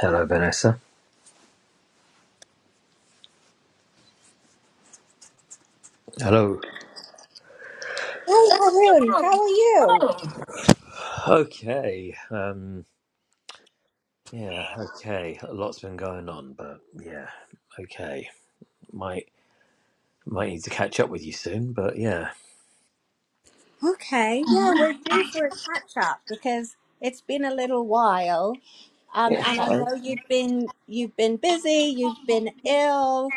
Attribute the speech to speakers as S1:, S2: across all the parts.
S1: Hello, Vanessa. Hello.
S2: Hi, Haroon. How are you?
S1: Okay. Um, yeah. Okay. A lot's been going on, but yeah. Okay. Might might need to catch up with you soon, but yeah.
S2: Okay, yeah, we're due for a catch up because it's been a little while, um,
S1: Yeah.
S2: and I know you've been you've been busy, you've been ill.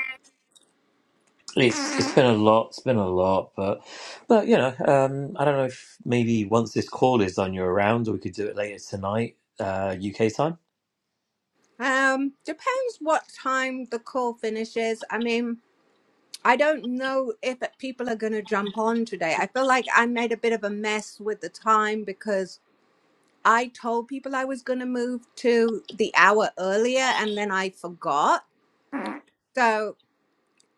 S1: It's it's been a lot. It's been a lot, but but you know, um, I don't know if maybe once this call is on, you're around, or we could do it later tonight, uh, UK time.
S2: Um, depends what time the call finishes. I mean, I don't know if people are going to jump on today. I feel like I made a bit of a mess with the time because I told people I was going to move to the hour earlier, and then I forgot. So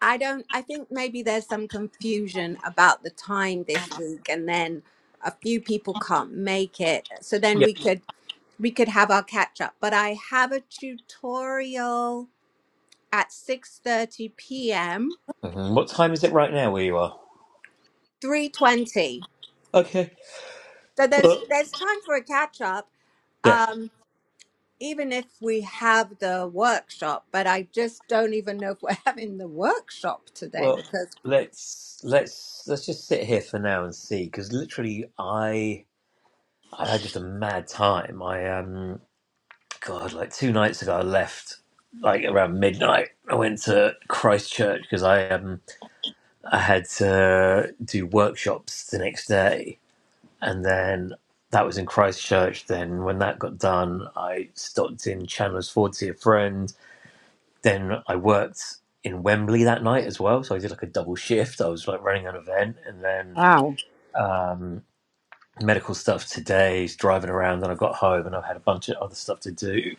S2: I don't, I think maybe there's some confusion about the time this week, and then a few people can't make it. So then
S1: Yeah.
S2: we could we could have our catch up. But I have a tutorial at 6:30 p.m.
S1: hmm What time is it right now where you are?
S2: 3:20.
S1: Okay.
S2: So there's
S1: Well,
S2: there's time for a catch up.
S1: yeah.
S2: Um even if we have the workshop, but I just don't even know if we're having the workshop today
S1: Well,
S2: because
S1: let's let's let's just sit here for now and see, because literally, I I had just a mad time. I um, God, like two nights ago, I left like around midnight. I went to Christchurch because I um I had to do workshops the next day, and then that was in Christchurch. Then when that got done, I stopped in Chandler's Ford to see a friend then I worked in Wembley that night as well, so I did like a double shift. I was like running an event and then
S2: Wow.
S1: um, medical stuff today, driving around. Then I got home and I had a bunch of other stuff to do,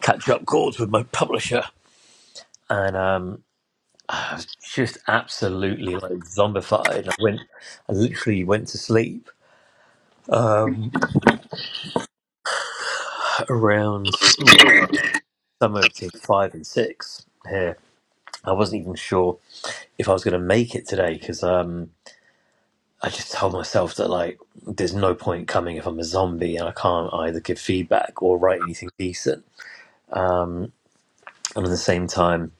S1: catch up calls with my publisher, and um, I was just absolutely like zombified. I went, I literally went to sleep um, around uh, somewhere between five and six here. I wasn't even sure if I was going to make it today because. um, I just tell myself that like there's no point coming if I'm a zombie and I can't either give feedback or write anything decent. Um, and at the same time,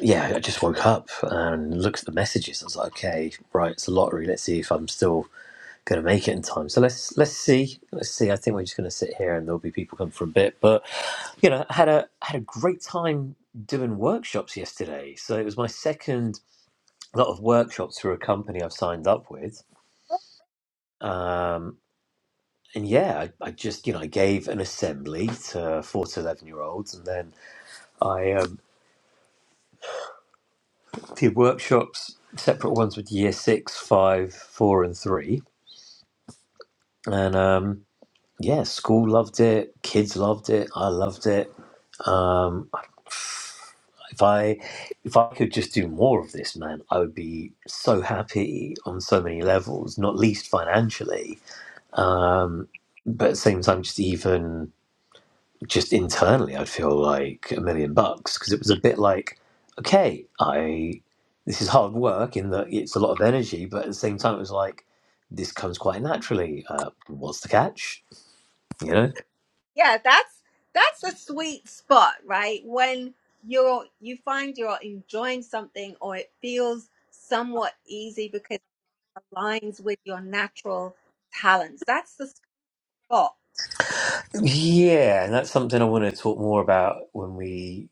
S1: yeah, I just woke up and looked at the messages. I was like, okay, right, it's a lottery. Let's see if I'm still gonna make it in time. So let's let's see, let's see. I think we're just gonna sit here and there'll be people come for a bit. But you know, I had a I had a great time doing workshops yesterday. So it was my second lot of workshops for a company I've signed up with. Um, and yeah, I, I just you know I gave an assembly to four to eleven year olds, and then I um, did workshops, separate ones with year six, five, four, and three, and um, yeah, school loved it, kids loved it, I loved it. Um, if I if I could just do more of this, man, I would be so happy on so many levels, not least financially, um, but at the same time, just even just internally I'd feel like a million bucks because it was a bit like, okay, I this is hard work in that it's a lot of energy, but at the same time it was like this comes quite naturally. Uh, what's the catch? You know?
S2: yeah that's that's a sweet spot right when you're you find you're enjoying something or it feels somewhat easy because it aligns with your natural talents that's the spot
S1: Yeah, and that's something I want to talk more about when we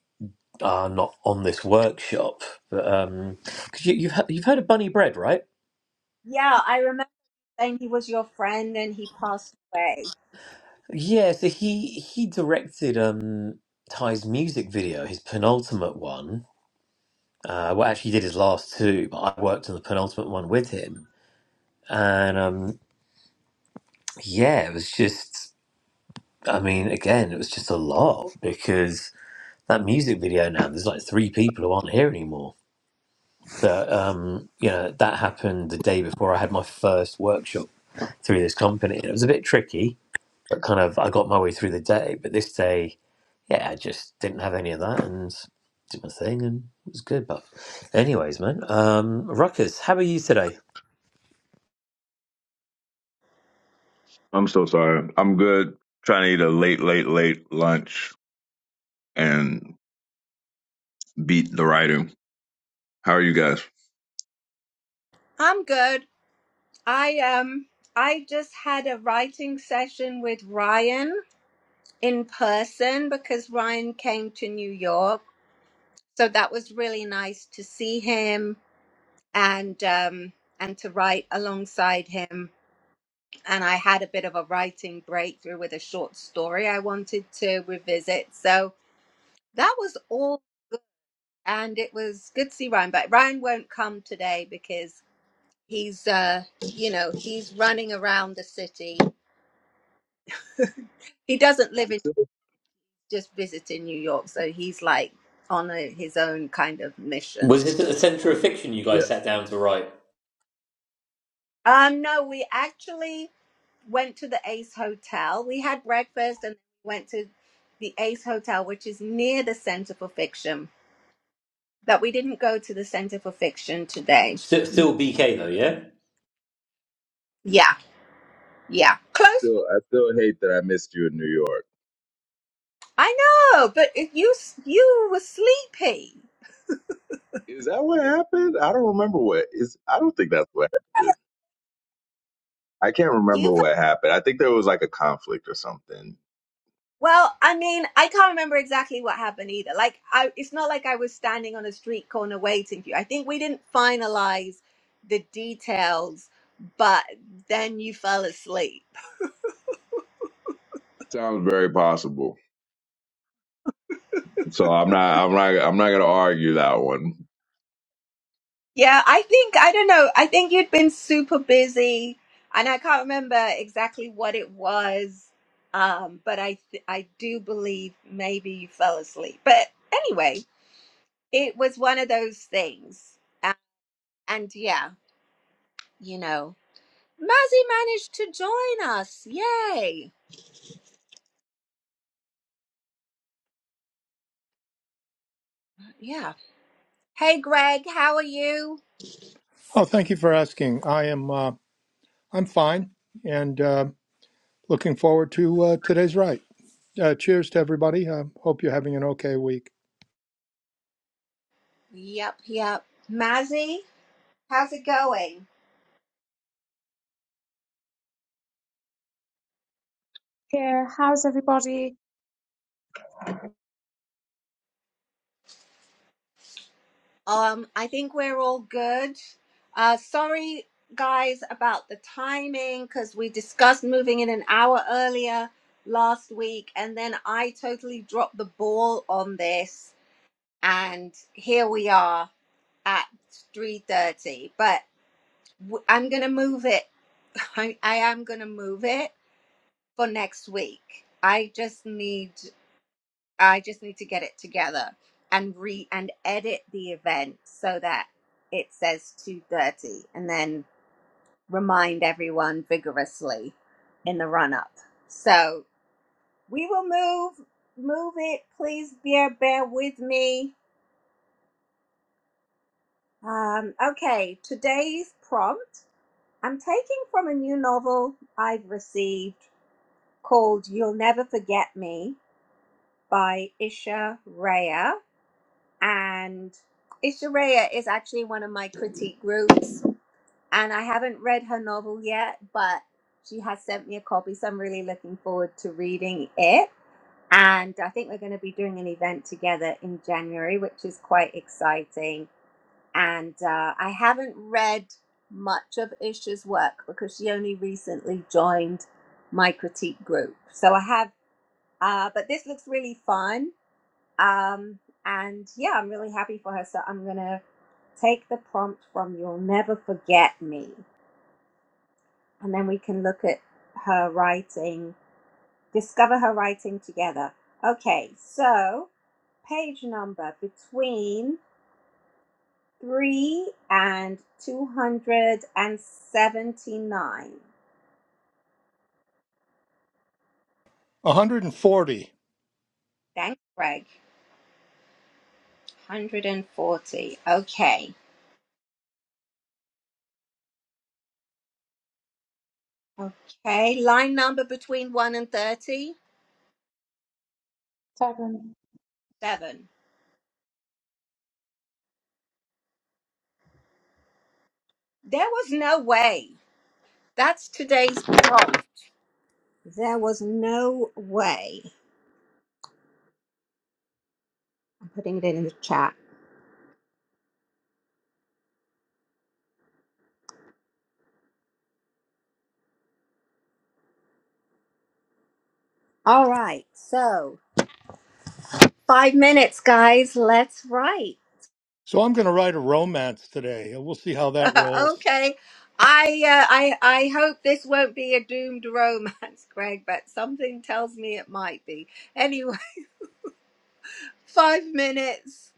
S1: are not on this workshop. But um, cause you, you've he- you've heard of Bunny Bread, right?
S2: yeah i remember saying he was your friend and he passed away
S1: Yeah, so he he directed um Ty's music video, his penultimate one, Uh, well, actually, he did his last two, but I worked on the penultimate one with him, and um, yeah, it was just. I mean, again, it was just a lot because that music video now there's like three people who aren't here anymore. But um, you know, that happened the day before I had my first workshop through this company. And It was a bit tricky, but kind of I got my way through the day. But this day, yeah, I just didn't have any of that and did my thing, and it was good. But anyways, man, um, Ruckus, how are you today?
S3: I'm so sorry. I'm good. Trying to eat a late, late, late lunch and beat the writing. How are you guys?
S2: i'm good i um i just had a writing session with ryan in person because ryan came to new york so that was really nice to see him and um, and to write alongside him. And I had a bit of a writing breakthrough with a short story I wanted to revisit. So that was all, and it was good to see Ryan. But Ryan won't come today because he's, uh, you know, he's running around the city. He doesn't live in just visiting New York, so he's like on a, his own kind of mission.
S1: Was this at the centre of fiction you
S3: Yeah,
S1: guys sat down to write?
S2: Um, no, we actually went to the Ace Hotel. We had breakfast and went to the Ace Hotel, which is near the Center for Fiction. But we didn't go to the Center for Fiction today.
S1: Still, still BK though, yeah.
S2: Yeah, yeah,
S3: I
S2: close. by.
S3: still I still hate that I missed you in New York.
S2: I know, but if you you were sleepy.
S3: Is that what happened? I don't remember what is I don't think that's what happened. I can't remember
S2: You
S3: what happened. I think there was like a conflict or something.
S2: Well, I mean, I can't remember exactly what happened either. Like, I, it's not like I was standing on a street corner waiting for you. I think we didn't finalize the details, but then you fell asleep.
S3: Sounds very possible. So I'm not. I'm not. I'm not gonna argue that one.
S2: Yeah, I think, I don't know, I think you'd been super busy and I can't remember exactly what it was. Um, but I, th- I do believe maybe you fell asleep. But anyway, it was one of those things. And, and yeah, you know. Mazzy managed to join us. Yay. Yeah. Hey, Greg, how are you?
S4: Oh, thank you for asking. I am uh, I'm fine and uh, looking forward to uh, today's right. Uh, cheers to everybody. I hope you're having an okay week.
S2: Yep, yep. Mazzy, how's it going?
S5: Yeah, how's everybody?
S2: Um, I think we're all good. Uh, sorry, guys, about the timing because we discussed moving in an hour earlier last week and then I totally dropped the ball on this and here we are at 3.30 but w- I'm going to move it I, I am going to move it for next week. I just need I just need to get it together and re and edit the event so that it says 2:30 and then remind everyone vigorously in the run up. So, we will move move it. Please bear bear with me. Um okay, today's prompt I'm taking from a new novel I've received called You'll Never Forget Me by Isha Rea and Ishireya is actually one of my critique groups, and I haven't read her novel yet, but she has sent me a copy, so I'm really looking forward to reading it. And I think we're going to be doing an event together in January, which is quite exciting. And uh, I haven't read much of Isha's work because she only recently joined my critique group. So I have, uh, but this looks really fun. Um, and yeah, I'm really happy for her. So I'm going to Take the prompt from You'll Never Forget Me. And then we can look at her writing, discover her writing together. Okay, so page number between 3 and 279.
S4: 140.
S2: Thanks, Greg. 140. Okay. Okay, line number between 1 and 37.
S5: Seven.
S2: There was no way. That's today's prompt. There was no way. I'm putting it in the chat. All right. So five minutes, guys. Let's write.
S4: So I'm going to write a romance today. and We'll see how that rolls.
S2: okay. I, uh, I I hope this won't be a doomed romance, Greg, but something tells me it might be. Anyway, five minutes.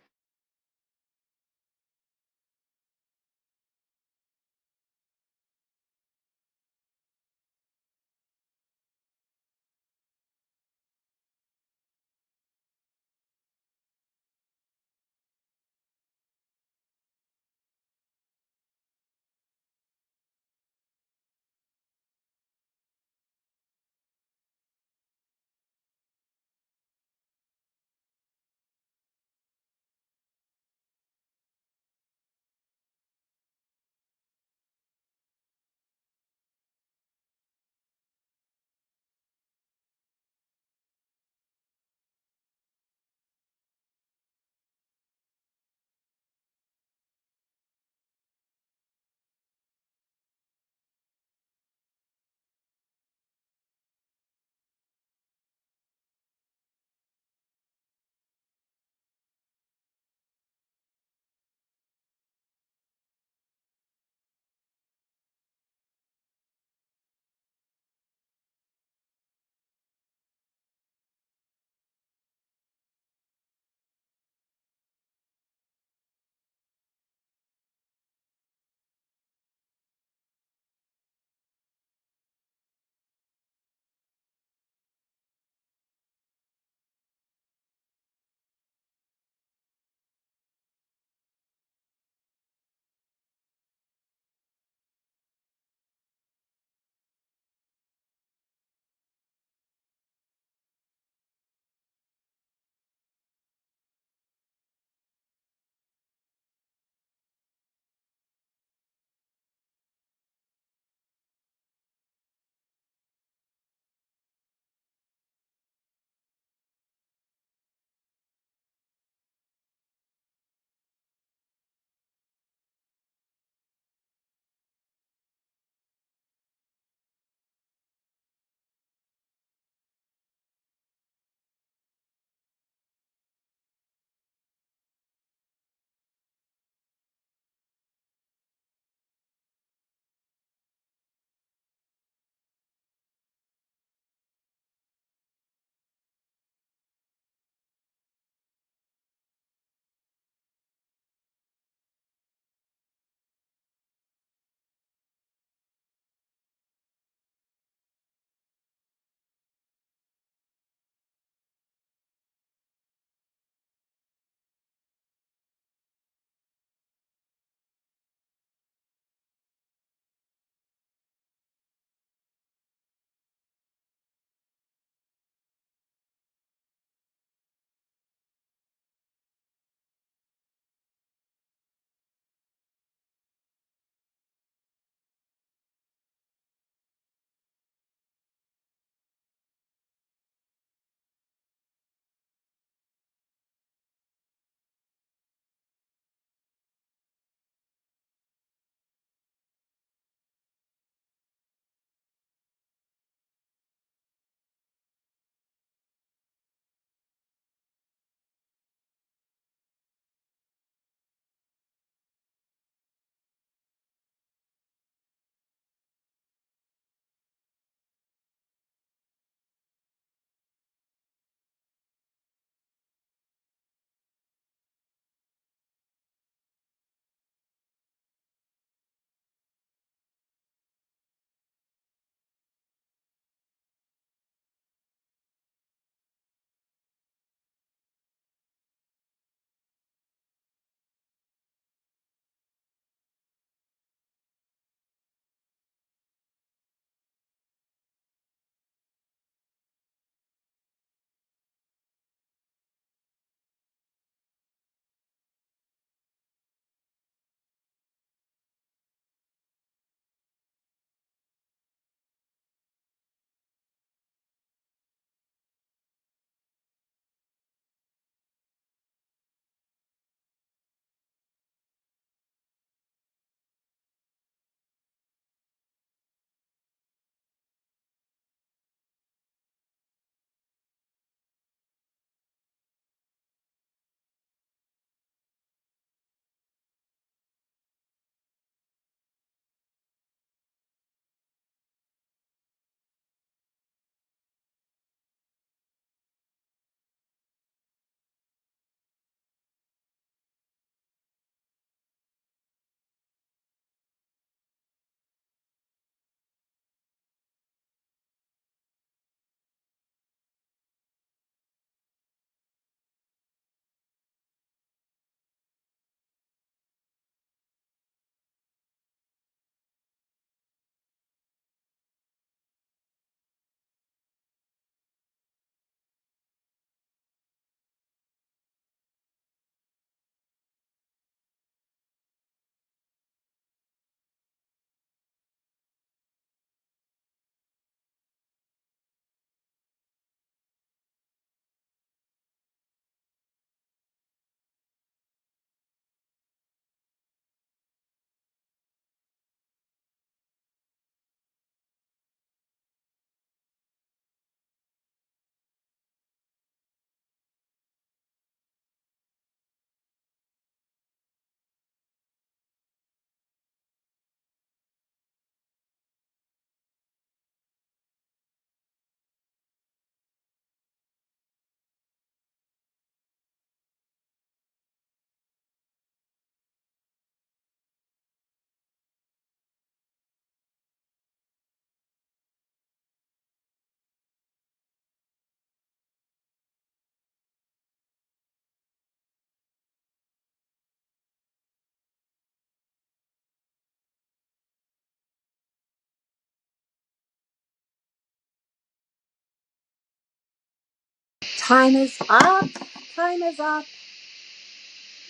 S2: Time is up. Time is up.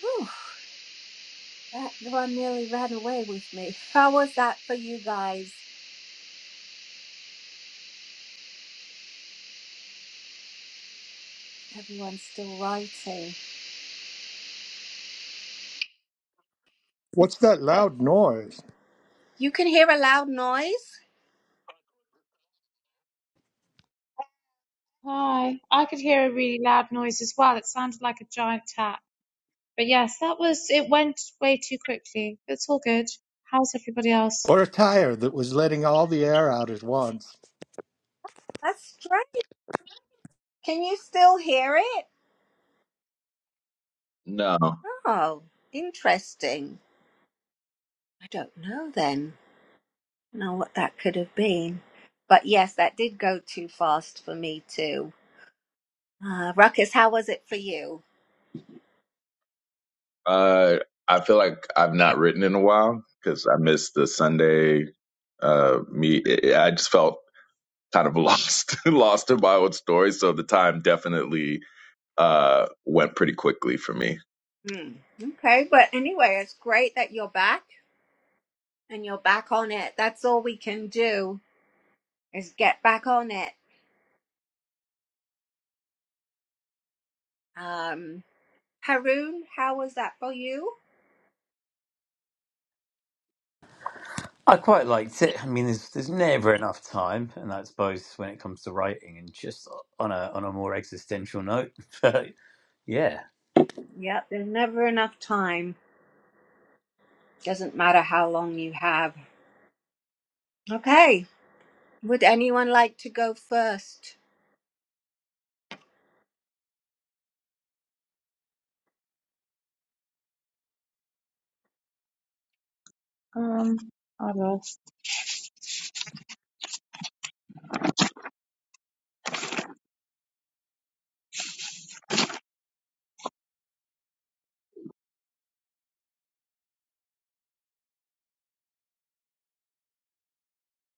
S2: Whew, that one nearly ran away with me. How was that for you guys? Everyone's still writing.
S4: What's that loud noise?
S2: You can hear a loud noise.
S5: Hi. I could hear a really loud noise as well. It sounded like a giant tap. But yes, that was it went way too quickly. It's all good. How's everybody else?
S4: Or a tire that was letting all the air out at once.
S2: That's strange. Can you still hear it?
S3: No.
S2: Oh, interesting. I don't know then. Know what that could have been. But yes, that did go too fast for me too. Uh, Ruckus, how was it for you?
S3: Uh I feel like I've not written in a while cuz I missed the Sunday uh me I I just felt kind of lost lost in my own story. So the time definitely uh, went pretty quickly for me.
S2: Hmm. Okay, but anyway, it's great that you're back and you're back on it. That's all we can do is get back on it. Um, Haroon, how was that for you?
S1: I quite liked it. I mean, there's there's never enough time, and that's both when it comes to writing and just on a on a more existential note. But yeah,
S2: Yep, there's never enough time. Doesn't matter how long you have. Okay, would anyone like to go first?
S5: Um, I lost.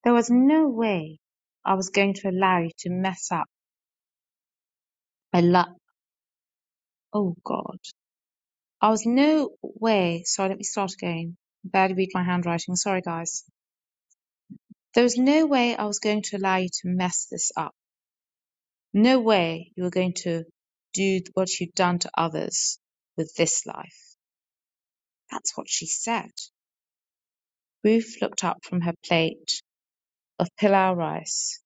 S5: There was no way I was going to allow you to mess up my luck. Oh God. I was no way. Sorry, let me start again. Barely read my handwriting. Sorry, guys. There was no way I was going to allow you to mess this up. No way you are going to do what you've done to others with this life. That's what she said. Ruth looked up from her plate of pilau rice,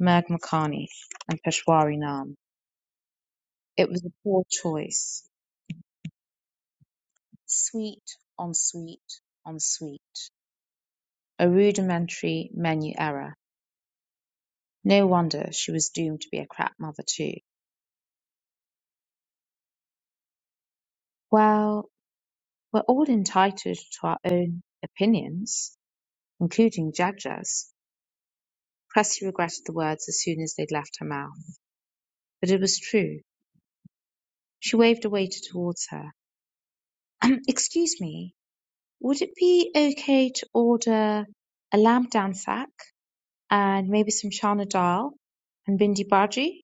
S5: merg makhani, and peshwari naan. It was a poor choice. Sweet on sweet on sweet. A rudimentary menu error. No wonder she was doomed to be a crap mother too. Well, we're all entitled to our own opinions, including Jaja's Cressy regretted the words as soon as they'd left her mouth, but it was true. She waved a waiter towards her. Um, excuse me, would it be okay to order a lamb dansak and maybe some chana dal and bindi bhaji?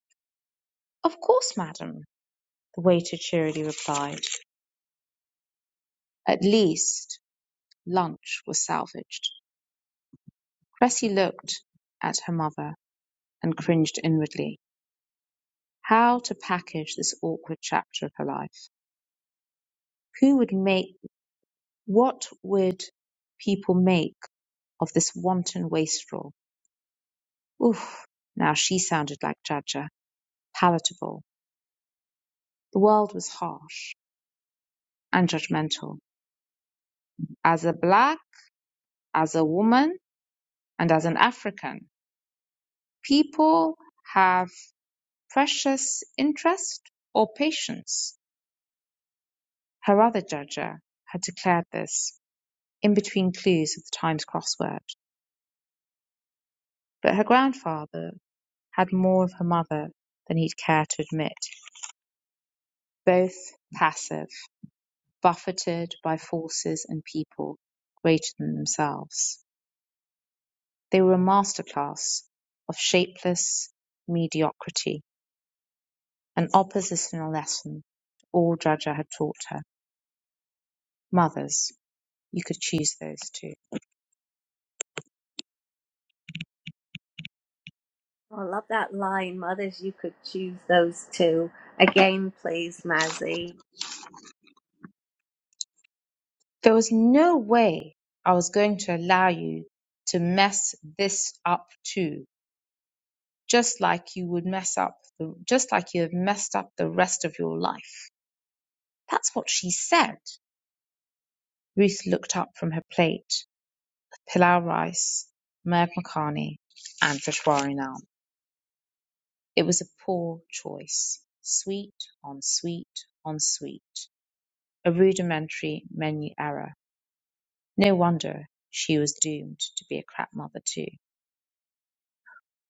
S5: Of course, madam, the waiter cheerily replied. At least lunch was salvaged. Cressy looked at her mother and cringed inwardly. How to package this awkward chapter of her life? Who would make What would people make of this wanton wastrel? Oof! Now she sounded like Jaja. Palatable. The world was harsh and judgmental. As a black, as a woman, and as an African, people have precious interest or patience. Her other Jaja had declared this in between clues of the Times crossword. But her grandfather had more of her mother than he'd care to admit. both passive, buffeted by forces and people greater than themselves. They were a masterclass of shapeless mediocrity, an oppositional lesson all Jaja had taught her. Mothers, you could choose those two.
S2: Oh, I love that line. Mothers, you could choose those two. Again, please, Mazzy.
S5: There was no way I was going to allow you to mess this up too, just like you would mess up, the, just like you have messed up the rest of your life. That's what she said. Ruth looked up from her plate of pilau rice, merv makhani, and Peshwari naan. It was a poor choice. Sweet on sweet on sweet. A rudimentary menu error. No wonder she was doomed to be a crap mother too.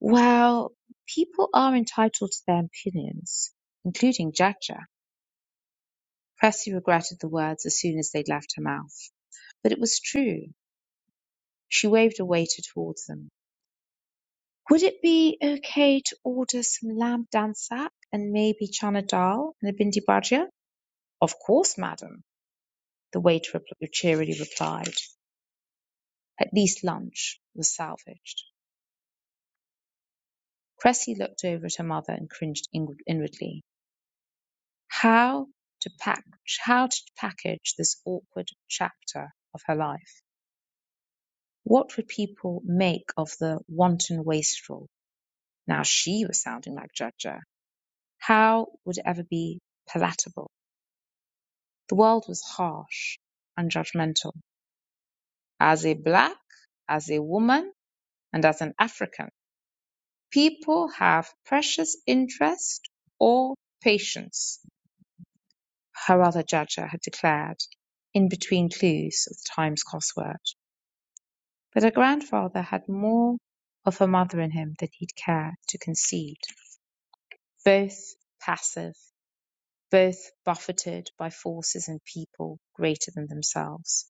S5: Well, people are entitled to their opinions, including Jaja. Cressy regretted the words as soon as they left her mouth. But it was true. She waved a waiter towards them. Would it be okay to order some lamb dansak and maybe chana dal and a bindi bhajia? Of course, madam, the waiter cheerily replied. At least lunch was salvaged. Cressy looked over at her mother and cringed inwardly. How to pack, how to package this awkward chapter of her life? What would people make of the wanton wastrel? Now she was sounding like Judger. How would it ever be palatable? The world was harsh and judgmental. As a black, as a woman, and as an African, people have precious interest or patience, her other judger had declared in between clues of the Times crossword. But her grandfather had more of her mother in him than he'd care to concede. Both passive, both buffeted by forces and people greater than themselves.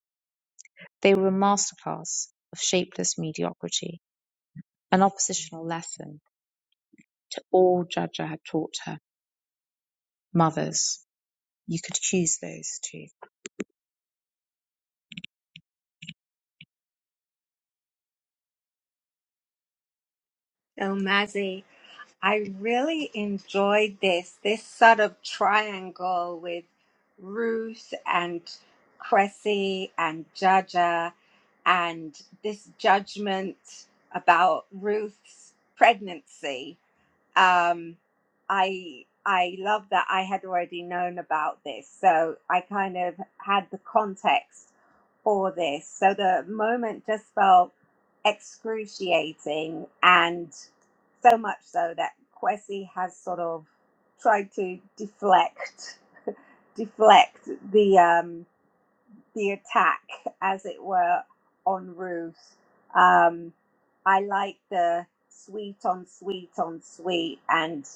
S5: They were a masterclass of shapeless mediocrity, an oppositional lesson to all Jaja had taught her. Mothers, you could choose those two.
S2: So, Mazzy, I really enjoyed this this sort of triangle with Ruth and Cressy and Jaja, and this judgment about Ruth's pregnancy. um, I I love that I had already known about this, so I kind of had the context for this. So the moment just felt excruciating, and so much so that Kwesi has sort of tried to deflect deflect the um, the attack, as it were, on roofs. Um, I like the sweet on sweet on sweet, and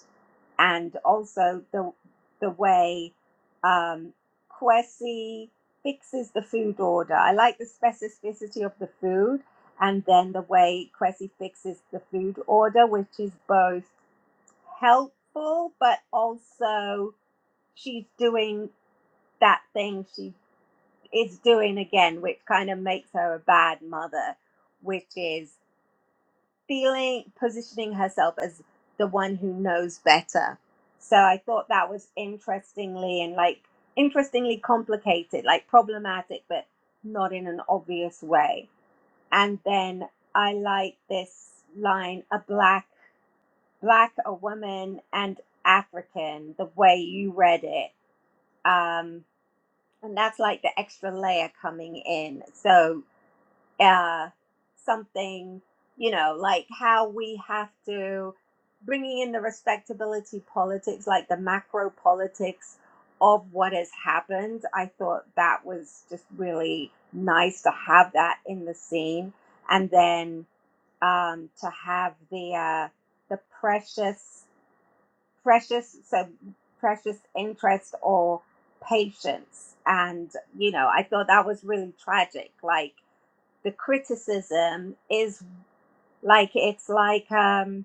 S2: and also the the way um, Kwesi fixes the food order. I like the specificity of the food, and then the way Kwesi fixes the food order, which is both helpful but also she's doing that thing she is doing again, which kind of makes her a bad mother, which is feeling positioning herself as the one who knows better. So I thought that was interestingly and like interestingly complicated, like problematic, but not in an obvious way. And then I like this line: a black, black, a woman, and African. The way you read it, um, and that's like the extra layer coming in. So uh, something, you know, like how we have to bringing in the respectability politics, like the macro politics of what has happened. I thought that was just really nice to have that in the scene, and then um, to have the uh, the precious, precious, so precious interest or patience, and you know, I thought that was really tragic, like the criticism is like it's like um,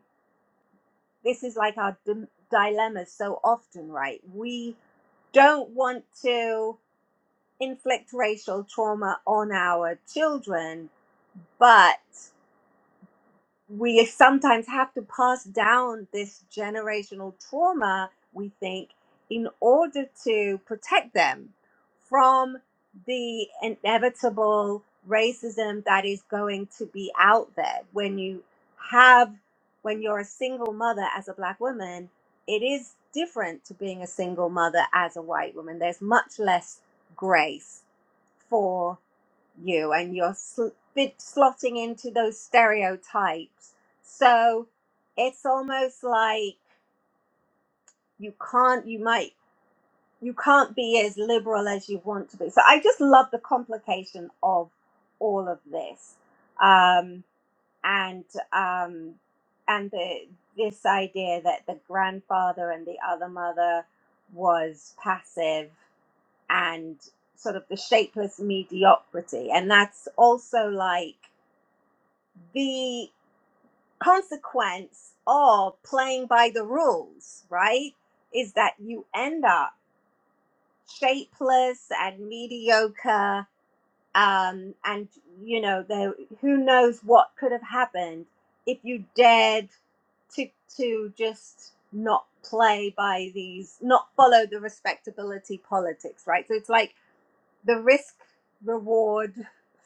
S2: this is like our dim- dilemma so often, right? We don't want to inflict racial trauma on our children, but we sometimes have to pass down this generational trauma, we think, in order to protect them from the inevitable racism that is going to be out there. When you have, when you're a single mother as a black woman, it is different to being a single mother as a white woman. There's much less grace for you and you're sl- bit slotting into those stereotypes. So it's almost like you can't, you might, you can't be as liberal as you want to be. So I just love the complication of all of this, um, and um, and the this idea that the grandfather and the other mother was passive and sort of the shapeless mediocrity. And that's also like the consequence of playing by the rules, right? Is that you end up shapeless and mediocre. Um, and you know, there, who knows what could have happened if you dared to to just not play by these, not follow the respectability politics, right? So it's like the risk reward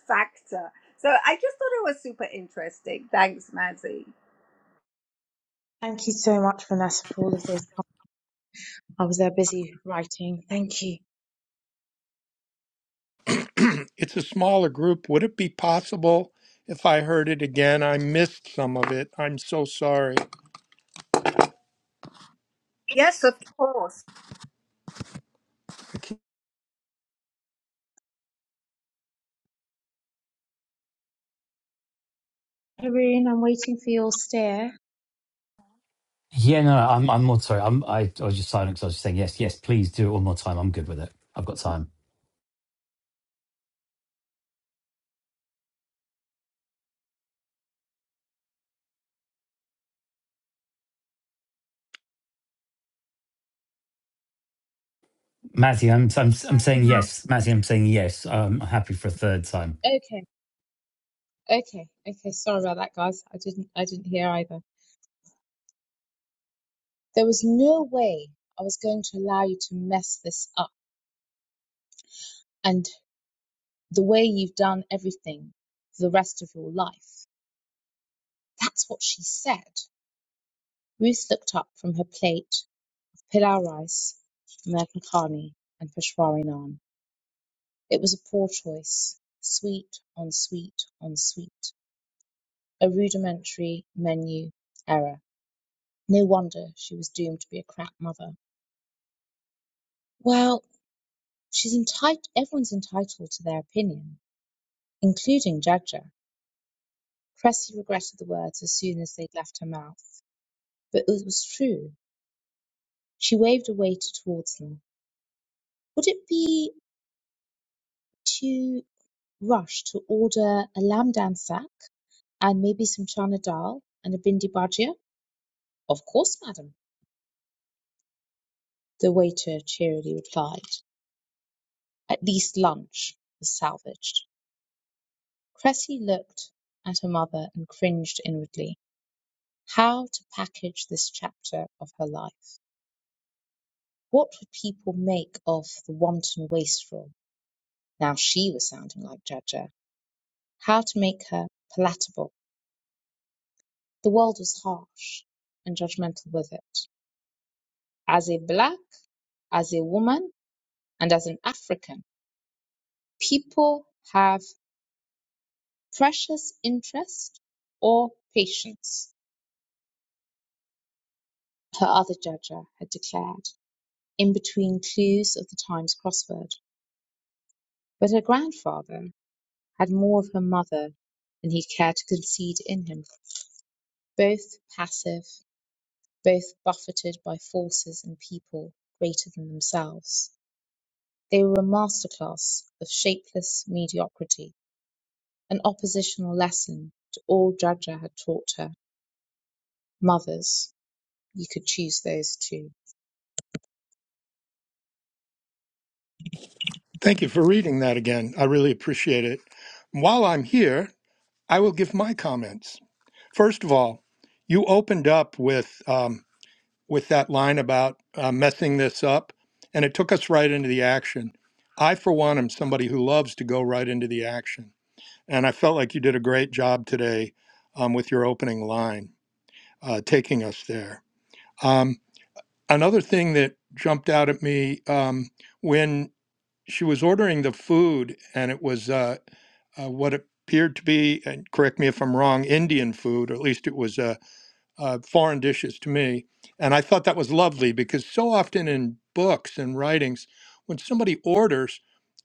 S2: factor. So I just thought it was super interesting. Thanks, Mazzy.
S5: Thank you so much, Vanessa, for all of this. I was there busy writing. Thank you.
S4: it's a smaller group. Would it be possible if I heard it again? I missed some of it. I'm so sorry.
S2: Yes, of course.
S5: Haroon, I'm waiting for your stare.
S1: Yeah, no, I'm. I'm more sorry. I'm. I, I was just silent because I was just saying yes, yes. Please do it one more time. I'm good with it. I've got time. Matty, I'm. I'm. I'm saying
S5: now.
S1: yes. Matty, I'm saying yes. I'm happy for a third time.
S5: Okay, okay, okay. Sorry about that, guys. I didn't, I didn't hear either. There was no way I was going to allow you to mess this up, and the way you've done everything for the rest of your life. That's what she said. Ruth looked up from her plate of pilau rice, American carne, and Peshawari naan. It was a poor choice. Sweet on sweet on sweet. A rudimentary menu error. No wonder she was doomed to be a crap mother. Well, she's entitled, everyone's entitled to their opinion, including Jagger. Cressy regretted the words as soon as they'd left her mouth, but it was true. She waved a waiter towards them. Would it be to rush to order a lamb dan sak and maybe some chana dal and a bindi bhajia? Of course, madam, the waiter cheerily replied. At least lunch was salvaged. Cressy looked at her mother and cringed inwardly. How to package this chapter of her life? What would people make of the wanton wastrel? Now she was sounding like Jaja. How to make her palatable? The world was harsh and judgmental with it. As a black, as a woman, and as an African, people have precious interest or patience, her other judger had declared, in between clues of the Times crossword. But her grandfather had more of her mother than he cared to concede in him, both passive, both buffeted by forces and people greater than themselves. They were a masterclass of shapeless mediocrity An oppositional lesson to all Jagra had taught her. Mothers. You could choose those too.
S4: Thank you for reading that again. I really appreciate it. While I'm here, I will give my comments. First of all, you opened up with um, with that line about uh, messing this up, and it took us right into the action. I, for one, am somebody who loves to go right into the action, and I felt like you did a great job today um, with your opening line, uh, taking us there. Um, another thing that jumped out at me um, when she was ordering the food, and it was. Uh, uh, what appeared to be, and correct me if I'm wrong, Indian food, or at least it was uh, uh, foreign dishes to me. And I thought that was lovely because so often in books and writings, when somebody orders,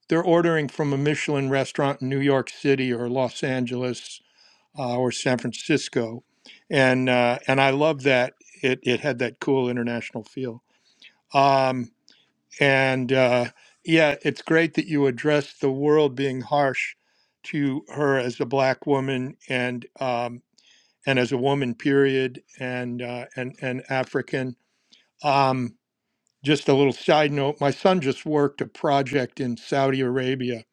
S4: they're ordering from a Michelin restaurant in New York City or Los Angeles uh, or San Francisco, and uh, and I love that it it had that cool international feel. Um, and uh, yeah, it's great that you address the world being harsh to her as a black woman and um, and as a woman, period, and uh, and and African. Um, just a little side note: my son just worked a project in Saudi Arabia,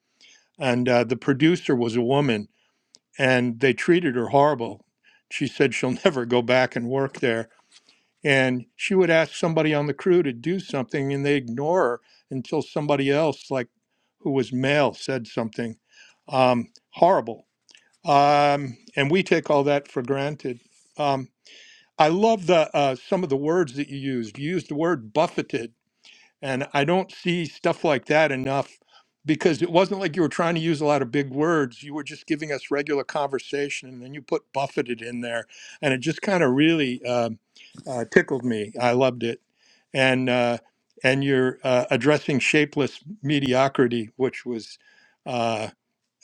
S4: and uh, the producer was a woman, and they treated her horrible. She said she'll never go back and work there and she would ask somebody on the crew to do something and they ignore her until somebody else, like who was male, said something. Um, horrible. Um, and we take all that for granted. Um, I love the uh, some of the words that you used. You used the word buffeted and I don't see stuff like that enough because it wasn't like you were trying to use a lot of big words. You were just giving us regular conversation, and then you put buffeted in there, and it just kind of really um uh, tickled me. I loved it, and uh, and you're uh, addressing shapeless mediocrity, which was. Uh,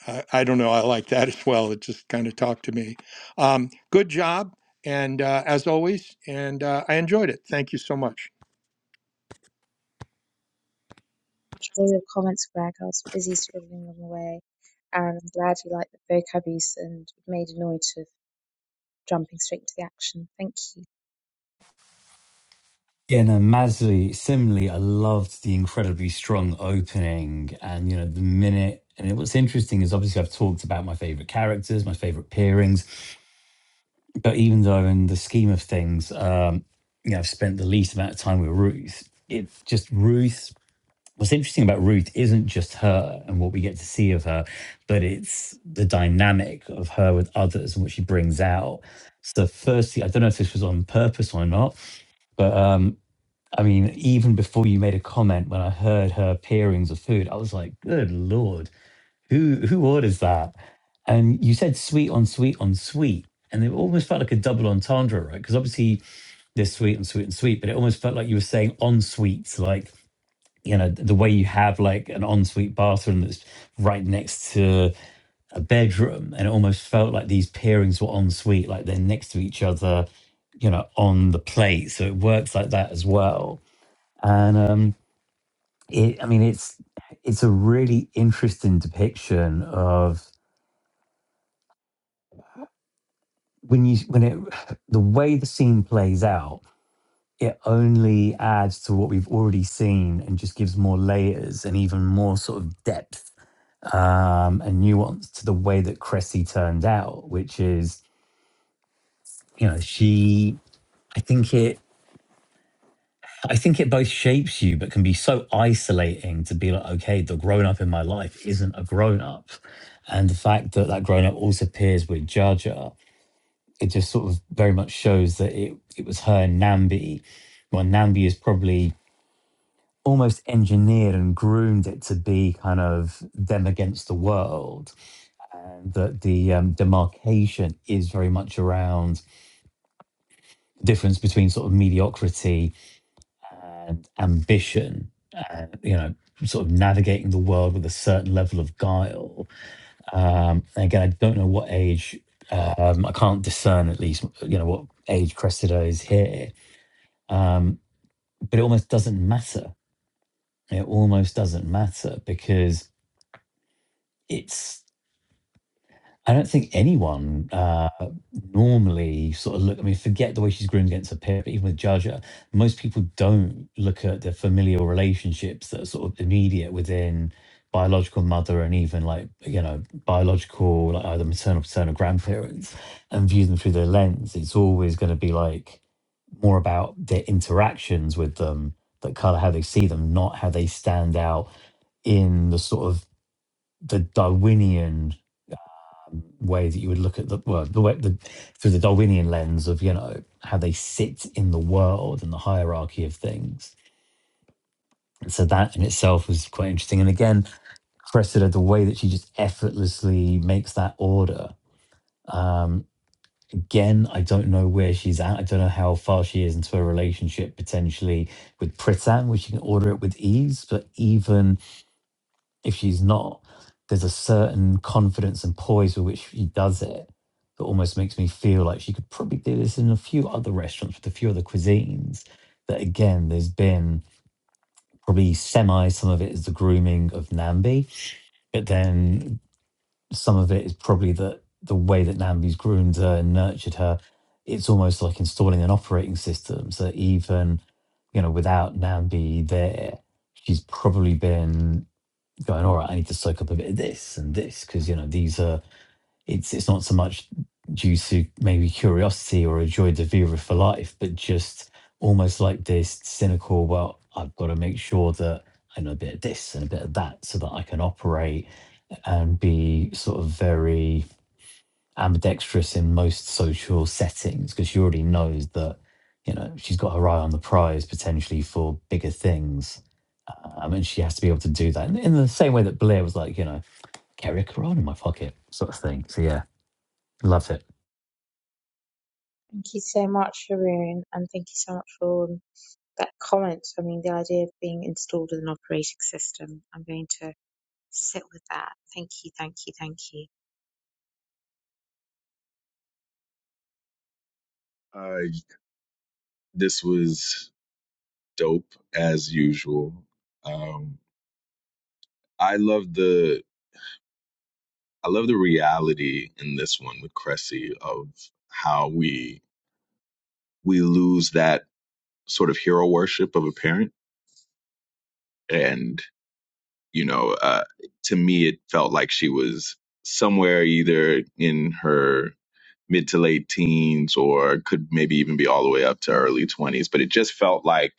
S4: I, I don't know. I like that as well. It just kind of talked to me. Um, good job, and uh, as always, and uh, I enjoyed it. Thank you so much.
S5: Much for your comments, Greg. I was busy scribbling them away, and I'm glad you liked the vocab use and made a note of jumping straight to the action. Thank you.
S1: Yeah, no, Masli similarly, I loved the incredibly strong opening. And, you know, the minute, and what's interesting is obviously I've talked about my favorite characters, my favorite pairings, but even though in the scheme of things, um, you know, I've spent the least amount of time with Ruth, it's just Ruth. What's interesting about Ruth isn't just her and what we get to see of her, but it's the dynamic of her with others and what she brings out. So, firstly, I don't know if this was on purpose or not, but um, I mean, even before you made a comment, when I heard her pairings of food, I was like, "Good lord, who who orders that?" And you said sweet on sweet on sweet, and it almost felt like a double entendre, right? Because obviously there's sweet and sweet and sweet, but it almost felt like you were saying en suite, like you know the way you have like an en suite bathroom that's right next to a bedroom, and it almost felt like these pairings were en suite, like they're next to each other, you know, on the plate. So it works like that as well, and um it, I mean, it's it's a really interesting depiction of when you when it the way the scene plays out. It only adds to what we've already seen and just gives more layers and even more sort of depth um, and nuance to the way that Cressy turned out, which is you know she. I think it. I think it both shapes you, but can be so isolating to be like, okay, the grown up in my life isn't a grown up. And the fact that that grown up also appears with Jaja, it just sort of very much shows that it, it was her and Nambi. Well, Nambi is probably almost engineered and groomed it to be kind of them against the world. And that the um, demarcation is very much around the difference between sort of mediocrity and ambition, uh, you know, sort of navigating the world with a certain level of guile. Um, and again, I don't know what age, um, I can't discern at least, you know, what age Cressida is here. Um, but it almost doesn't matter. It almost doesn't matter because it's I don't think anyone uh, normally sort of look. I mean, forget the way she's groomed against a peer, but even with Jaja, most people don't look at the familial relationships that are sort of immediate within biological mother and even like you know biological like either maternal paternal grandparents and view them through their lens. It's always going to be like more about their interactions with them that color how they see them, not how they stand out in the sort of the Darwinian way that you would look at the well, the way the through the Darwinian lens of you know how they sit in the world and the hierarchy of things. So that in itself was quite interesting. And again, Cressida, the way that she just effortlessly makes that order. Um, again, I don't know where she's at. I don't know how far she is into her relationship potentially with Pritam, where she can order it with ease. But even if she's not, there's a certain confidence and poise with which she does it that almost makes me feel like she could probably do this in a few other restaurants with a few other cuisines. That again, there's been probably semi, some of it is the grooming of Nambi, but then some of it is probably the, the way that Nambi's groomed her and nurtured her. It's almost like installing an operating system. So even, you know, without Nambi there, she's probably been going, all right, I need to soak up a bit of this and this because you know these are it's it's not so much due to maybe curiosity or a joy de vivre for life, but just almost like this cynical, well, I've got to make sure that I know a bit of this and a bit of that so that I can operate and be sort of very ambidextrous in most social settings because she already knows that you know she's got her eye on the prize potentially for bigger things um, and she has to be able to do that in, in the same way that Blair was like, you know, carry a Quran in my pocket, sort of thing. So yeah, loved it.
S5: Thank you so much, Haroon, and thank you so much for that comment. I mean, the idea of being installed as an operating system, I'm going to sit with that. Thank you, thank you, thank you.
S3: Uh, this was dope as usual. Um, I love the I love the reality in this one with Cressy of how we we lose that sort of hero worship of a parent, and you know, uh, to me, it felt like she was somewhere either in her mid to late teens or could maybe even be all the way up to early 20s but it just felt like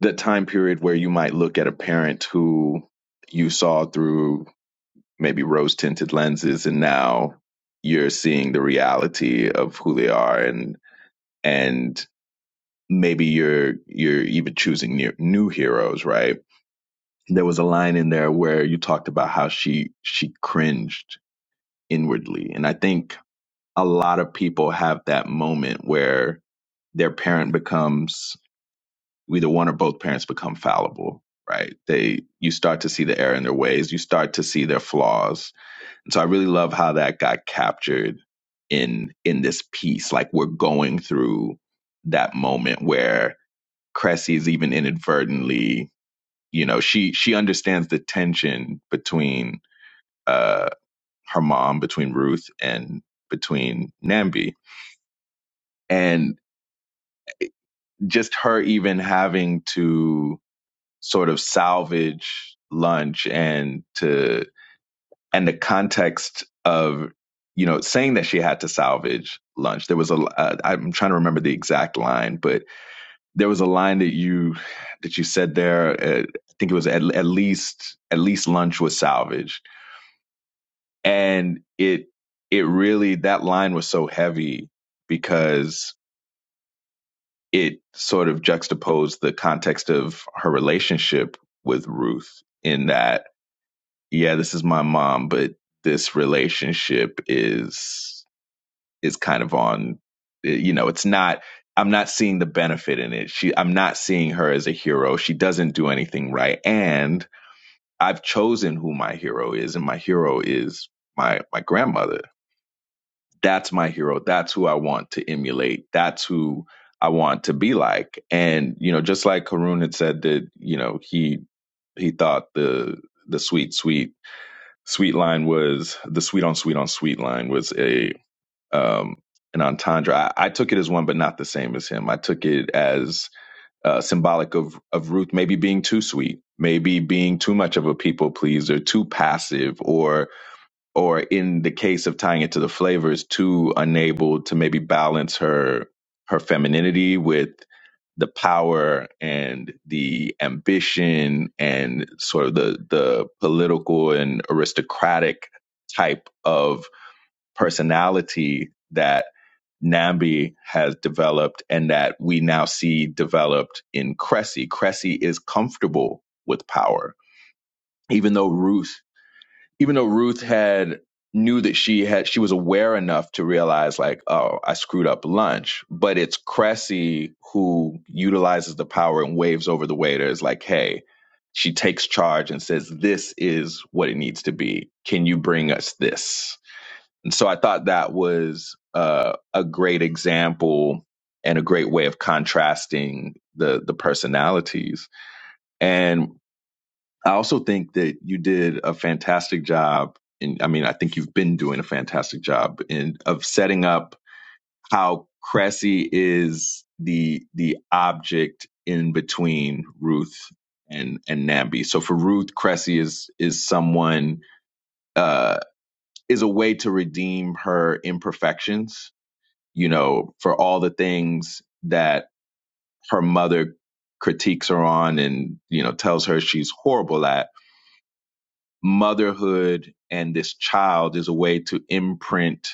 S3: the time period where you might look at a parent who you saw through maybe rose tinted lenses and now you're seeing the reality of who they are and and maybe you're you're even choosing new, new heroes right there was a line in there where you talked about how she she cringed inwardly and i think a lot of people have that moment where their parent becomes either one or both parents become fallible right they you start to see the error in their ways you start to see their flaws and so i really love how that got captured in in this piece like we're going through that moment where cressy is even inadvertently you know she she understands the tension between uh her mom between ruth and between nambi and just her even having to sort of salvage lunch and to and the context of you know saying that she had to salvage lunch there was a uh, i'm trying to remember the exact line but there was a line that you that you said there uh, i think it was at, at least at least lunch was salvaged and it it really that line was so heavy because it sort of juxtaposed the context of her relationship with ruth in that yeah, this is my mom, but this relationship is is kind of on eh, you know, it's not I'm not seeing the benefit in it. She I'm not seeing her as a hero. She doesn't do anything right. And I've chosen who my hero is and my hero is my my grandmother. That's my hero. That's who I want to emulate. That's who I want to be like. And you know, just like Karun had said that, you know, he he thought the the sweet sweet Sweet Line was the Sweet on Sweet on Sweet Line was a um, an entendre. I, I took it as one, but not the same as him. I took it as uh, symbolic of of Ruth maybe being too sweet, maybe being too much of a people pleaser, too passive, or or in the case of tying it to the flavors, too unable to maybe balance her her femininity with the power and the ambition and sort of the the political and aristocratic type of personality that Nambi has developed and that we now see developed in Cressy. Cressy is comfortable with power. Even though Ruth even though Ruth had knew that she had she was aware enough to realize like oh I screwed up lunch but it's Cressy who utilizes the power and waves over the waiter is like hey she takes charge and says this is what it needs to be can you bring us this and so I thought that was uh, a great example and a great way of contrasting the the personalities and. I also think that you did a fantastic job. And I mean, I think you've been doing a fantastic job in of setting up how Cressy is the the object in between Ruth and and Nambi. So for Ruth, Cressy is is someone uh, is a way to redeem her imperfections. You know, for all the things that her mother critiques her on and you know tells her she's horrible at motherhood and this child is a way to imprint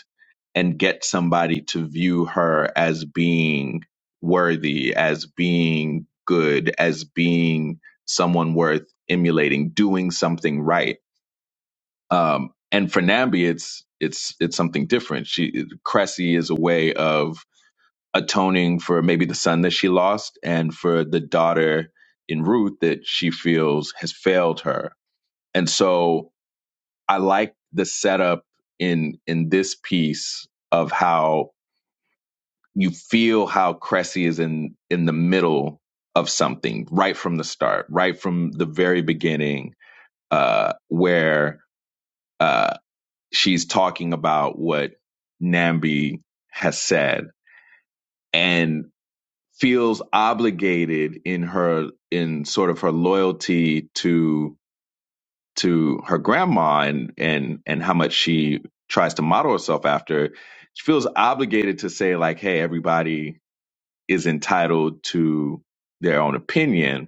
S3: and get somebody to view her as being worthy, as being good, as being someone worth emulating, doing something right. Um, and for Nambi, it's it's it's something different. She Cressy is a way of atoning for maybe the son that she lost and for the daughter in Ruth that she feels has failed her. And so I like the setup in in this piece of how you feel how Cressy is in in the middle of something right from the start, right from the very beginning, uh, where uh, she's talking about what Nambi has said and feels obligated in her in sort of her loyalty to to her grandma and and and how much she tries to model herself after she feels obligated to say like hey everybody is entitled to their own opinion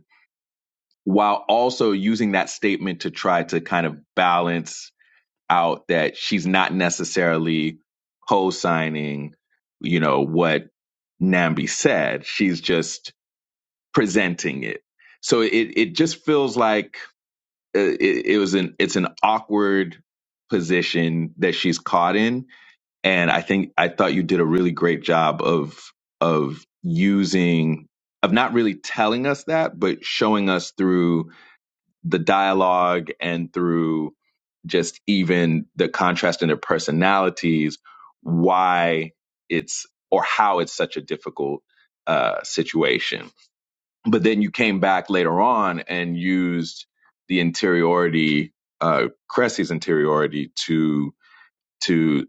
S3: while also using that statement to try to kind of balance out that she's not necessarily co-signing you know what Nambi said she's just presenting it so it it just feels like it, it was an it's an awkward position that she's caught in and i think i thought you did a really great job of of using of not really telling us that but showing us through the dialogue and through just even the contrast in their personalities why it's or how it's such a difficult uh situation but then you came back later on and used the interiority, uh, Cressy's interiority to, to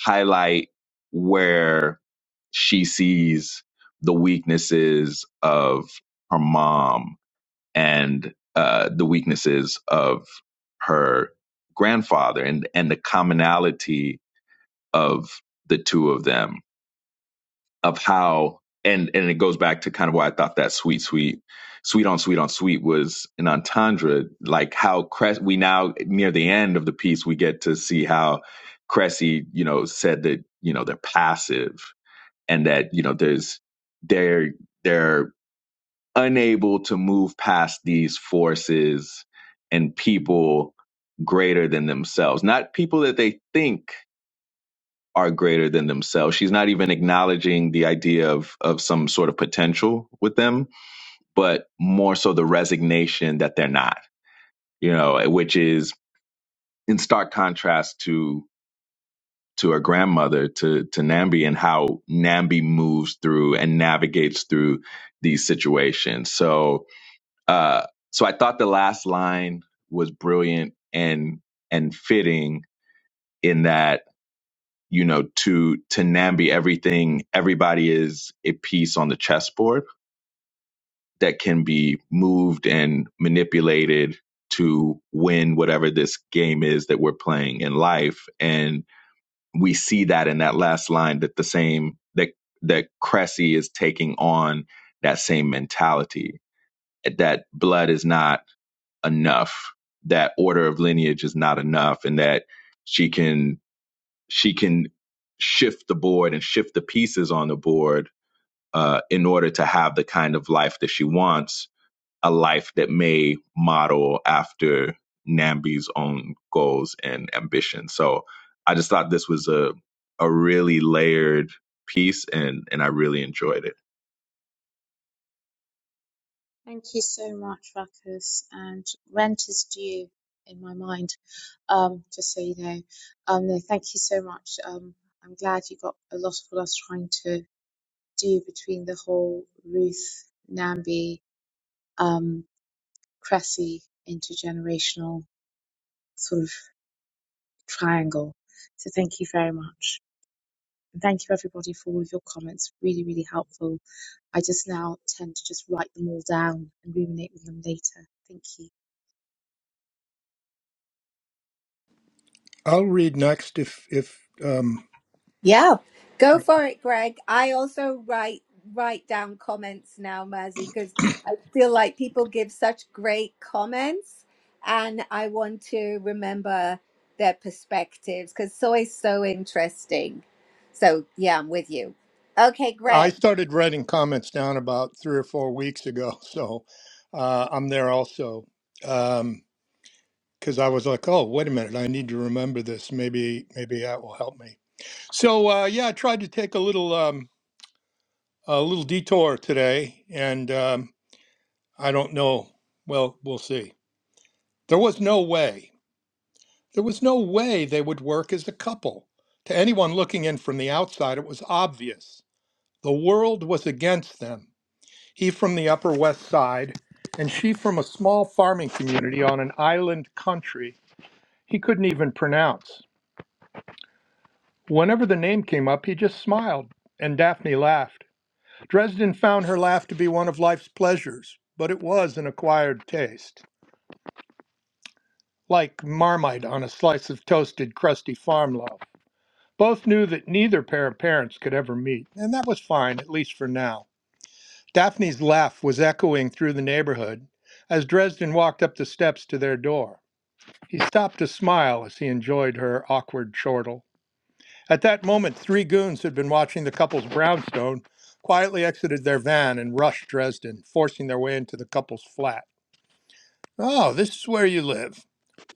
S3: highlight where she sees the weaknesses of her mom and, uh, the weaknesses of her grandfather and, and the commonality of the two of them of how and and it goes back to kind of why I thought that sweet sweet sweet on sweet on sweet was an entendre like how Cress we now near the end of the piece we get to see how Cressy you know said that you know they're passive and that you know there's they're they're unable to move past these forces and people greater than themselves not people that they think are greater than themselves. She's not even acknowledging the idea of of some sort of potential with them, but more so the resignation that they're not, you know, which is in stark contrast to to her grandmother, to to Nambi and how Nambi moves through and navigates through these situations. So uh so I thought the last line was brilliant and and fitting in that you know to to nambi everything everybody is a piece on the chessboard that can be moved and manipulated to win whatever this game is that we're playing in life and we see that in that last line that the same that that cressy is taking on that same mentality that blood is not enough that order of lineage is not enough and that she can she can shift the board and shift the pieces on the board uh, in order to have the kind of life that she wants, a life that may model after Nambi's own goals and ambitions. So I just thought this was a a really layered piece and and I really enjoyed it.
S5: Thank you so much, Ruckus. And rent is due in my mind, um, just so you know. Um, no, thank you so much. Um, I'm glad you got a lot of what I was trying to do between the whole Ruth, Nambi, um, Cressy intergenerational sort of triangle. So thank you very much. And thank you everybody for all of your comments. Really, really helpful. I just now tend to just write them all down and ruminate with them later. Thank you.
S4: I'll read next if if um,
S2: Yeah, go for it, Greg. I also write write down comments now, Mazzy, because I feel like people give such great comments, and I want to remember their perspectives because it's always so interesting. So yeah, I'm with you. Okay,
S4: I
S2: Greg.
S4: started writing comments down about three or four weeks ago, so uh, I'm there also because I was like, oh, wait a minute, I need to remember this. Maybe maybe that will help me. So uh, yeah, I tried to take a little um, a little detour today, and um, I don't know. Well, we'll see. There was no way. There was no way they would work as a couple. To anyone looking in from the outside, it was obvious. The world was against them. he from the Upper West Side, and she from a small farming community on an island country he couldn't even pronounce. Whenever the name came up, he just smiled, and Daphne laughed. Dresden found her laugh to be one of life's pleasures, but it was an acquired taste, like marmite on a slice of toasted, crusty farm loaf. Both knew that neither pair of parents could ever meet, and that was fine, at least for now. Daphne's laugh was echoing through the neighborhood as Dresden walked up the steps to their door. He stopped to smile as he enjoyed her awkward chortle. At that moment, three goons who'd been watching the couple's brownstone quietly exited their van and rushed Dresden, forcing their way into the couple's flat. Oh, this is where you live.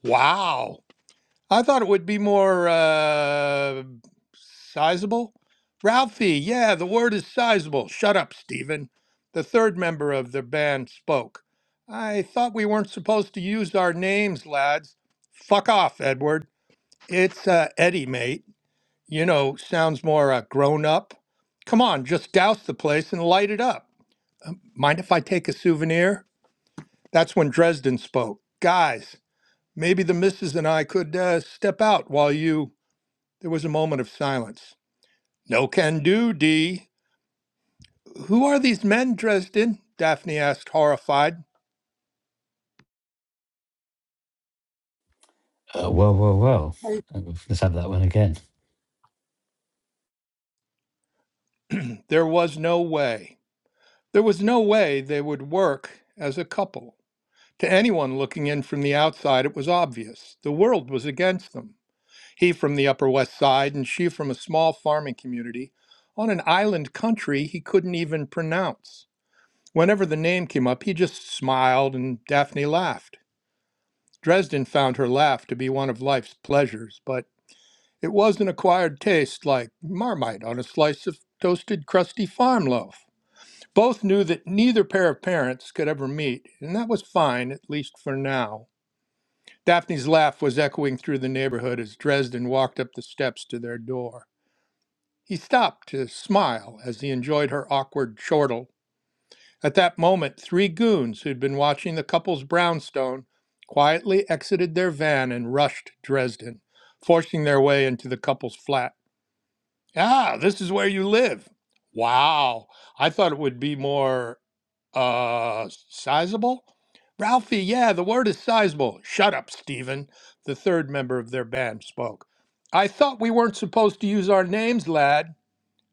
S4: Wow. I thought it would be more uh, sizable. Ralphie, yeah, the word is sizable. Shut up, Stephen. The third member of the band spoke. I thought we weren't supposed to use our names, lads. Fuck off, Edward. It's uh, Eddie, mate. You know, sounds more uh, grown up. Come on, just douse the place and light it up. Mind if I take a souvenir? That's when Dresden spoke. Guys, maybe the missus and I could uh, step out while you. There was a moment of silence. No can do, D. Who are these men, Dresden? Daphne asked, horrified.
S1: Uh, well, well, well. Uh, Let's have that one again.
S4: There was no way. There was no way they would work as a couple. To anyone looking in from the outside, it was obvious. The world was against them. he from the Upper West Side and she from a small farming community on an island country he couldn't even pronounce. Whenever the name came up, he just smiled and Daphne laughed. Dresden found her laugh to be one of life's pleasures, but it was an acquired taste like marmite on a slice of toasted, crusty farm loaf. Both knew that neither pair of parents could ever meet, and that was fine, at least for now. Daphne's laugh was echoing through the neighborhood as Dresden walked up the steps to their door. He stopped to smile as he enjoyed her awkward chortle. At that moment, three goons who'd been watching the couple's brownstone quietly exited their van and rushed Dresden, forcing their way into the couple's flat. Ah, this is where you live. Wow, I thought it would be more, uh, sizable? Ralphie, yeah, the word is sizable. Shut up, Stephen, the third member of their band spoke. I thought we weren't supposed to use our names, lad.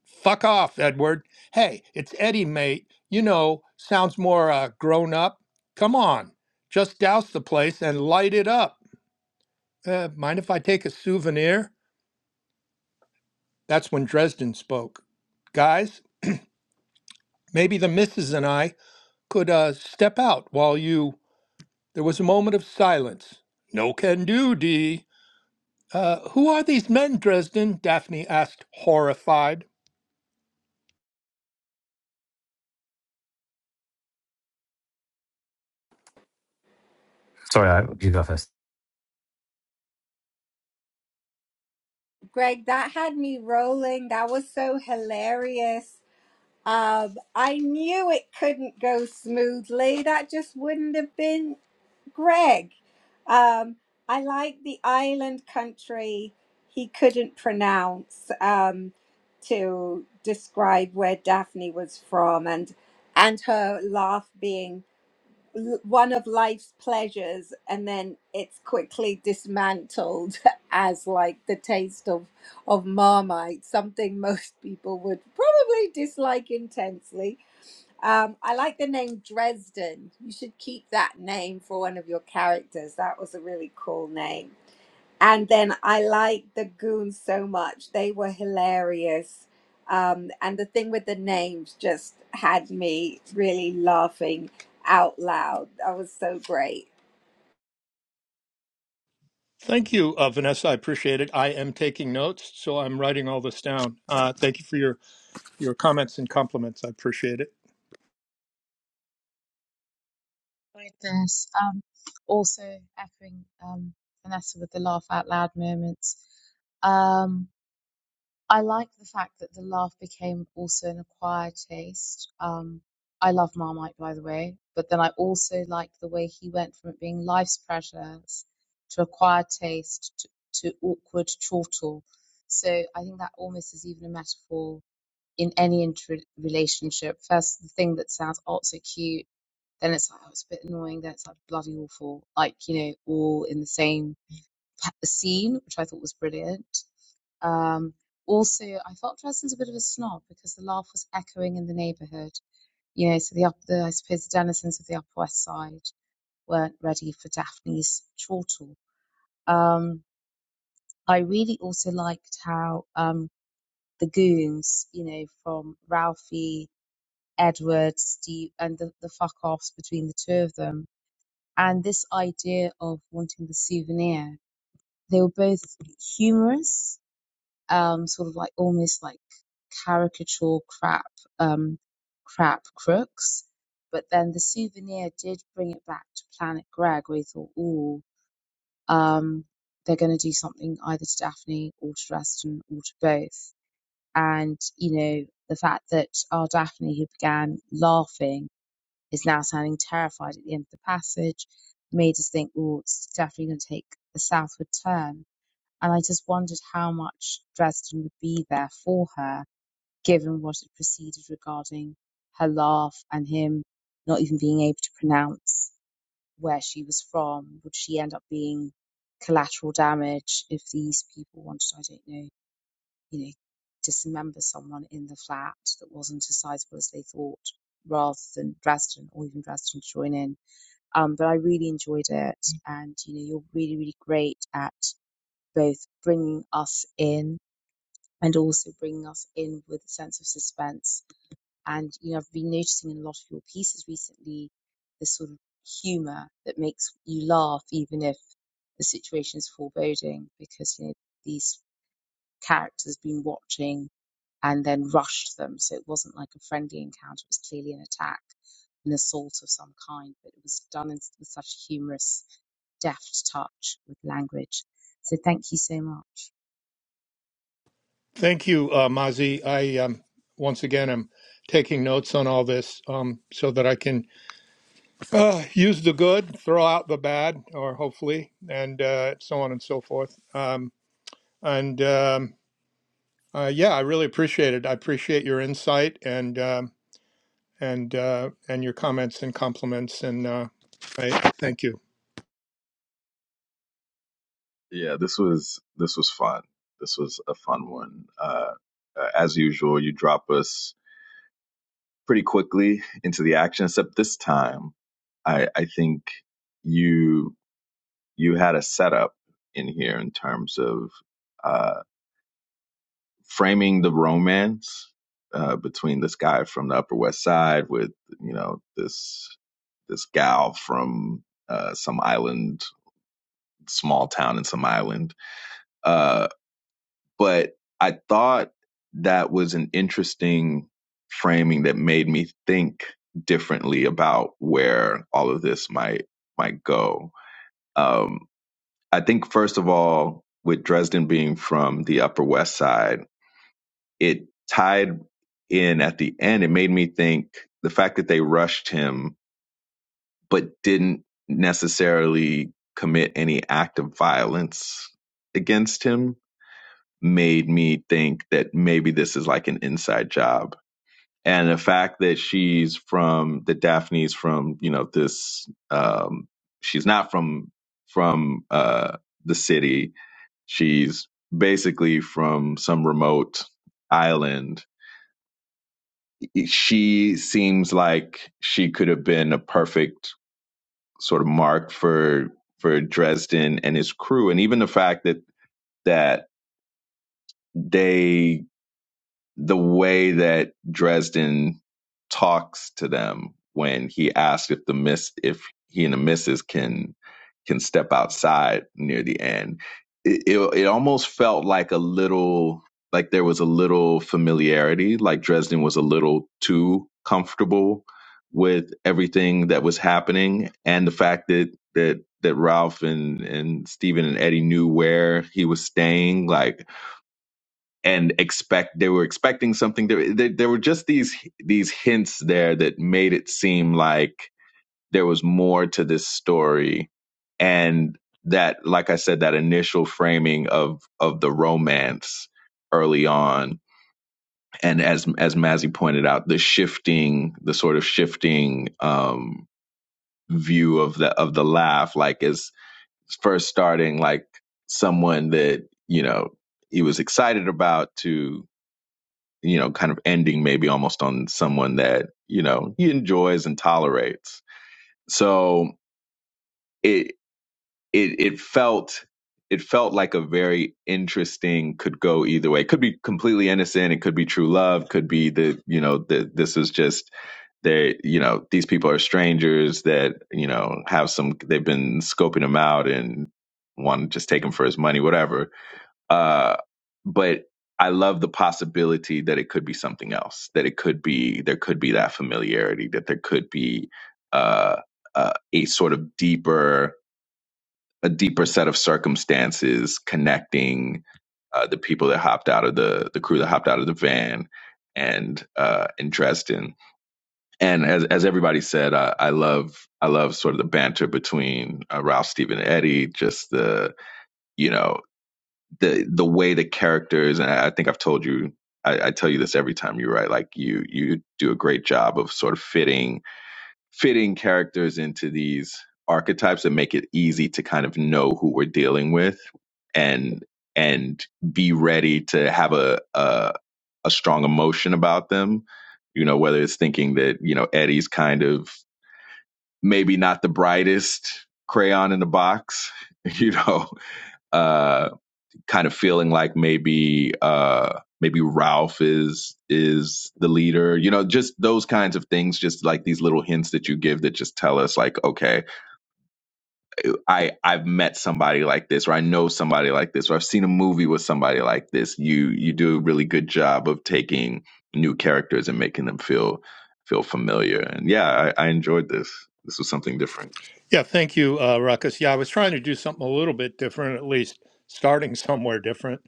S4: Fuck off, Edward. Hey, it's Eddie, mate. You know, sounds more uh, grown up. Come on, just douse the place and light it up. Uh, mind if I take a souvenir? That's when Dresden spoke. Guys, maybe the missus and I could uh, step out while you. There was a moment of silence. No can do, Dee. Uh, who are these men, Dresden? Daphne asked, horrified.
S1: Sorry, I, you go first.
S2: Greg, that had me rolling. That was so hilarious. Um, I knew it couldn't go smoothly. That just wouldn't have been Greg. Um, I like the island country he couldn't pronounce um, to describe where Daphne was from and and her laugh being l- one of life's pleasures and then it's quickly dismantled as like the taste of of marmite something most people would probably dislike intensely um i like the name dresden you should keep that name for one of your characters that was a really cool name and then I liked the goons so much. They were hilarious. Um, and the thing with the names just had me really laughing out loud. That was so great.
S4: Thank you, uh, Vanessa. I appreciate it. I am taking notes, so I'm writing all this down. Uh, thank you for your, your comments and compliments. I appreciate it.
S5: enjoyed this. Um, also echoing um, Vanessa with the laugh out loud moments. Um, I like the fact that the laugh became also an acquired taste. Um, I love Marmite, by the way, but then I also like the way he went from it being life's pressures to acquired taste to, to awkward chortle. So I think that almost is even a metaphor in any inter- relationship. First, the thing that sounds oh so cute then it's like, oh, it's a bit annoying. Then it's like bloody awful. Like, you know, all in the same pa- scene, which I thought was brilliant. Um, also, I felt Dresden's a bit of a snob because the laugh was echoing in the neighbourhood. You know, so the, up, the I suppose the denizens of the Upper West Side weren't ready for Daphne's chortle. Um, I really also liked how um, the goons, you know, from Ralphie, Edward, Steve, and the, the fuck offs between the two of them and this idea of wanting the souvenir. They were both humorous, um, sort of like almost like caricature crap, um, crap crooks. But then the souvenir did bring it back to Planet Greg, where he thought, ooh, um, they're going to do something either to Daphne or to Reston or to both. And, you know, the fact that our Daphne, who began laughing, is now sounding terrified at the end of the passage, made us think, oh, it's definitely going to take a southward turn. And I just wondered how much Dresden would be there for her, given what had preceded regarding her laugh and him not even being able to pronounce where she was from. Would she end up being collateral damage if these people wanted, I don't know, you know, dismember someone in the flat that wasn't as sizable as they thought, rather than Dresden or even Dresden to join in? Um, but I really enjoyed it, and you know, you're really, really great at both bringing us in and also bringing us in with a sense of suspense. And you know, I've been noticing in a lot of your pieces recently this sort of humor that makes you laugh, even if the situation is foreboding, because you know these characters been watching and then rushed them. So it wasn't like a friendly encounter, it was clearly an attack, an assault of some kind, but it was done in, with such humorous, deft touch with language. So thank you so much.
S4: Thank you, uh, Mazi. I um, once again am taking notes on all this um, so that I can uh, use the good, throw out the bad, or hopefully, and uh, so on and so forth. Um, and um, uh, yeah, I really appreciate it. I appreciate your insight and um, and uh, and your comments and compliments. And uh, I thank you.
S3: Yeah, this was this was fun. This was a fun one. Uh, uh, as usual, you drop us pretty quickly into the action, except this time I, I think you you had a setup in here in terms of uh, framing the romance uh, between this guy from the Upper West Side with you know this this gal from uh, some island, small town in some island. Uh, But I thought that was an interesting framing that made me think differently about where all of this might might go. Um, I think first of all, with Dresden being from the Upper West Side, it tied in at the end. It made me think the fact that they rushed him but didn't necessarily commit any act of violence against him made me think that maybe this is like an inside job. And the fact that she's from the Daphne's from, you know, this um she's not from from uh the city. She's basically from some remote island. She seems like she could have been a perfect sort of mark for for Dresden and his crew and even the fact that that they the way that Dresden talks to them when he asks if the miss if he and the missus can can step outside near the end. It, it it almost felt like a little like there was a little familiarity, like Dresden was a little too comfortable with everything that was happening and the fact that that that Ralph and and Stephen and Eddie knew where he was staying, like and expect they were expecting something there, there there were just these these hints there that made it seem like there was more to this story and that like i said that initial framing of of the romance early on and as as mazzy pointed out the shifting the sort of shifting um view of the of the laugh like is first starting like someone that you know he was excited about to you know, kind of ending maybe almost on someone that, you know, he enjoys and tolerates. So it it it felt it felt like a very interesting could go either way. It could be completely innocent, it could be true love, could be the you know, the this is just they you know, these people are strangers that, you know, have some they've been scoping him out and want to just take him for his money, whatever uh, but I love the possibility that it could be something else, that it could be, there could be that familiarity, that there could be uh, uh, a sort of deeper, a deeper set of circumstances connecting uh, the people that hopped out of the, the crew that hopped out of the van and uh, in Dresden. And as, as everybody said, I, I love, I love sort of the banter between uh, Ralph, Steven, and Eddie, just the, you know the the way the characters and I, I think I've told you I, I tell you this every time you write like you you do a great job of sort of fitting fitting characters into these archetypes that make it easy to kind of know who we're dealing with and and be ready to have a a, a strong emotion about them you know whether it's thinking that you know Eddie's kind of maybe not the brightest crayon in the box you know uh, kind of feeling like maybe uh maybe Ralph is is the leader. You know, just those kinds of things, just like these little hints that you give that just tell us like, okay, I I've met somebody like this or I know somebody like this or I've seen a movie with somebody like this. You you do a really good job of taking new characters and making them feel feel familiar. And yeah, I, I enjoyed this. This was something different.
S4: Yeah, thank you, uh, Ruckus. Yeah, I was trying to do something a little bit different, at least starting somewhere different.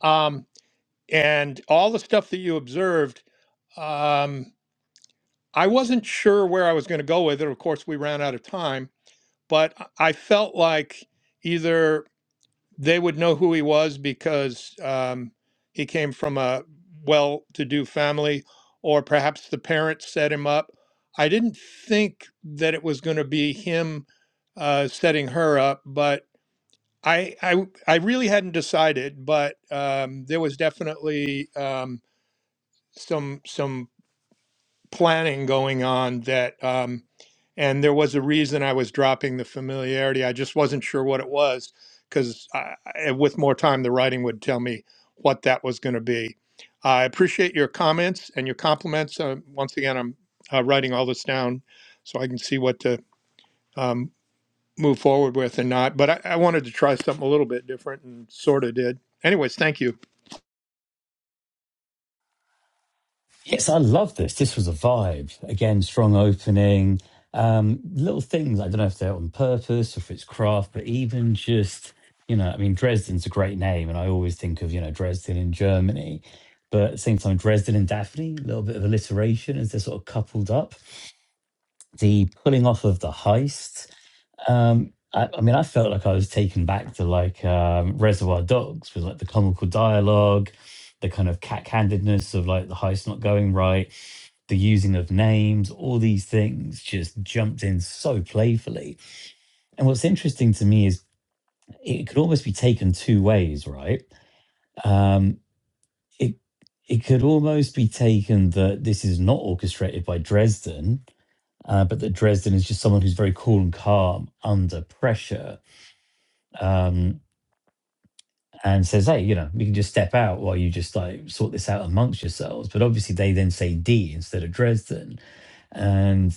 S4: Um, and all the stuff that you observed, um, I wasn't sure where I was going to go with it. Of course, we ran out of time, but I I felt like either they would know who he was because um, he came from a well-to-do family, or perhaps the parents set him up. I didn't think that it was going to be him uh, setting her up, but I, I I really hadn't decided. But um, there was definitely um, some some planning going on that. Um, and there was a reason I was dropping the familiarity. I just wasn't sure what it was because with more time, the writing would tell me what that was going to be. I appreciate your comments and your compliments. Uh, once again, I'm uh, writing all this down so I can see what to um, move forward with and not. But I, I wanted to try something a little bit different and sort of did. Anyways, thank you.
S1: Yes, I love this. This was a vibe. Again, strong opening. Um, little things. I don't know if they're on purpose or if it's craft, but even just you know, I mean, Dresden's a great name, and I always think of you know Dresden in Germany. But at the same time, Dresden and Daphne, a little bit of alliteration as they're sort of coupled up. The pulling off of the heist Um, I, I mean, I felt like I was taken back to like um, Reservoir Dogs with like the comical dialogue, the kind of cat handedness of like the heist not going right, the using of names, all these things just jumped in so playfully. And what's interesting to me is it could almost be taken two ways, right? Um, it it could almost be taken that this is not orchestrated by Dresden, uh, but that Dresden is just someone who's very cool and calm under pressure. Um, and says, "Hey, you know, we can just step out while you just like sort this out amongst yourselves." But obviously, they then say D instead of Dresden, and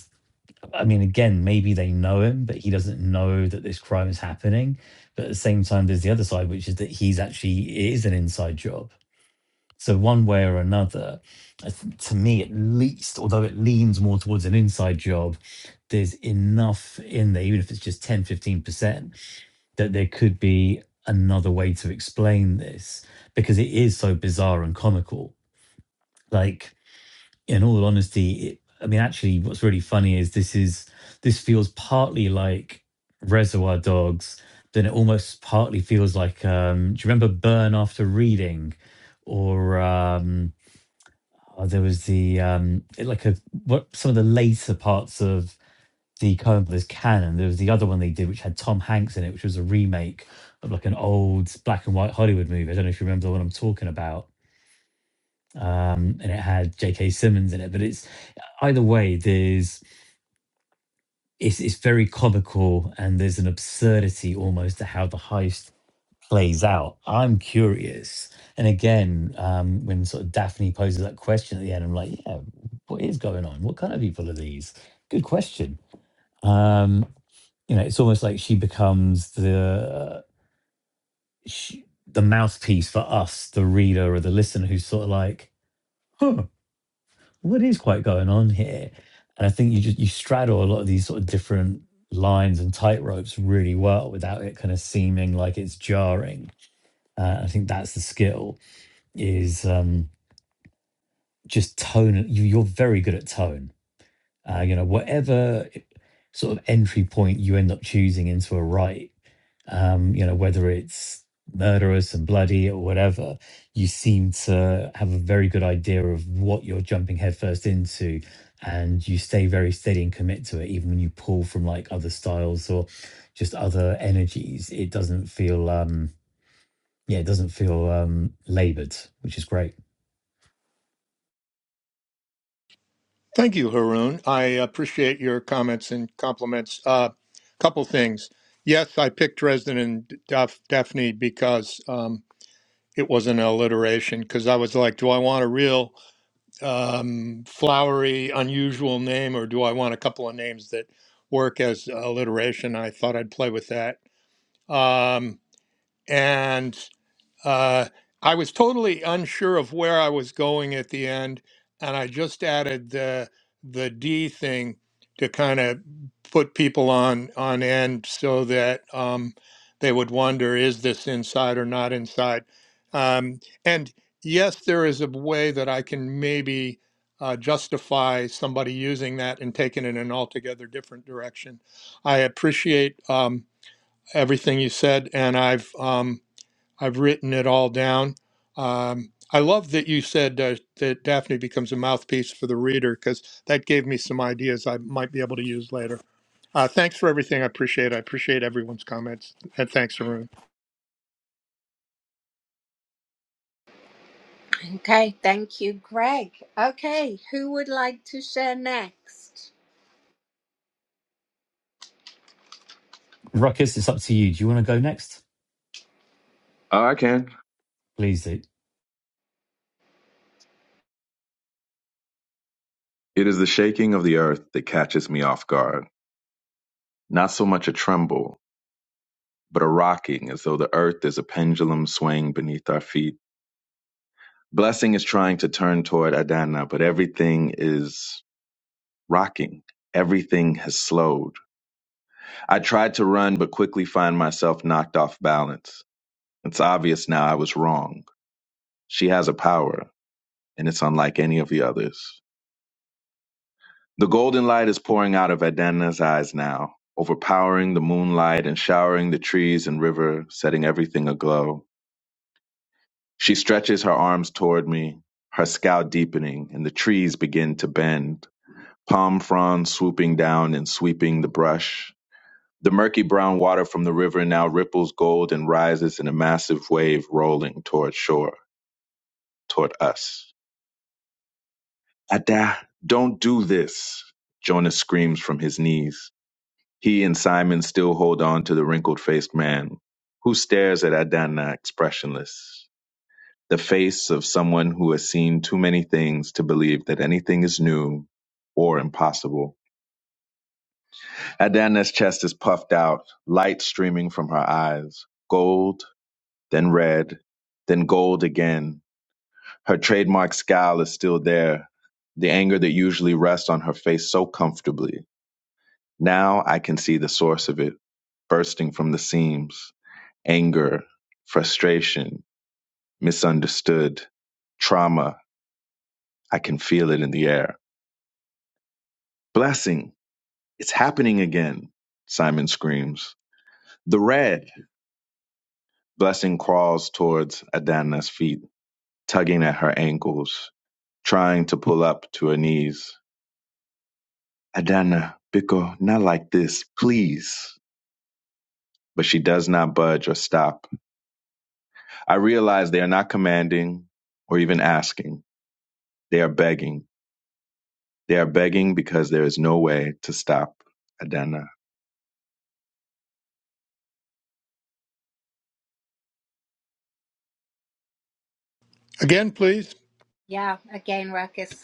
S1: I mean, again, maybe they know him, but he doesn't know that this crime is happening. But at the same time, there's the other side, which is that he's actually it is an inside job. So one way or another, I th- to me at least, although it leans more towards an inside job, there's enough in there, even if it's just ten, fifteen percent that there could be another way to explain this because it is so bizarre and comical. Like, in all honesty, it, I mean, actually, what's really funny is this is this feels partly like Reservoir Dogs. Then it almost partly feels like, um, do you remember Burn After Reading, or um, oh, there was the um, it- like a what some of the later parts of the Coen Brothers canon. There was the other one they did, which had Tom Hanks in it, which was a remake of like an old black and white Hollywood movie. I don't know if you remember the one I'm talking about. Um, and it had J.K. Simmons in it, but it's either way, there's it's, it's very comical and there's an absurdity almost to how the heist plays out. I'm curious. And again, um, when sort of Daphne poses that question at the end, I'm like, yeah, what is going on? What kind of people are these? Good question. Um, you know it's almost like she becomes the she, the mouthpiece for us the reader or the listener who's sort of like huh what is quite going on here and i think you just you straddle a lot of these sort of different lines and tightropes really well without it kind of seeming like it's jarring uh, i think that's the skill is um just tone you, you're very good at tone uh, you know whatever sort of entry point you end up choosing into a right um you know whether it's murderous and bloody or whatever you seem to have a very good idea of what you're jumping headfirst into and you stay very steady and commit to it even when you pull from like other styles or just other energies it doesn't feel um yeah it doesn't feel um labored which is great
S4: Thank you, Haroon. I appreciate your comments and compliments. A uh, couple things. Yes, I picked Dresden and Daph- Daphne because um, it was an alliteration, because I was like, do I want a real um, flowery, unusual name, or do I want a couple of names that work as alliteration? I thought I'd play with that. Um, and uh, I was totally unsure of where I was going at the end, and I just added the the D thing to kind of put people on on end so that um, they would wonder is this inside or not inside. Um, and yes, there is a way that I can maybe uh, justify somebody using that and taking it in an altogether different direction. I appreciate um, everything you said, and I've um, I've written it all down. Um, I love that you said uh, that Daphne becomes a mouthpiece for the reader because that gave me some ideas I might be able to use later. Uh, thanks for everything. I appreciate. it. I appreciate everyone's comments, and thanks, Arun.
S2: Okay, thank you, Greg. Okay, who would like to share next?
S1: ruckus it's up to you do you want to go next
S3: Oh, I can.
S1: please do
S3: It is the shaking of the earth that catches me off guard. Not so much a tremble but are rocking as though the earth is a pendulum swaying beneath our feet. Blessing is trying to turn toward Adana, but everything is rocking. Everything has slowed. I tried to run, but quickly find myself knocked off balance. It's obvious now I was wrong. She has a power, and it's unlike any of the others. The golden light is pouring out of Adana's eyes now, overpowering the moonlight and showering the trees and river, setting everything aglow. She stretches her arms toward me, her scowl deepening, and the trees begin to bend, palm fronds swooping down and sweeping the brush. The murky brown water from the river now ripples gold and rises in a massive wave rolling toward shore, toward us. Ada, don't do this, Jonas screams from his knees. He and Simon still hold on to the wrinkled faced man, who stares at Adana expressionless. the face of someone who has seen too many things to believe that anything is new or impossible. Adana's chest is puffed out, light streaming from her eyes, gold, then red, then gold again. Her trademark scowl is still there, the anger that usually rests on her face so comfortably. Now I can see the source of it, bursting from the seams. Anger, frustration, misunderstood, trauma. I can feel it in the air. Blessing, It's happening again, Simon screams. The red blessing crawls towards Adana's feet, tugging at her ankles, trying to pull up to her knees. Adana, Biko, not like this, please. But she does not budge or stop. I realize they are not commanding or even asking. They are begging. They are begging because there is no way to stop Adana.
S4: Again, please.
S2: Yeah, again, Ruckus.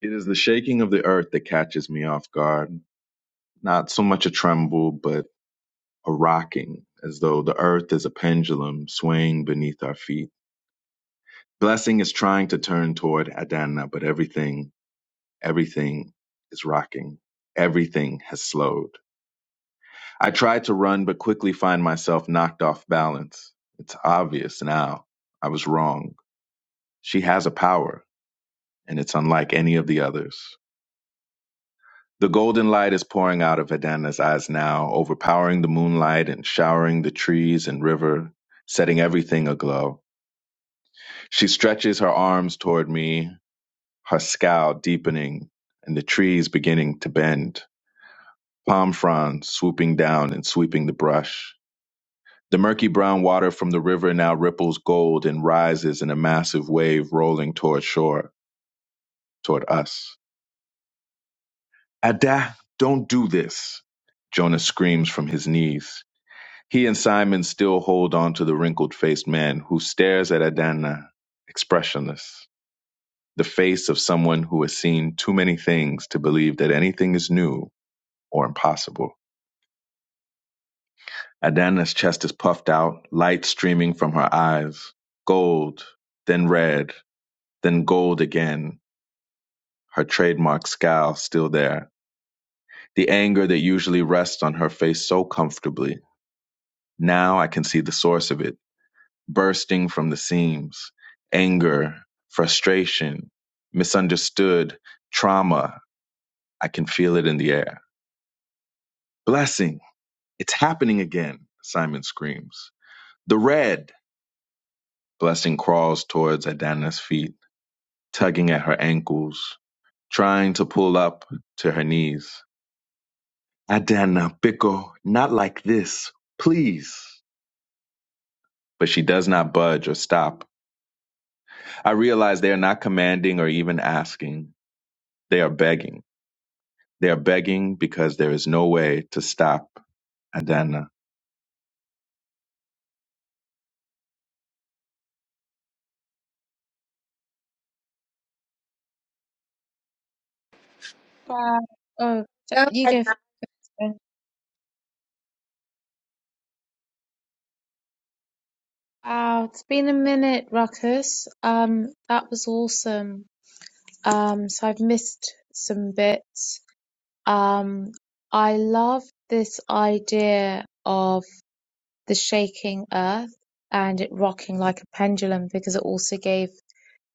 S3: It is the shaking of the earth that catches me off guard. Not so much a tremble, but a rocking, as though the earth is a pendulum swaying beneath our feet. Blessing is trying to turn toward Adana, but everything, everything is rocking. Everything has slowed. I try to run, but quickly find myself knocked off balance. It's obvious now. I was wrong. She has a power, and it's unlike any of the others. The golden light is pouring out of Adana's eyes now, overpowering the moonlight and showering the trees and river, setting everything aglow. She stretches her arms toward me, her scowl deepening and the trees beginning to bend, palm fronds swooping down and sweeping the brush. The murky brown water from the river now ripples gold and rises in a massive wave rolling toward shore, toward us. Ada, don't do this! Jonah screams from his knees. He and Simon still hold on to the wrinkled faced man who stares at Adana, expressionless. the face of someone who has seen too many things to believe that anything is new or impossible. Adana's chest is puffed out, light streaming from her eyes, gold, then red, then gold again, her trademark scowl still there. The anger that usually rests on her face so comfortably. Now I can see the source of it, bursting from the seams. Anger, frustration, misunderstood, trauma. I can feel it in the air. Blessing. It's happening again, Simon screams. The red! Blessing crawls towards Adana's feet, tugging at her ankles, trying to pull up to her knees. Adana, Biko, not like this, please. But she does not budge or stop. I realize they are not commanding or even asking. They are begging. They are begging because there is no way to stop Adana.
S5: Wow. Oh, j-
S2: Go
S5: you go
S2: ahead.
S5: first. then. Wow, it's been a minute, Ruckus. Um, that was awesome. Um, so I've missed some bits. Um, I love this idea of. the shaking earth and it rocking like a pendulum because it also gave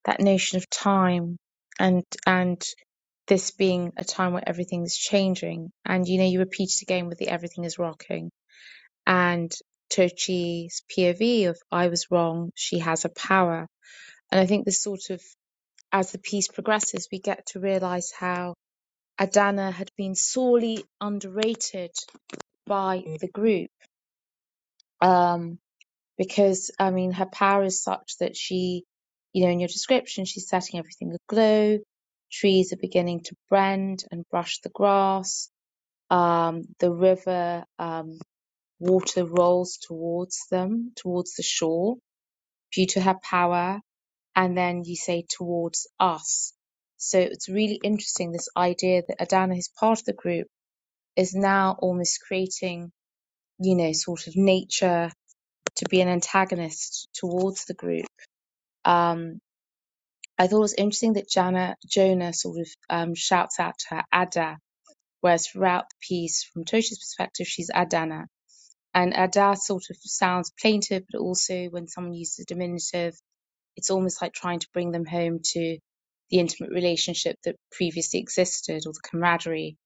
S5: that notion of time and and this being a time where everything's changing and you know you repeat it again with the everything is rocking and Tochi's POV of I was wrong, she has a power. And I think this sort of as the piece progresses we get to realise how Adana had been sorely underrated by the group. Um because I mean her power is such that she, you know, in your description, she's setting everything aglow. Trees are beginning to bend and brush the grass. Um, the river um, water rolls towards them, towards the shore, due to her power. And then you say towards us. So it's really interesting this idea that Adana, who's part of the group, is now almost creating, you know, sort of nature to be an antagonist towards the group Um, I thought it was interesting that Jana, Jonah sort of um, shouts out to her Ada, whereas throughout the piece, from Toshi's perspective, she's Adana. And Ada sort of sounds plaintive, but also when someone uses a diminutive, it's almost like trying to bring them home to the intimate relationship that previously existed or the camaraderie.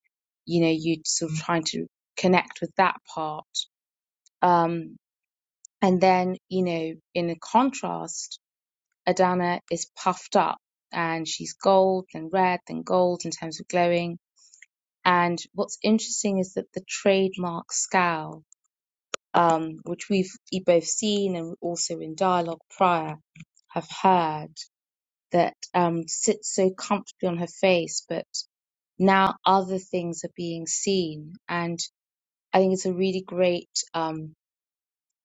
S5: You know, you sort of trying to connect with that part. Um, and then, you know, in a contrast, Adana is puffed up and she's gold, then red, then gold in terms of glowing. And what's interesting is that the trademark scowl, um, which we've e- both seen and also in dialogue prior have heard, that um, sits so comfortably on her face, but now other things are being seen. And I think it's a really great um,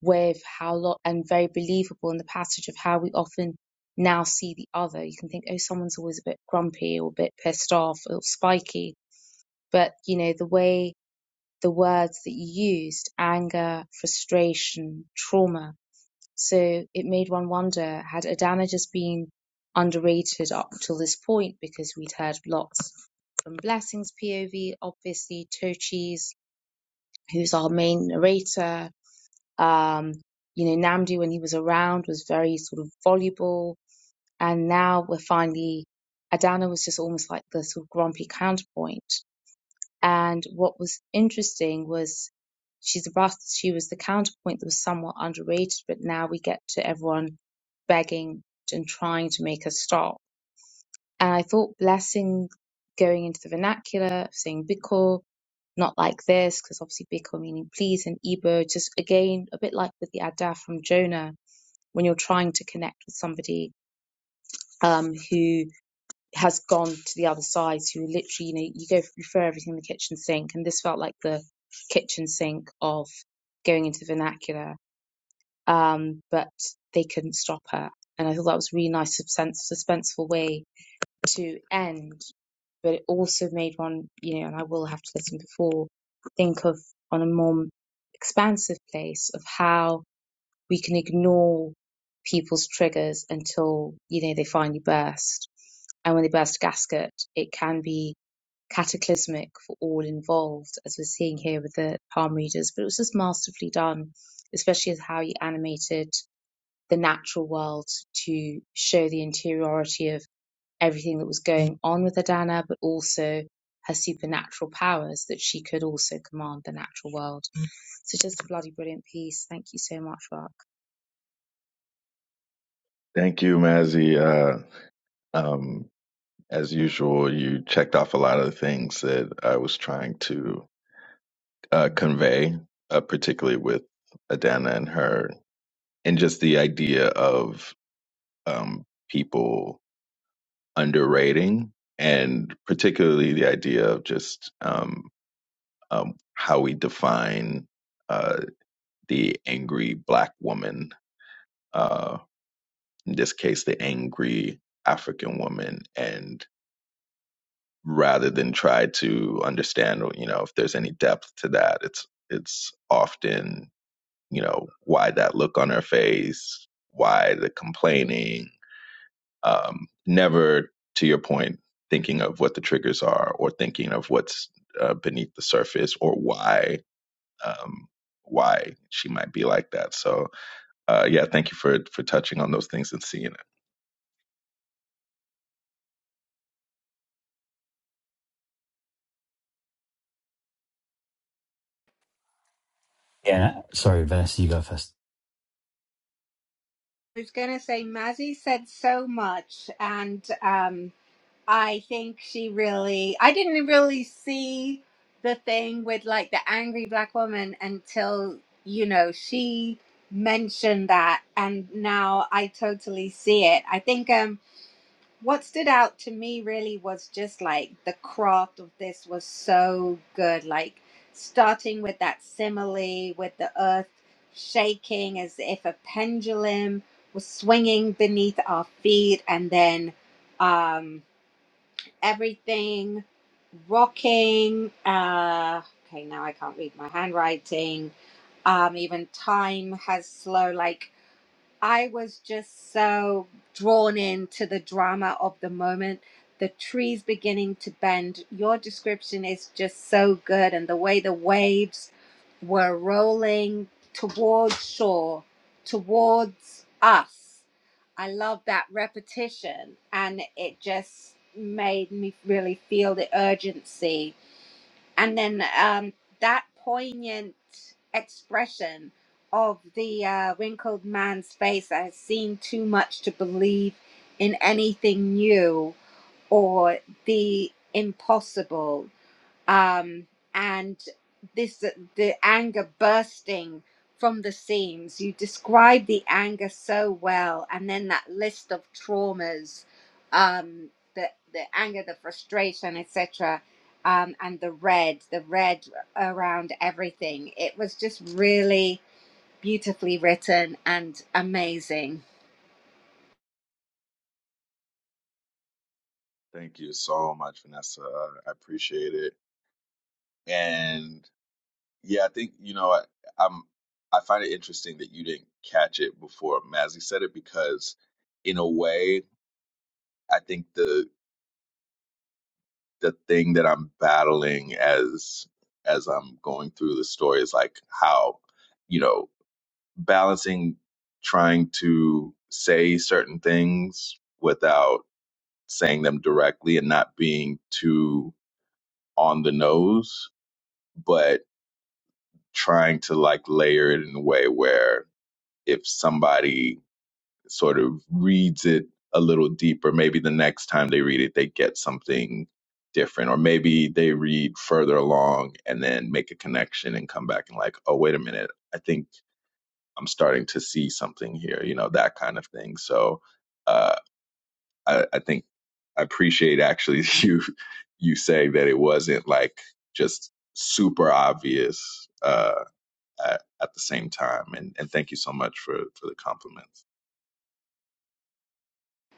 S5: with how lot and very believable in the passage of how we often now see the other. You can think, oh, someone's always a bit grumpy or a bit pissed off or spiky. But, you know, the way the words that you used, anger, frustration, trauma. So it made one wonder, had Adana just been underrated up till this point because we'd heard lots from Blessing's POV, obviously Tochi's, who's our main narrator, um, you know, Namdi, when he was around, was very sort of voluble. And now we're finally, Adana was just almost like the sort of grumpy counterpoint. And what was interesting was she's the bus, she was the counterpoint that was somewhat underrated, but now we get to everyone begging and trying to make her stop. And I thought Blessing going into the vernacular, saying Bikkur, not like this, because obviously Biko meaning please and Igbo, just again, a bit like with the Adah from Jonah, when you're trying to connect with somebody um, who has gone to the other side, who literally, you know, you go you throw everything in the kitchen sink, and this felt like the kitchen sink of going into the vernacular, um, but they couldn't stop her. And I thought that was a really nice, suspense, suspenseful way to end, but it also made one, you know, and I will have to listen before, think of on a more expansive place of how we can ignore people's triggers until, you know, they finally burst. And when they burst a gasket, it can be cataclysmic for all involved, as we're seeing here with the palm readers. But it was just masterfully done, especially as how he animated the natural world to show the interiority of everything that was going on with Adana, but also her supernatural powers that she could also command the natural world. So just a bloody brilliant piece. Thank you so much, Mark.
S3: Thank you, Mazzy. Uh, um, As usual, you checked off a lot of the things that I was trying to uh, convey, uh, particularly with Adana and her, and just the idea of um, people underrating, and particularly the idea of just um, um, how we define uh, the angry Black woman, uh, in this case, the angry African woman, and rather than try to understand you know if there's any depth to that it's it's often you know why that look on her face why the complaining um never to your point thinking of what the triggers are or thinking of what's uh, beneath the surface or why um why she might be like that so uh, yeah, thank you for for touching on those things and seeing it.
S1: yeah sorry vanessa you go first
S2: I was going to say, Mazzy said so much, and. um, I think she really, I didn't really see the thing with like the angry black woman until, you know, she mentioned that. And now I totally see it. I think um, what stood out to me really was just like the craft of this was so good. Like starting with that simile with the earth shaking as if a pendulum was swinging beneath our feet and then. Um, everything rocking. Uh, okay, now I can't read my handwriting. Um, even time has slow, like I was just so drawn into the drama of the moment. The trees beginning to bend. Your description is just so good, and the way the waves were rolling towards shore, towards us. I love that repetition, and it just made me really feel the urgency and then um, that poignant expression of the uh, wrinkled man's face that has seen too much to believe in anything new or the impossible um, and this the anger bursting from the seams. You describe the anger so well, and then that list of traumas, um, the the anger, the frustration, etc., um, and the red, the red around everything. It was just really beautifully written and amazing.
S3: Thank you so much, Vanessa. I appreciate it. And yeah, I think you know I, I'm. I find it interesting that you didn't catch it before Mazzy said it because, in a way, I think the the thing that I'm battling as as I'm going through the story is like how you know balancing trying to say certain things without saying them directly and not being too on the nose, but trying to like layer it in a way where if somebody sort of reads it a little deeper, maybe the next time they read it, they get something different, or maybe they read further along and then make a connection and come back and like, oh, wait a minute. I think I'm starting to see something here, you know, that kind of thing. So uh, I, I think I appreciate actually you you saying that it wasn't like just super obvious uh, at, at the same time. And, and thank you so much for, for the compliments.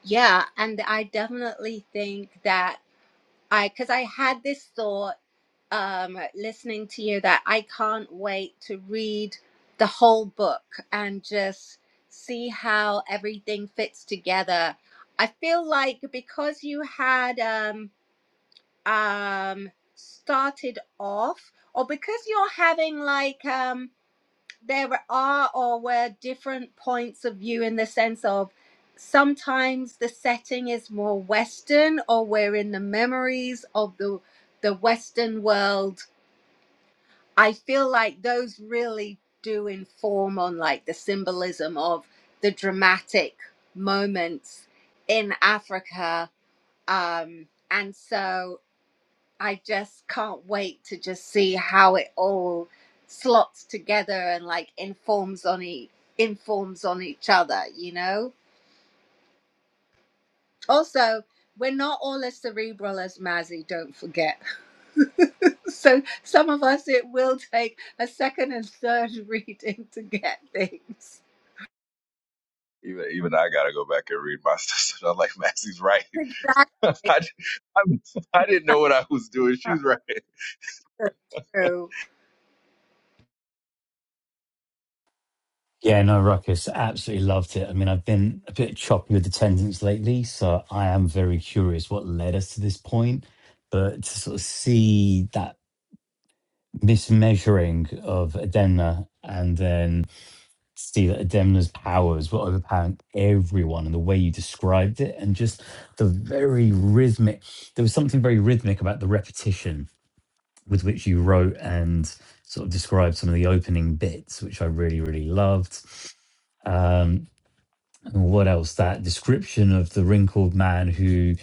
S2: Yeah, and I definitely think that I because I had this thought um, listening to you that I can't wait to read the whole book and just see how everything fits together. I feel like because you had um, um, started off, or because you're having like um, there are or were different points of view in the sense of sometimes the setting is more Western, or we're in the memories of the the Western world I feel like those really do inform on like the symbolism of the dramatic moments in Africa. Um, and so I just can't wait to just see how it all slots together and like informs on e- informs on each other, you know? Also, we're not all as cerebral as Mazzy, don't forget. so some of us it will take a second and third reading to get things
S3: Even even I gotta go back and read my stuff. I'm like Maxie's right. I,
S2: exactly
S3: I, I didn't know what I was doing.
S2: That's
S3: She's right.
S2: so true
S1: Yeah, no, Ruckus, absolutely loved it. I mean, I've been a bit choppy with attendance lately, so I am very curious what led us to this point. But to sort of see that mismeasuring of Edemna and then see that Edemna's powers were overpowering everyone and the way you described it and just the very rhythmic, there was something very rhythmic about the repetition with which you wrote and sort of described some of the opening bits, which I really, really loved. Um, and what else that description of the wrinkled man who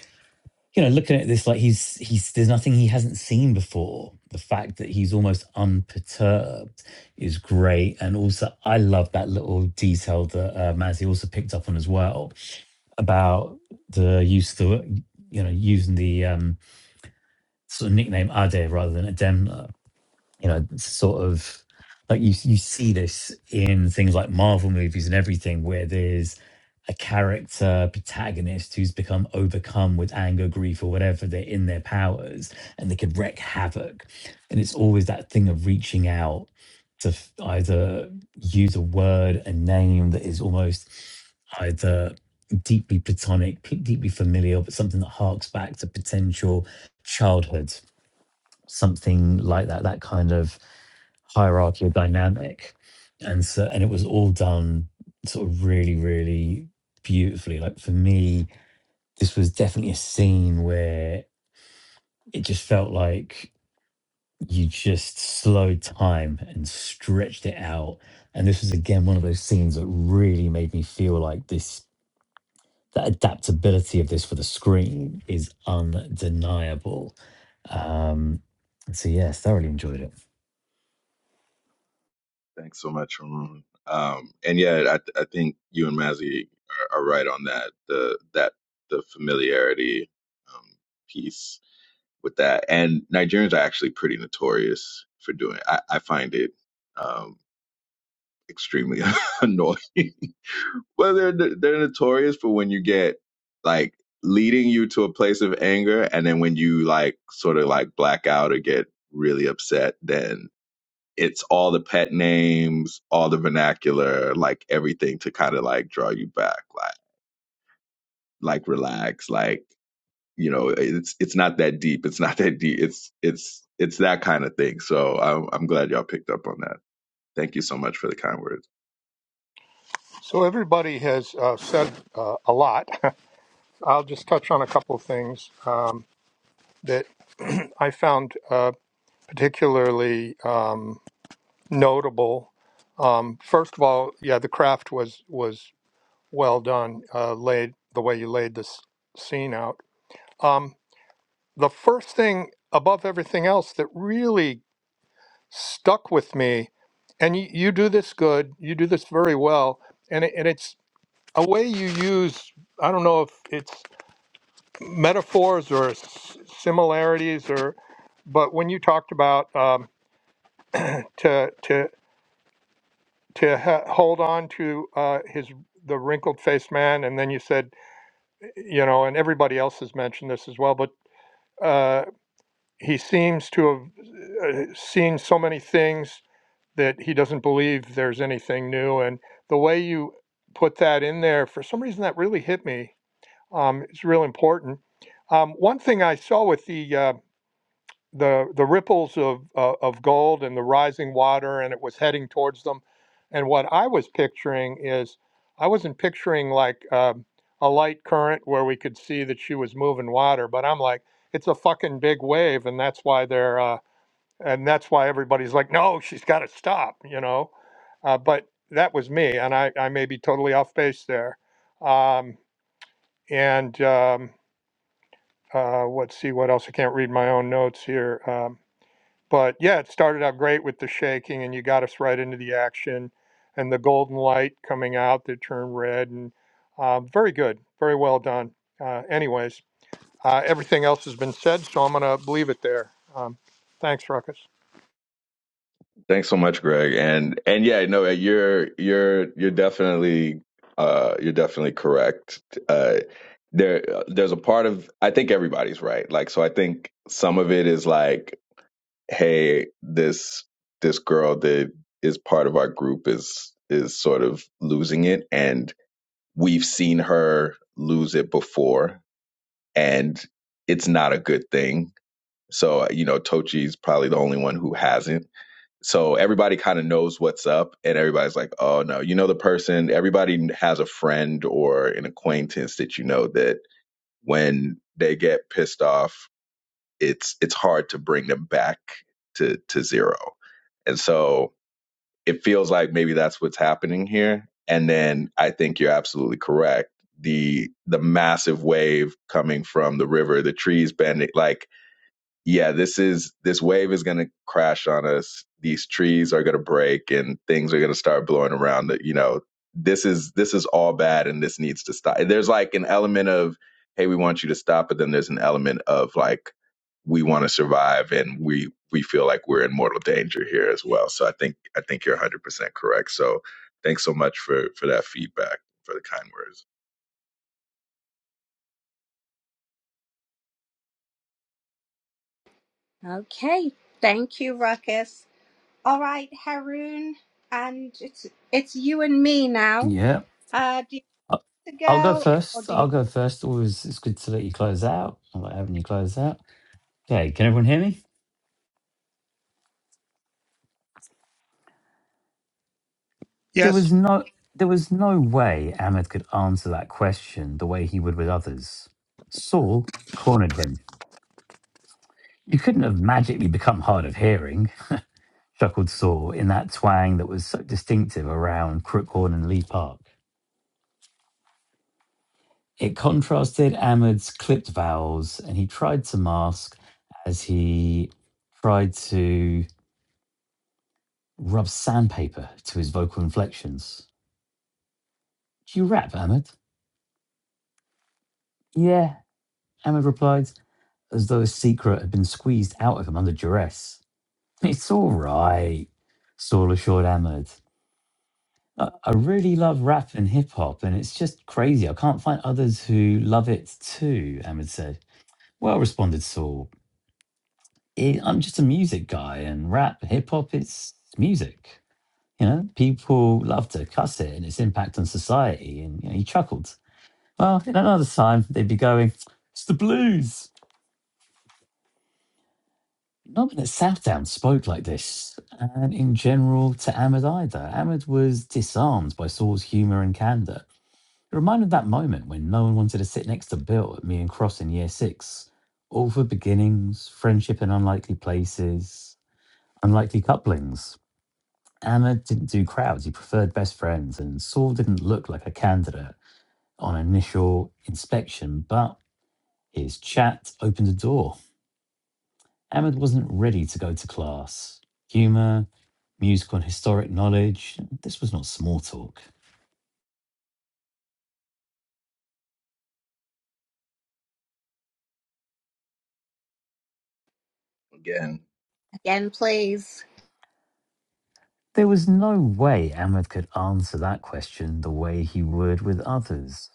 S1: you know looking at this like he's he's there's nothing he hasn't seen before the fact that he's almost unperturbed is great and also i love that little detail that uh, mazzy also picked up on as well about the use the you know using the um sort of nickname ade rather than adem you know it's sort of like you you see this in things like Marvel movies and everything where there's a character protagonist who's become overcome with anger, grief, or whatever they're in their powers, and they could wreak havoc. And it's always that thing of reaching out to f- either use a word, a name that is almost either deeply platonic, p- deeply familiar, but something that harks back to potential childhood something like that, that kind of hierarchical dynamic. And so, and it was all done sort of really, really beautifully. Like for me, this was definitely a scene where it just felt like you just slowed time and stretched it out. And this was again one of those scenes that really made me feel like this that adaptability of this for the screen is undeniable. Um, so yeah, thoroughly enjoyed it.
S3: Thanks so much, Ramon. Um, and yeah, I, I think you and Mazzy are, are right on that. The that the familiarity um, piece with that, and Nigerians are actually pretty notorious for doing. It. I, I find it um, extremely annoying. well, they're they're notorious for when you get like leading you to a place of anger, and then when you like sort of like black out or get really upset, then it's all the pet names, all the vernacular, like everything to kind of like draw you back, like like relax, like you know, it's it's not that deep, it's not that deep, it's it's it's that kind of thing. So I'm I'm glad y'all picked up on that. Thank you so much for the kind words.
S4: So everybody has uh, said uh, a lot. I'll just touch on a couple of things um, that I found uh, particularly um, notable. Um, first of all, yeah, the craft was was well done uh, laid the way you laid this scene out um, the first thing above everything else that really stuck with me and you, you do this good you do this very well and, it, and it's a way you use i don't know if it's metaphors or s- similarities or but when you talked about um, to to to ha- hold on to uh, his the wrinkled faced man and then you said you know, and everybody else has mentioned this as well, but uh, he seems to have uh, seen so many things that he doesn't believe there's anything new. And the way you put that in there, for some reason, that really hit me. Um, it's real important. Um, one thing I saw with the uh, the the ripples of uh, of gold and the rising water and it was heading towards them and what i was picturing is i wasn't picturing like um, a light current where we could see that she was moving water but i'm like it's a fucking big wave and that's why they're uh, and that's why everybody's like no she's got to stop you know uh, but that was me and i i may be totally off base there um, and um, uh, let's see what else i can't read my own notes here Um, but yeah, it started out great with the shaking, and you got us right into the action, and the golden light coming out that turned red, and um, very good, very well done. Uh, anyways, uh, everything else has been said, so I'm gonna leave it there. Um, thanks, Ruckus.
S3: Thanks so much, Greg. And and yeah, no, uh, you're you're you're definitely uh you're definitely correct. Uh there uh, there's a part of I think everybody's right. Like so I think some of it is like hey this this girl that is part of our group is is sort of losing it and we've seen her lose it before and it's not a good thing so you know tochi's probably the only one who hasn't so everybody kind of knows what's up and everybody's like oh no you know the person everybody has a friend or an acquaintance that you know that when they get pissed off it's it's hard to bring them back to to zero and so it feels like maybe that's what's happening here. And then I think you're absolutely correct. The the massive wave coming from the river, the trees bending, like yeah, this is this wave is going to crash on us. These trees are going to break and things are going to start blowing around. That You know, this is this is all bad and this needs to stop. There's like an element of hey, we want you to stop, but then there's an element of like we want to survive and we we feel like we're in mortal danger here as well. So I think I think you're 100% correct. So thanks so much for for that feedback for the kind words.
S2: okay thank you ruckus all right haroon and it's it's you and me now
S1: Yeah.
S2: uh do you
S1: I-
S2: want to
S1: I'll go
S2: go or
S1: first.
S2: do you
S1: I'll go first. Always, it's good to let you close out. I like having you close out. Okay, can everyone hear me? There
S4: Yes,
S1: was no, there was no way Ahmed could answer that question the way he would with others. Saul cornered him. You couldn't have magically become hard of hearing, chuckled Saul in that twang that was so distinctive around Crookhorn and Lee Park. It contrasted Ahmed's clipped vowels, and he tried to mask as he tried to rubs sandpaper to his vocal inflections. Do you rap, Ahmed? Yeah, Ahmed replied, as though his secret had been squeezed out of him under duress. It's all right, Saul assured Ahmed. I, I really love rap and hip hop, and it's just crazy. I can't find others who love it too, Ahmed said. Well, responded Saul, "I- I'm just a music guy, and rap, hip hop, it's music. You know, people love to cuss it and its impact on society. And you know, he chuckled. Well, in another time, they'd be going, it's the blues. Not that Southdown spoke like this, and in general to Ahmed either. Ahmed was disarmed by Saul's humour and candour. It reminded that moment when no one wanted to sit next to Bill at me and Cross in year six. All for beginnings, friendship in unlikely places, unlikely couplings. Ahmed didn't do crowds, he preferred best friends, and Saul didn't look like a candidate on initial inspection, but his chat opened a door. Ahmed wasn't ready to go to class. Humour, music on historic knowledge, this was not small talk.
S3: Yeah.
S2: again please
S1: There was no way Ahmed could answer that question the way he would with others.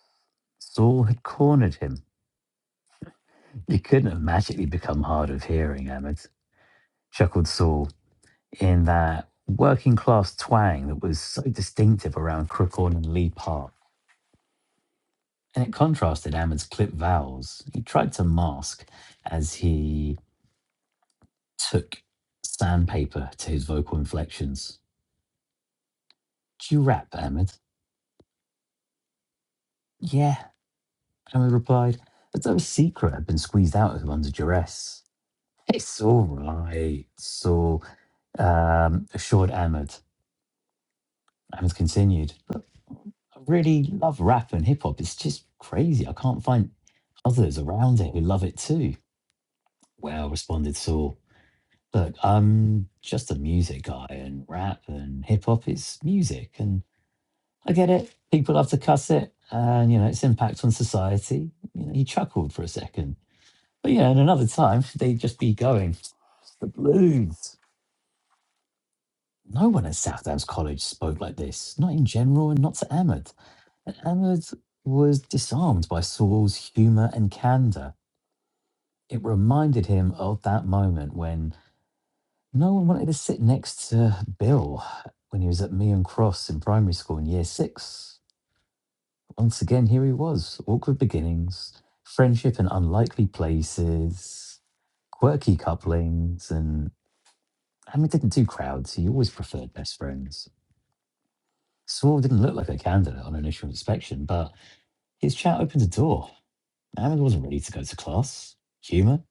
S1: Saul had cornered him. You couldn't have magically become hard of hearing, Ahmed, chuckled Saul, in that working class twang that was so distinctive around Crookhorn and Lee Park. And it contrasted Ahmed's clipped vowels. He tried to mask as he took sandpaper to his vocal inflections. Do you rap, Ahmed? Yeah, Ahmed replied, as though his secret had been squeezed out of him under duress. It's all right, so um, assured Ahmed. Ahmed continued, Look, I really love rap and hip hop. It's just crazy. I can't find others around it who love it too. Well, responded Saul. Look, I'm just a music guy, and rap and hip hop is music, and I get it. People love to cuss it, and you know its impact on society. You know, he chuckled for a second, but yeah, and another time they'd just be going the blues. No one at Southampton's College spoke like this, not in general, and not to Ahmed. And Ahmed was disarmed by Saul's humour and candour. It reminded him of that moment when no one wanted to sit next to Bill when he was at Meon Cross in primary school in year six. Once again, here he was. Awkward beginnings, friendship in unlikely places, quirky couplings, and I mean, didn't do crowds. He always preferred best friends. Saul didn't look like a candidate on initial inspection, but his chat opened a door. Ahmed wasn't ready to go to class. Humour,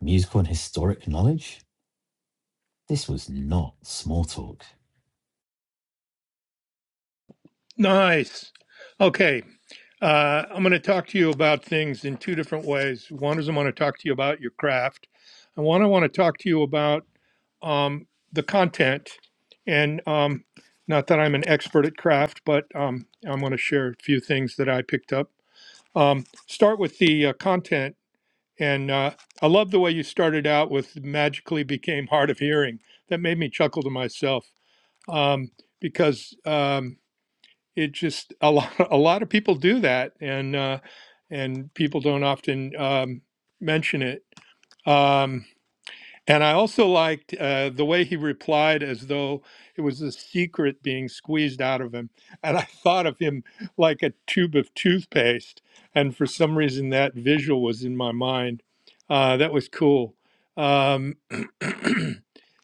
S1: musical and historic knowledge. This was not small talk.
S4: nice. Okay, uh, I'm going to talk to you about things in two different ways. One is I want to talk to you about your craft, and one I want to talk to you about. um, the content. And um, not that I'm an expert at craft, but um, I'm going to share a few things that I picked up. Um, start with the uh, content. And uh, I love the way you started out with magically became hard of hearing. That made me chuckle to myself um, because um, it just a lot a lot of people do that, and uh, and people don't often um, mention it. Um, and I also liked uh, the way he replied as though it was a secret being squeezed out of him. And I thought of him like a tube of toothpaste. And for some reason, that visual was in my mind. Uh, that was cool. Um,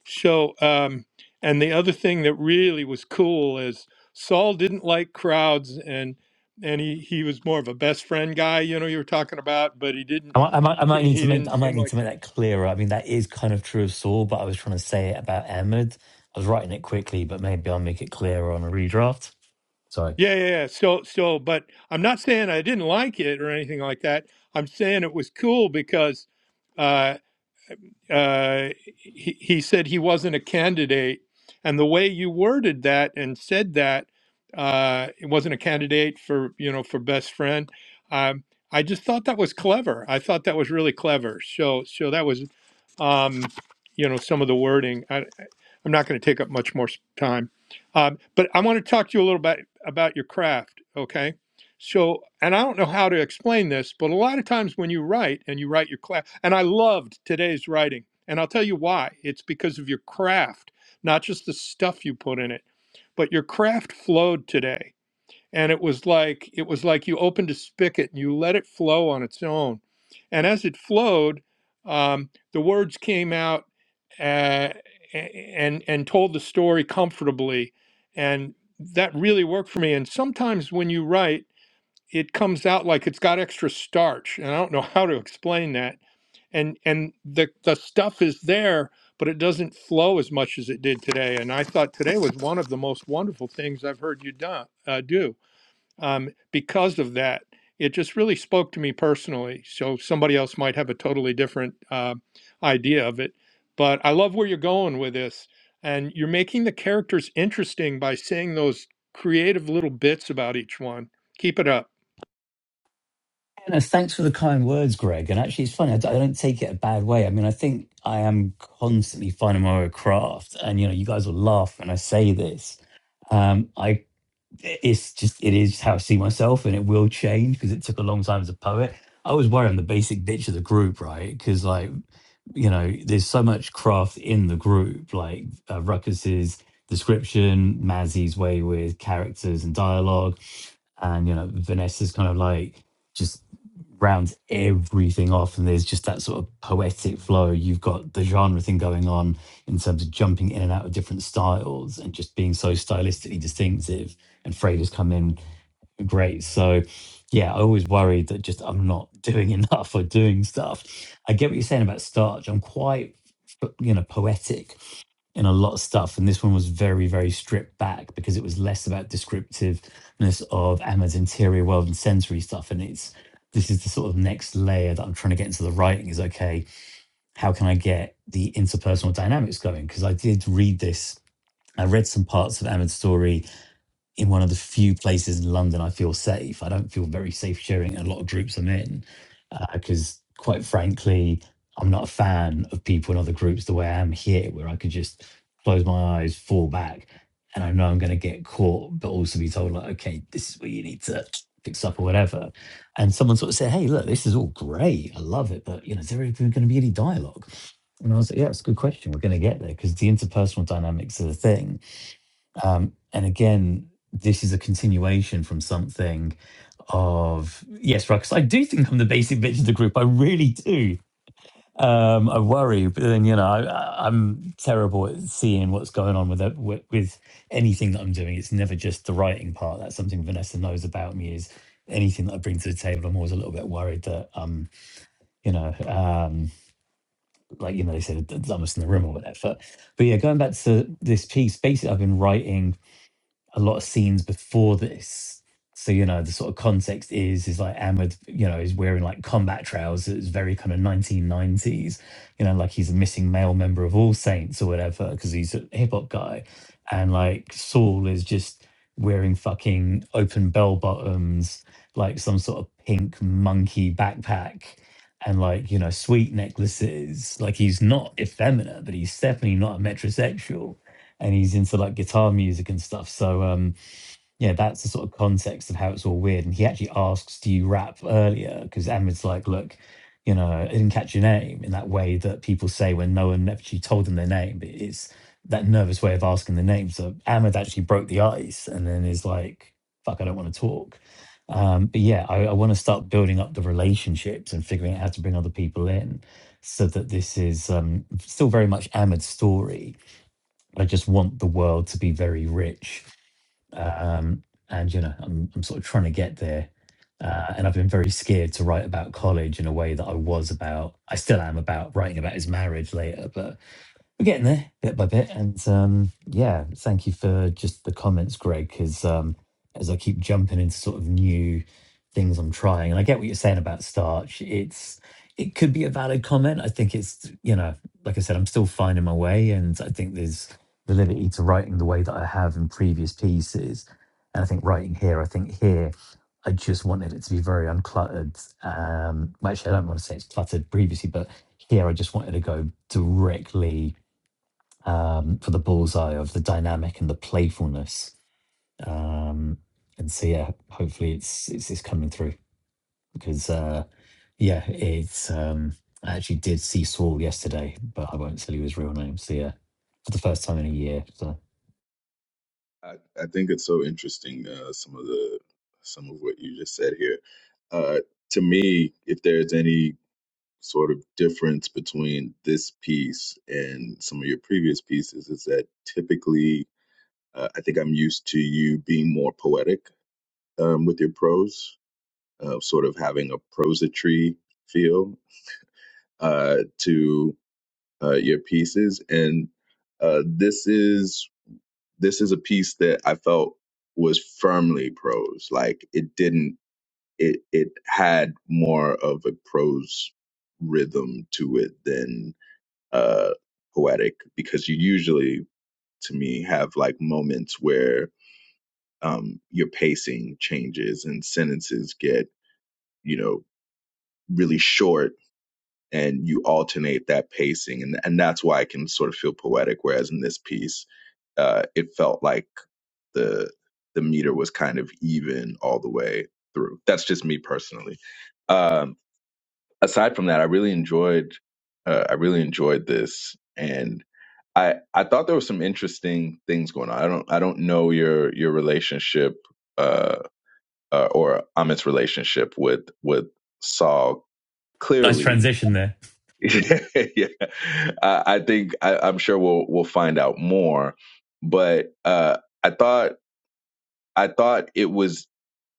S4: so, um, and the other thing that really was cool is Saul didn't like crowds and and he, he was more of a best friend guy, you know, you were talking about, but he
S1: I
S4: didn't
S1: might, I might, I might
S4: he,
S1: need to
S4: he
S1: make,
S4: didn't
S1: I
S4: seem
S1: might need
S4: like
S1: to make that clearer. I mean, that is kind of true of Saul, but I was trying to say it about Ahmed. I was writing it quickly, but maybe I'll make it clearer on a redraft. Sorry.
S4: Yeah, yeah, yeah. Still, still, but I'm not saying I didn't like it or anything like that. I'm saying it was cool because uh, uh, he, he said he wasn't a candidate, and the way you worded that and said that uh, it wasn't a candidate for you know for best friend. Um, I just thought that was clever. I thought that was really clever. So, so that was, um, you know, some of the wording. I'm not going to take up much more time, um, but I want to talk to you a little bit about your craft. Okay, so and I don't know how to explain this, but a lot of times when you write and you write your class, and I loved today's writing, and I'll tell you why. It's because of your craft, not just the stuff you put in it, but your craft flowed today and it was like it was like you opened a spigot and you let it flow on its own and as it flowed um, the words came out uh, and and told the story comfortably and that really worked for me and sometimes when you write it comes out like it's got extra starch and i don't know how to explain that and and the the stuff is there but it doesn't flow as much as it did today and i thought today was one of the most wonderful things i've heard you do, uh, do um, because of that. It just really spoke to me personally. So somebody else might have a totally different uh, idea of it. But I love where you're going with this. And you're making the characters interesting by saying those creative little bits about each one. Keep it up.
S1: And uh, thanks for the kind words, Greg. And actually, it's funny. I d- I don't take it a bad way. I mean, I think I am constantly finding my own craft, and you know, you guys will laugh when I say this. Um, I it's just it is how I see myself, and it will change because it took a long time as a poet. I was worried on the basic bitch of the group, right? Because like you know, there's so much craft in the group, like uh, Ruckus's description, Mazzy's way with characters and dialogue, and you know Vanessa's kind of like just rounds everything off and there's just that sort of poetic flow you've got the genre thing going on in terms of jumping in and out of different styles and just being so stylistically distinctive and freighters come in great. So yeah, I always worried that just I'm not doing enough or doing stuff. I get what you're saying about starch. I'm quite you know poetic in a lot of stuff, and this one was very very stripped back because it was less about descriptiveness of Emma's interior world and sensory stuff, and it's. This is the sort of next layer that I'm trying to get into the writing is okay, how can I get the interpersonal dynamics going? Because I did read this, I read some parts of Ahmed's story in one of the few places in London I feel safe. I don't feel very safe sharing a lot of groups I'm in because, quite frankly, I'm not a fan of people in other groups the way I am here, where I could just close my eyes, fall back, and I know I'm going to get caught, but also be told, like, okay, this is where you need to fix up or whatever. And someone sort of said, hey, look, this is all great. I love it. But, you know, is there going to be any dialogue? And I was like, yeah, it's a good question. We're going to get there because the interpersonal dynamics are the thing um, and again, this is a continuation from something of yes, Ruckus. I do think I'm the basic bitch of the group. I really do. Um, I worry, but then you know I, I- I'm terrible at seeing what's going on with, that- with with anything that I'm doing. It's never just the writing part. That's something Vanessa knows about me. Is anything that I bring to the table, I'm always a little bit worried that um, you know, um, like you know, they said the dumbest in the room or whatever. But yeah, going back to this piece, basically, I've been writing a lot of scenes before this. So you know the sort of context is is like Ahmed, you know, is wearing like combat trousers, It's very kind of 1990s, you know, like he's a missing male member of All Saints or whatever because he's a hip hop guy, and like Saul is just wearing fucking open bell bottoms, like some sort of pink monkey backpack, and like you know sweet necklaces. Like he's not effeminate, but he's definitely not a metrosexual and he's into like guitar music and stuff. So um, yeah, that's the sort of context of how it's all weird. And he actually asks, "Do you rap earlier?" Because Ahmed's like, "Look, you know, I didn't catch your name in that way that people say when no one actually told them their name. But it's that nervous way of asking the name." So Ahmed actually broke the ice, and then is like, "Fuck, I don't want to talk." Um, but yeah, I, I want to start building up the relationships and figuring out how to bring other people in, so that this is um, still very much Ahmed's story I just want the world to be very rich. Um, and, you know, I'm, I'm sort of trying to get there. Uh, and I've been very scared to write about college in a way that I was about, I still am about writing about his marriage later. but we're getting there bit by bit and um yeah thank you for just the comments greg because um as i keep jumping into sort of new things i'm trying and i get what you're saying about starch it's it could be a valid comment i think it's you know like i said i'm still finding my way and i think there's the liberty to writing the way that i have in previous pieces and i think writing here i think here i just wanted it to be very uncluttered um well, actually i don't want to say it's cluttered previously but here i just wanted to go directly um, for the bullseye of the dynamic and the playfulness. Um, and so yeah, hopefully it's it's, it's coming through because uh, yeah, it's um, I actually did see Saul yesterday, but I won't tell you his real name. So yeah, for the first time in a year. So
S3: I, I think it's so interesting uh, some of the some of what you just said here. Uh, to me, if there's any sort of difference between this piece and some of your previous pieces, is that typically uh, I think I'm used to you being more poetic um, with your prose, uh, sort of having a prosatry feel uh, to uh, your pieces, and uh, this is this is a piece that I felt was firmly prose. Like it didn't it it had more of a prose rhythm to it than uh poetic because you usually to me have like moments where um your pacing changes and sentences get, you know, really short and you alternate that pacing and and that's why I can sort of feel poetic whereas in this piece uh it felt like the the meter was kind of even all the way through. That's just me personally. Um, aside from that, I really enjoyed uh, I really enjoyed this, and I I thought there were some interesting things going on. I don't I don't know your your relationship uh, uh or Amit's relationship with with Saul
S1: Nice
S3: clearly.
S1: transition there.
S3: yeah, yeah. I, I think I, I'm sure we'll we'll find out more. But uh, I thought I thought it was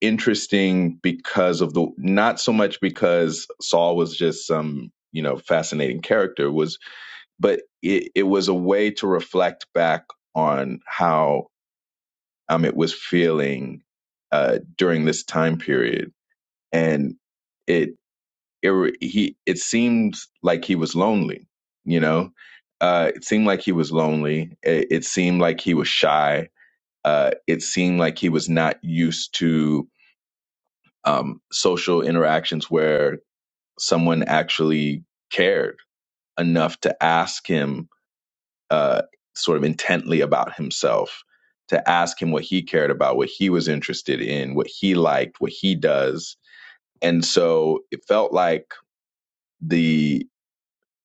S3: interesting because of the not so much because Saul was just some you know fascinating character was but it, it was a way to reflect back on how um it was feeling uh during this time period and it it he it seemed like he was lonely you know uh it seemed like he was lonely it, it seemed like he was shy uh it seemed like he was not used to um, social interactions where someone actually cared enough to ask him uh, sort of intently about himself, to ask him what he cared about, what he was interested in, what he liked, what he does. And so it felt like the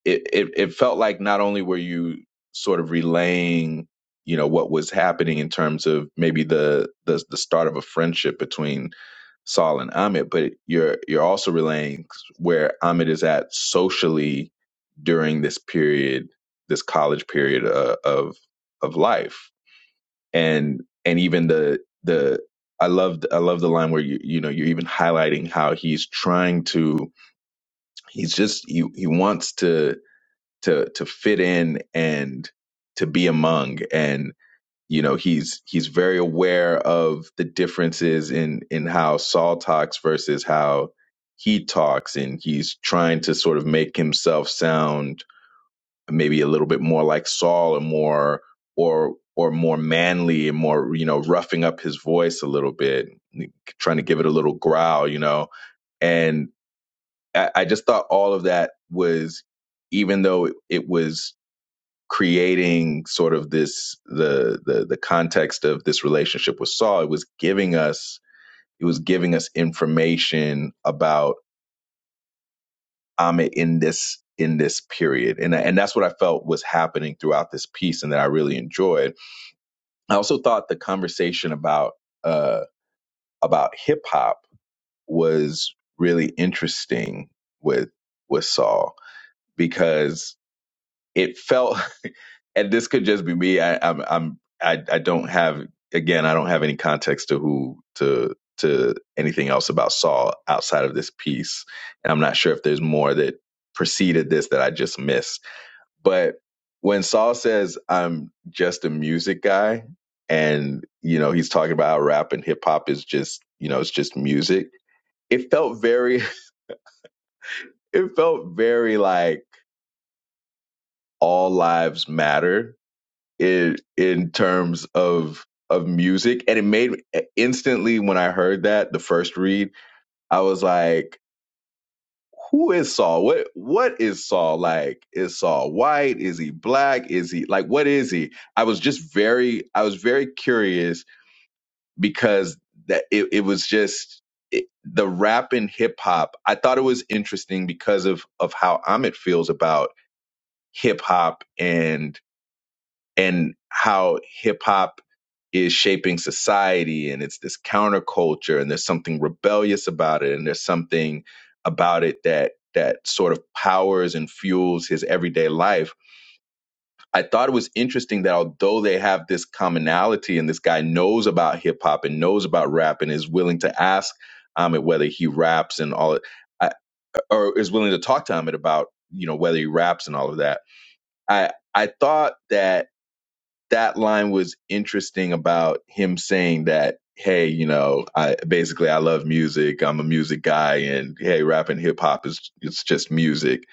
S3: it, it, it felt like not only were you sort of relaying you know what was happening in terms of maybe the the, the start of a friendship between Saul and Ahmed, but you're you're also relaying where Ahmed is at socially during this period, this college period uh, of of life, and and even the the I loved I love the line where you you know you're even highlighting how he's trying to he's just he he wants to to to fit in and to be among and you know he's he's very aware of the differences in in how Saul talks versus how he talks and he's trying to sort of make himself sound maybe a little bit more like Saul or more or or more manly and more you know roughing up his voice a little bit trying to give it a little growl you know and I, I just thought all of that was even though it it was creating sort of this the the the context of this relationship with Saul. It was giving us it was giving us information about Amit in this in this period, and and that's what I felt was happening throughout this piece, and that I really enjoyed. I also thought the conversation about uh about hip hop was really interesting with with Saul because it felt and this could just be me. I, I'm I'm I, I don't have again I don't have any context to who to to anything else about Saul outside of this piece, and I'm not sure if there's more that preceded this that I just missed. But when Saul says I'm just a music guy, and you know he's talking about how rap and hip hop is just you know it's just music. It felt very it felt very like all lives matter in in terms of of music and it made instantly when i heard that the first read i was like who is saul what what is saul like is saul white is he black is he like what is he i was just very i was very curious because that it, it was just it, the rap and hip hop i thought it was interesting because of of how amit feels about hip hop and. and how hip hop is shaping society and it's this counterculture and there's something rebellious about it and there's something about it that that sort of powers and fuels his everyday life. I thought it was interesting that although they have this commonality and this guy knows about hip hop and knows about rap and is willing to ask Ahmed whether he raps and all I, or is willing to talk to Ahmed about you know whether he raps and all of that. I I thought that that line was interesting about him saying that hey you know i basically i love music i'm a music guy and hey rap and hip hop is it's just music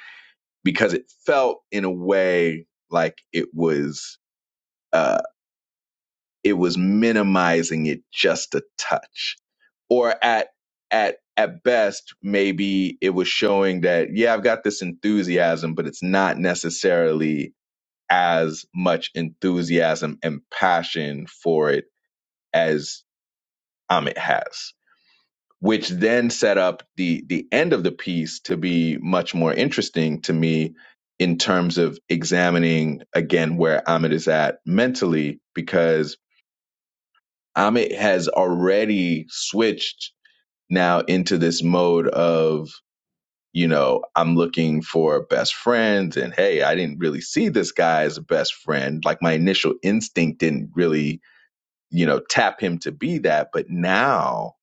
S3: because it felt in a way like it was uh it was minimizing it just a touch or at at at best maybe it was showing that yeah i've got this enthusiasm but it's not necessarily as much enthusiasm and passion for it as Amit has, which then set up the the end of the piece to be much more interesting to me in terms of examining again where Amit is at mentally, because Amit has already switched now into this mode of you know I'm looking for best friends, and hey, I didn't really see this guy as a best friend. Like my initial instinct didn't really you know tap him to be that, but now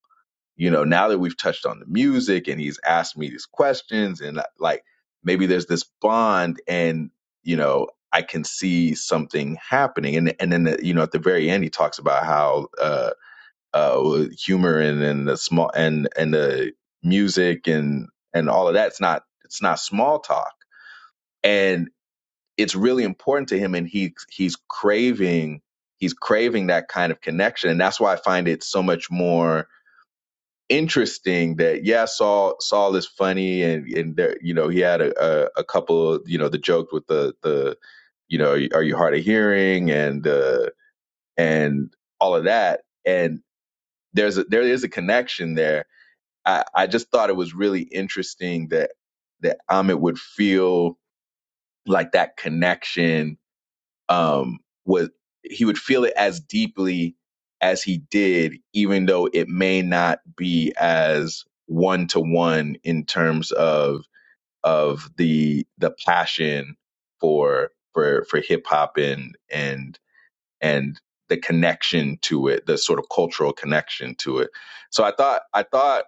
S3: you know, now that we've touched on the music and he's asked me these questions and uh, like maybe there's this bond and, you know, I can see something happening. And, and then, uh, you know, at the very end, he talks about how, uh, uh, humor and, and the small and, and the music and, and all of that. It's not, it's not small talk and it's really important to him. And he, he's craving, he's craving that kind of connection. And that's why I find it so much more, interesting that yeah Saul Saul is funny and and there you know he had a, a, a couple you know the joke with the the you know are you hard of hearing and uh and all of that and there's a, there is a connection there I I just thought it was really interesting that that Amit would feel like that connection um, was he would feel it as deeply as he did, even though it may not be as one to one in terms of of the the passion for for for hip hop and and and the connection to it, the sort of cultural connection to it. So I thought I thought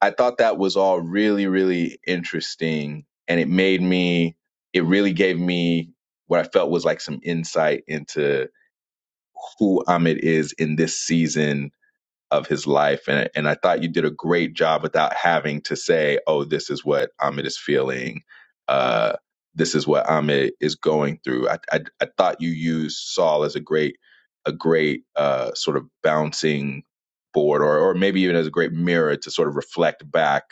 S3: I thought that was all really, really interesting. And it made me, it really gave me what I felt was like some insight into who Ahmed is in this season of his life and and I thought you did a great job without having to say, "Oh, this is what Ahmed is feeling. Uh this is what Ahmed is going through." I I, I thought you used Saul as a great a great uh sort of bouncing board or or maybe even as a great mirror to sort of reflect back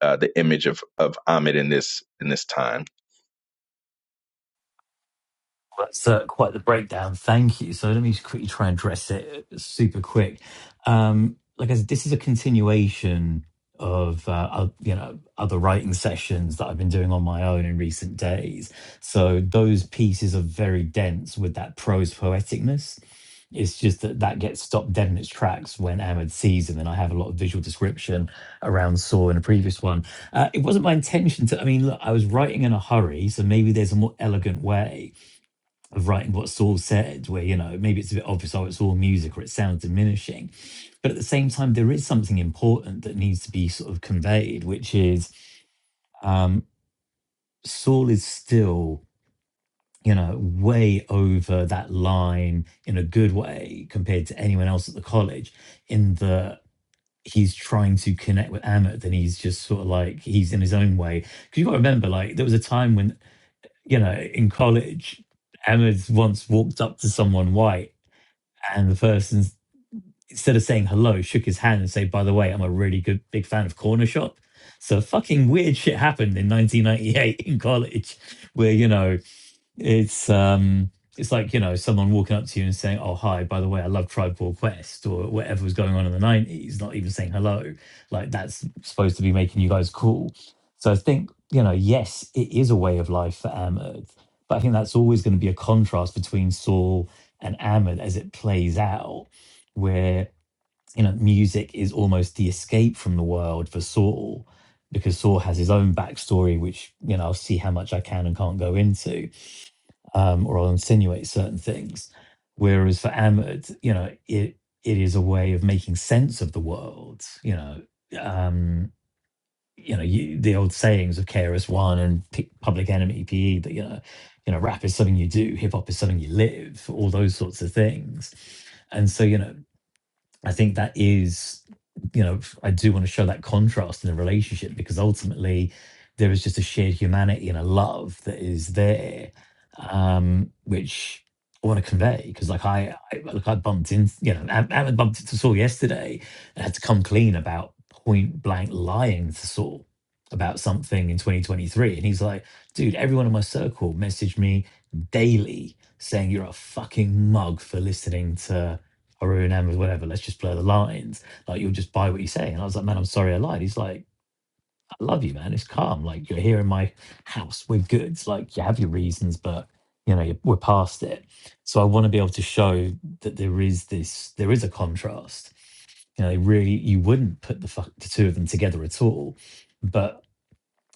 S3: uh, the image of of Ahmed in this in this time.
S1: That's uh, quite the breakdown. Thank you. So let me just quickly try and address it uh, super quick. Um, like I said, this is a continuation of uh, oth- you know other writing sessions that I've been doing on my own in recent days. So those pieces are very dense with that prose poeticness. It's just that that gets stopped dead in its tracks when Ahmed sees him, and I have a lot of visual description around Saw in a previous one. Uh, it wasn't my intention to. I mean, look, I was writing in a hurry, so maybe there's a more elegant way of writing what Saul said, where, you know, maybe it's a bit obvious, oh, it's all music or it sounds diminishing. But at the same time, there is something important that needs to be sort of conveyed, which is um, Saul is still, you know, way over that line in a good way compared to anyone else at the college, in the he's trying to connect with Amit and he's just sort of like he's in his own way. Because you have gotta remember, like, there was a time when, you know, in college, Ahmed once walked up to someone white And the person, instead of saying hello, shook his hand and said, By the way, I'm a really good big fan of Corner Shop. So fucking weird shit happened in 1998 in college where, you know, it's um it's like, you know, someone walking up to you and saying, Oh hi, by the way, I love Tribe Called Quest or whatever was going on in the nineties, not even saying hello. Like that's supposed to be making you guys cool. So I think, you know, yes, it is a way of life for Ahmed, but I think that's always going to be a contrast between Saul and Ahmed as it plays out, where you know, music is almost the escape from the world for Saul, because Saul has his own backstory, which, you know, I'll see how much I can and can't go into um, or I'll insinuate certain things. Whereas for Ahmed, you know, it it is a way of making sense of the world. You know, um, you know, you, the old sayings of KRS One and P- Public Enemy, PE, that you know, you know, rap is something you do, hip hop is something you live, all those sorts of things. And so, you know, I think that is, you know, I do want to show that contrast in the relationship because ultimately there is just a shared humanity and a love that is there, um, which I want to convey because, like, I, I like I bumped in, you know, I, I bumped into Saul yesterday and had to come clean about point blank lying to Saul about something in 2023, and he's like, dude, everyone in my circle messaged me daily saying you're a fucking mug for listening to Haru and Emily, whatever, let's just blur the lines. Like, you'll just buy what you say. And I was like, man, I'm sorry I lied. He's like, I love you, man. It's calm. Like, you're here in my house. We're good. Like, you have your reasons, but, you know, you- we're past it. So I want to be able to show that there is this, there is a contrast. You know, they really, you wouldn't put the, fuck, the two of them together at all. But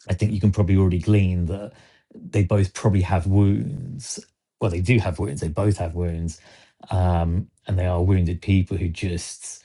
S1: I think you can probably already glean that they both probably have wounds. Well, they do have wounds. They both have wounds um, and they are wounded people who just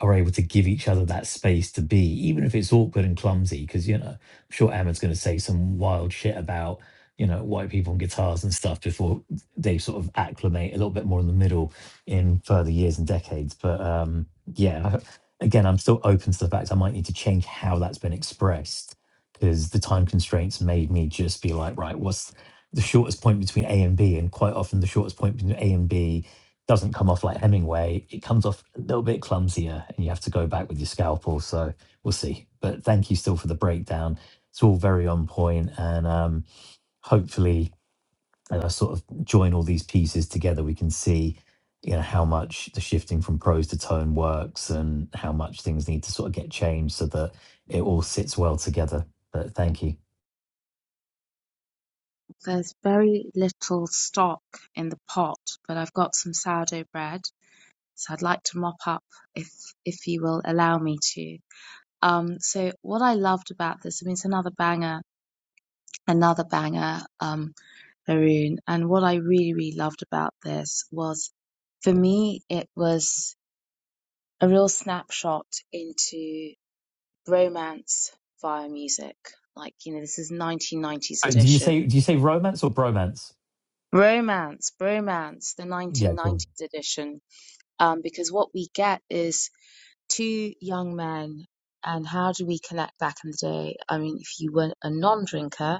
S1: are able to give each other that space to be, even if it's awkward and clumsy. Because you know, I'm sure Ahmed's going to say some wild shit about you know white people and guitars and stuff before they sort of acclimate a little bit more in the middle in further years and decades. But um, yeah, I- again, I'm still open to the fact I might need to change how that's been expressed because the time constraints made me just be like, right, what's the shortest point between A and B? And quite often, the shortest point between A and B doesn't come off like Hemingway. It comes off a little bit clumsier, and you have to go back with your scalpel. So we'll see. But thank you still for the breakdown. It's all very on point, and um, hopefully, as I sort of join all these pieces together, we can see you know how much the shifting from prose to tone works, and how much things need to sort of get changed so that it all sits well together. But thank you.
S5: There's very little stock in the pot, but I've got some sourdough bread. So I'd like to mop up if if you will allow me to. Um, so what I loved about this, I mean, it's another banger, another banger, um, Haroon. And what I really, really loved about this was, for me, it was a real snapshot into romance via music. Like, you know, this is 1990s
S1: Uh, Do you
S5: edition.
S1: say do you say romance or bromance?
S5: Romance, bromance, the
S1: Yeah, cool.
S5: 1990s edition. Um, because what we get is two young men, and how do we connect back in the day? I mean, if you were a non drinker,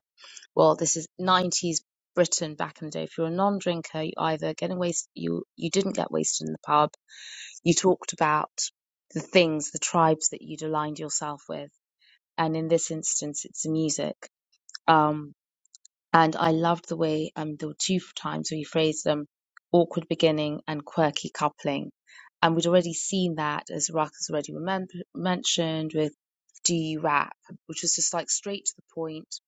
S5: well, this is 90s Britain back in the day. If you're a non drinker, you either get wasted, you, you didn't get wasted in the pub, you talked about the things, the tribes that you'd aligned yourself with and in this instance it's music um and i loved the way um there were two times where you phrased them awkward beginning and quirky coupling and we'd already seen that as Ruck has already remember, mentioned with do you rap which was just like straight to the point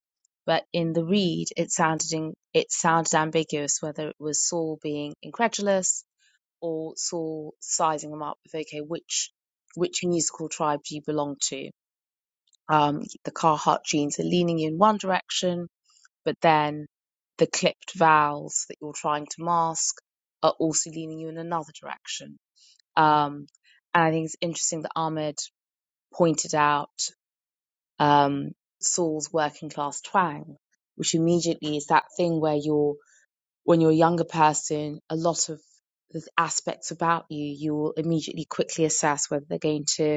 S5: but in the read it sounded in, it sounded ambiguous whether it was Saul being incredulous or Saul sizing them up with okay which which musical tribe do you belong to um, the carhart genes are leaning in one direction, but then the clipped vowels that you're trying to mask are also leaning you in another direction. Um, and I think it's interesting that Ahmed pointed out um, Saul's working class twang, which immediately is that thing where you're, when you're a younger person, a lot of the aspects about you, you will immediately quickly assess whether they're going to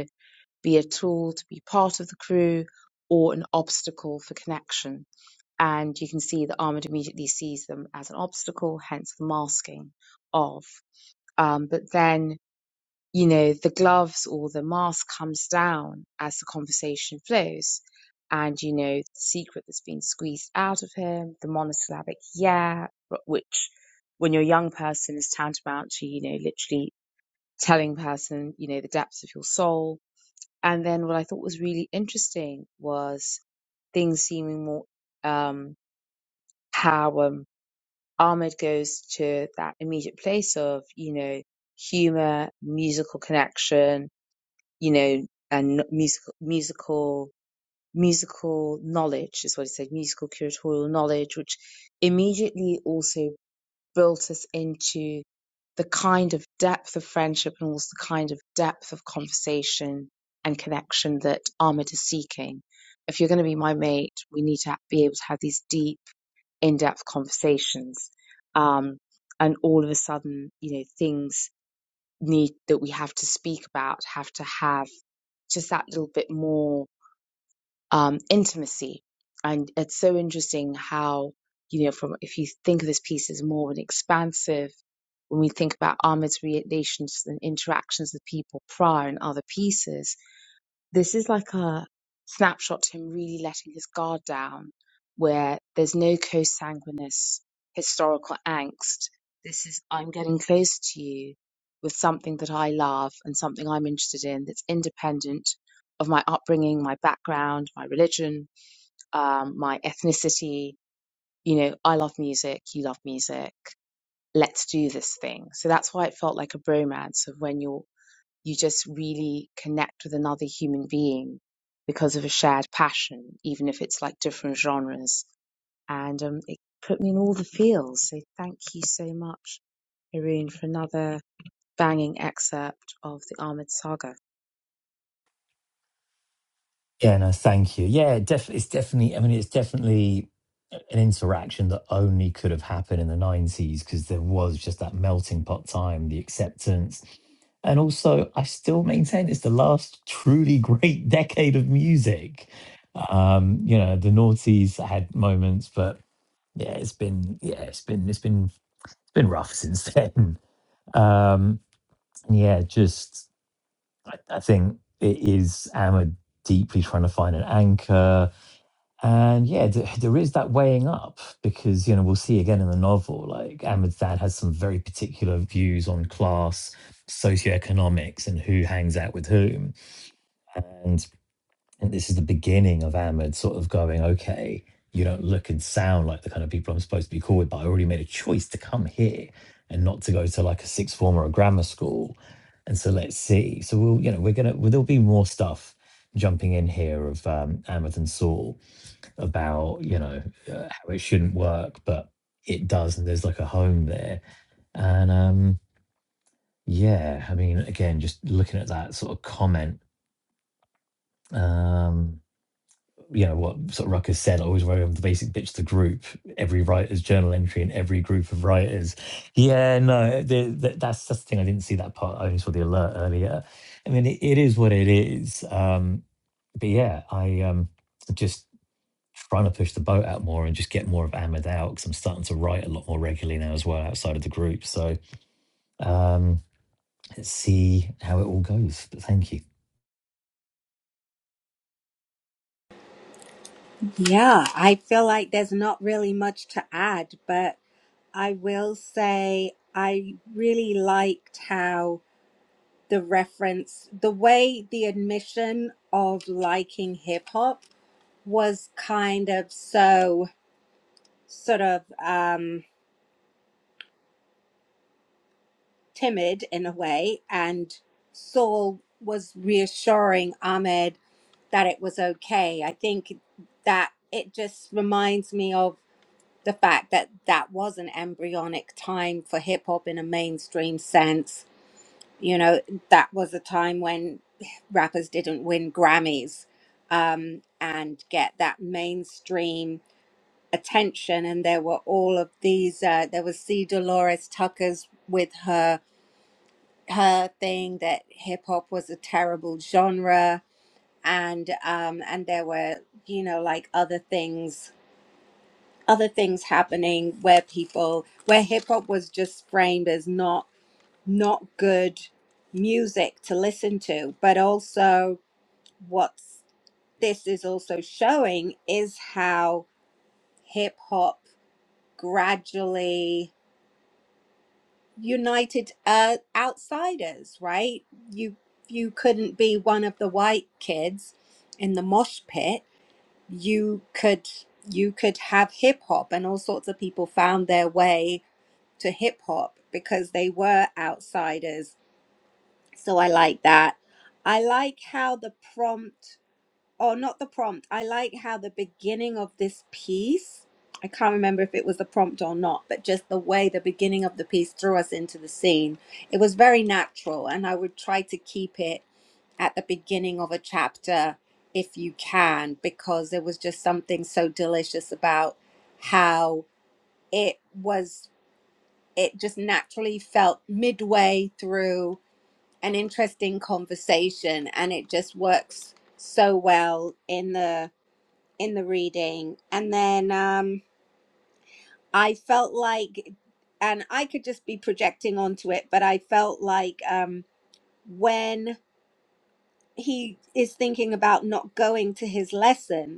S5: be a tool to be part of the crew or an obstacle for connection. And you can see that Ahmed immediately sees them as an obstacle, hence the masking of. Um, but then, you know, the gloves or the mask comes down as the conversation flows. And, you know, the secret that's been squeezed out of him, the monosyllabic yeah, which when you're a young person is tantamount to, you know, literally telling person, you know, the depths of your soul and then what I thought was really interesting was things seeming more um, how um, Ahmed goes to that immediate place of, you know, humor, musical connection, you know, and musical, musical, musical knowledge is what he said, musical curatorial knowledge, which immediately also built us into the kind of depth of friendship and also the kind of depth of conversation and connection that Ahmed is seeking. If you're going to be my mate, we need to be able to have these deep, in depth conversations. Um, and all of a sudden, you know, things need that we have to speak about have to have just that little bit more um, intimacy. And it's so interesting how, you know, from if you think of this piece as more of an expansive, when we think about Ahmed's relations and interactions with people prior and other pieces, this is like a snapshot to him really letting his guard down, where there's no consanguineous historical angst. This is, I'm getting close to you with something that I love and something I'm interested in that's independent of my upbringing, my background, my religion, um, my ethnicity. You know, I love music, you love music. Let's do this thing. So that's why it felt like a bromance of when you're you just really connect with another human being because of a shared passion, even if it's like different genres. And um, it put me in all the feels. So thank you so much, Haroon, for another banging excerpt of the Ahmed Saga.
S1: Yeah, no, thank you. Yeah, def- it's definitely, I mean, it's definitely an interaction that only could have happened in the 90s because there was just that melting pot time, the acceptance. And also, I still maintain it's the last truly great decade of music. Um, you know, the noughties had moments, but yeah, it's been, yeah, it's been, it's been, it's been rough since then. Um, and yeah, just, I, I think it is, Am deeply trying to find an anchor and yeah, th- there is that weighing up because, you know, we'll see again in the novel, like Ahmed's dad has some very particular views on class, socioeconomics, and who hangs out with whom. And, and this is the beginning of Ahmed sort of going, okay, you don't look and sound like the kind of people I'm supposed to be cool with, but I already made a choice to come here and not to go to like a sixth form or a grammar school. And so let's see. So we'll, you know, we're going to, there'll be more stuff jumping in here of um, Ahmed and Saul about you know uh, how it shouldn't work, but it does, and there's like a home there. And um, yeah, I mean, again, just looking at that sort of comment, um, you know what sort of Ruckus said. I always worry on the basic bitch to group every writer's journal entry in every group of writers. Yeah, no, the, the, that's that's the thing. I didn't see that part. I only saw the alert earlier. I mean, it, it is what it is. Um, but yeah, I um, just trying to push the boat out more and just get more of Ahmed out because I'm starting to write a lot more regularly now as well outside of the group. So um, let's see how it all goes. But thank you.
S2: Yeah, I feel like there's not really much to add, but I will say I really liked how. the reference, the way the admission of liking hip hop was kind of so sort of um, timid in a way. And Saul was reassuring Ahmed that it was okay. I think that it just reminds me of the fact that that was an embryonic time for hip hop in a mainstream sense You know, that was a time when rappers didn't win Grammys um, and get that mainstream attention. And there were all of these. Uh, there was C. Dolores Tucker's with her her thing that hip hop was a terrible genre, and um, and there were you know like other things other things happening where people where hip hop was just framed as not not good music to listen to but also what this is also showing is how hip hop gradually united uh, outsiders right you you couldn't be one of the white kids in the mosh pit you could you could have hip hop and all sorts of people found their way to hip hop because they were outsiders So I like that. I like how the prompt, or not the prompt, I like how the beginning of this piece, I can't remember if it was the prompt or not, but just the way the beginning of the piece threw us into the scene. It was very natural, and I would try to keep it at the beginning of a chapter if you can, because there was just something so delicious about how it was, it just naturally felt midway through an interesting conversation and it just works so well in the in the reading and then um i felt like and i could just be projecting onto it but i felt like um when he is thinking about not going to his lesson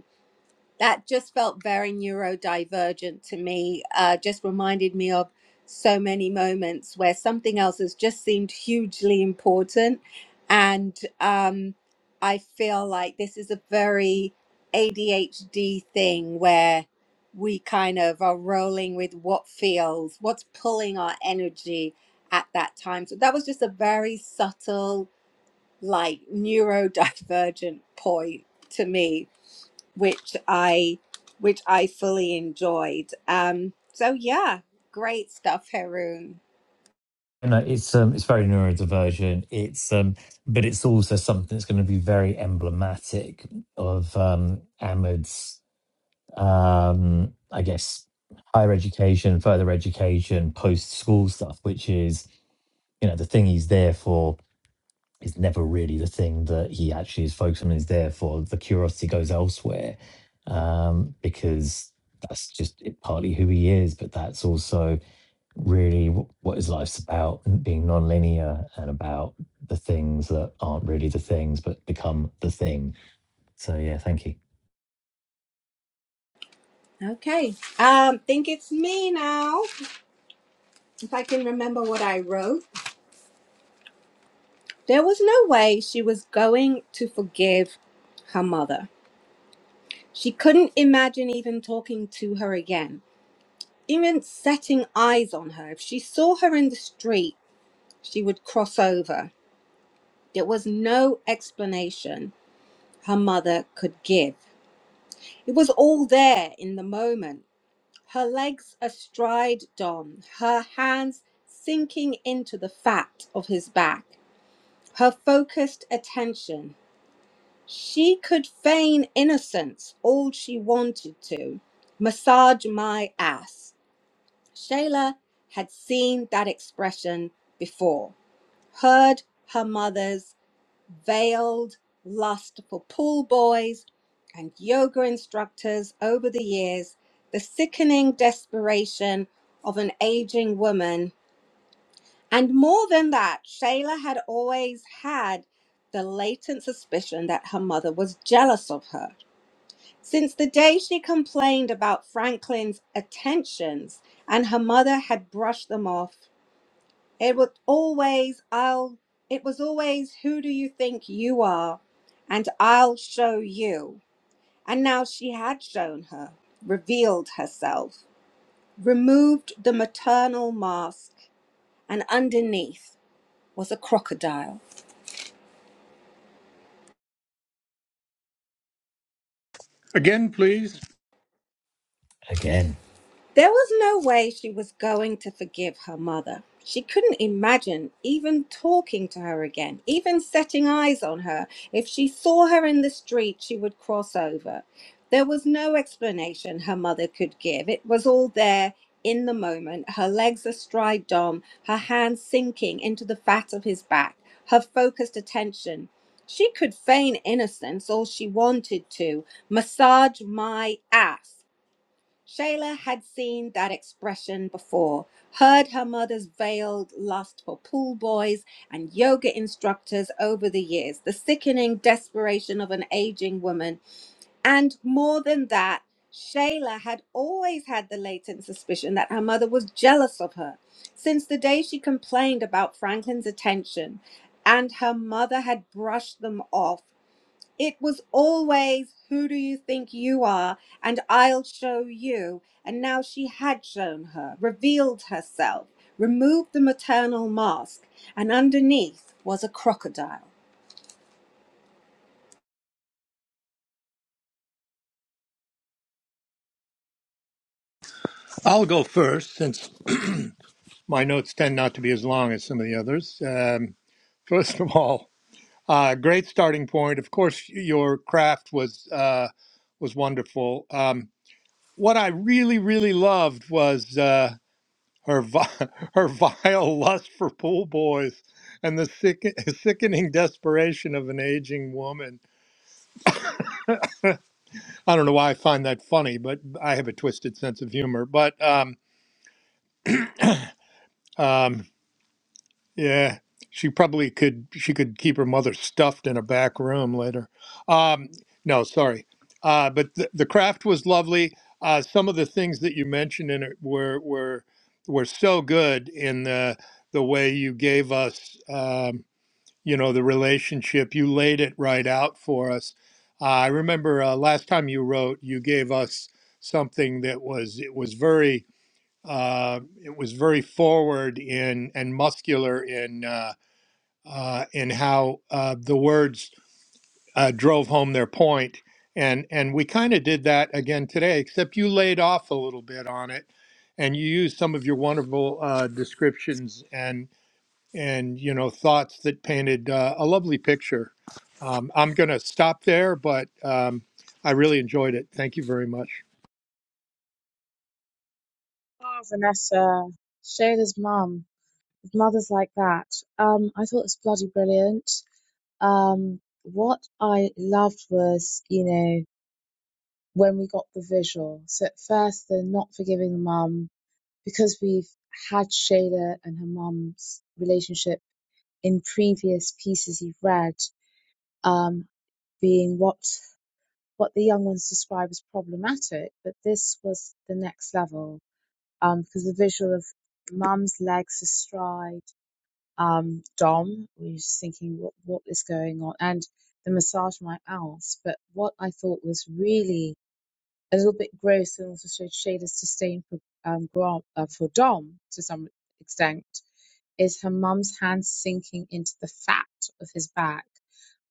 S2: that just felt very neurodivergent to me. Uh, just reminded me of so many moments where something else has just seemed hugely important. And um, I feel like this is a very ADHD thing where we kind of are rolling with what feels, what's pulling our energy at that time. So that was just a very subtle like neurodivergent point to me, which I which I fully enjoyed. Um, so yeah, great stuff, Haroon.
S1: No, it's um, it's very neurodivergent. It's um, but it's also something that's going to be very emblematic of um, Ahmed's, um, I guess, higher education, further education, post school stuff, which is you know the thing he's there for Is never really the thing that he actually is focused on is there for. The curiosity goes elsewhere um, because that's just it- partly who he is, but that's also really wh- what his life's about and being non-linear and about the things that aren't really the things but become the thing. So, yeah, thank you
S2: Okay, um, think it's me now. If I can remember what I wrote, there was no way she was going to forgive her mother. She couldn't imagine even talking to her again, even setting eyes on her. If she saw her in the street, she would cross over. There was no explanation her mother could give. It was all there in the moment. Her legs astride Dom, her hands sinking into the fat of his back, her focused attention. She could feign innocence all she wanted to. Massage my ass. Shayla had seen that expression before, heard her mother's veiled lust for pool boys and yoga instructors over the years, the sickening desperation of an aging woman. And more than that, Shayla had always had the latent suspicion that her mother was jealous of her. Since the day she complained about Franklin's attentions, and her mother had brushed them off, it was always I'll it was always who do you think you are and I'll show you. And now she had shown her, revealed herself, removed the maternal mask, and underneath was a crocodile.
S4: Again, please.
S1: again.
S2: There was no way she was going to forgive her mother. She couldn't imagine even talking to her again, even setting eyes on her. If she saw her in the street, she would cross over. There was no explanation her mother could give. It was all there in the moment, her legs astride Dom, her hands sinking into the fat of his back, her focused attention. She could feign innocence all she wanted to, massage my ass Shayla had seen that expression before, heard her mother's veiled lust for pool boys and yoga instructors over the years, the sickening desperation of an aging woman. And more than that, Shayla had always had the latent suspicion that her mother was jealous of her since the day she complained about Franklin's attention, and her mother had brushed them off. It was always, Who do you think you are? And I'll show you. And now she had shown her, revealed herself, removed the maternal mask, and underneath was a crocodile.
S4: I'll go first since my notes tend not to be as long as some of the others. Um, first of all, uh, great starting point. Of course, your craft was uh, was wonderful. Um, what I really, really loved was uh, her vi- her vile lust for pool boys and the sick- sickening desperation of an aging woman. I don't know why I find that funny, but I have a twisted sense of humor. But um, um, Yeah, she probably could. She could keep her mother stuffed in a back room later. Um, no, sorry, uh, but the, the craft was lovely. Uh, some of the things that you mentioned in it were were were so good in the the way you gave us, um, you know, the relationship. You laid it right out for us. Uh, I remember uh, last time you wrote, you gave us something that was it was very uh, it was very forward in and muscular in. Uh, uh, in how uh, the words uh, drove home their point. And, and we kind of did that again today, except you laid off a little bit on it and you used some of your wonderful uh, descriptions and, and, you know, thoughts that painted uh, a lovely picture. Um, I'm going to stop there, but um, I really enjoyed it. Thank you very much.
S5: Oh, Vanessa, Shayla's mum. Mothers like that. Um, I thought it was bloody brilliant. Um, what I loved was, you know, when we got the visual. So at first, the not forgiving mum, because we've had Shayla and her mum's relationship in previous pieces you've read um, being what what the young ones describe as problematic, but this was the next level um, because the visual of mum's legs astride um, Dom, we were just thinking what what is going on, and the massage my ass. But what I thought was really a little bit gross and also showed Shayla's disdain for um, Grant, uh, for Dom to some extent is her mum's hand sinking into the fat of his back.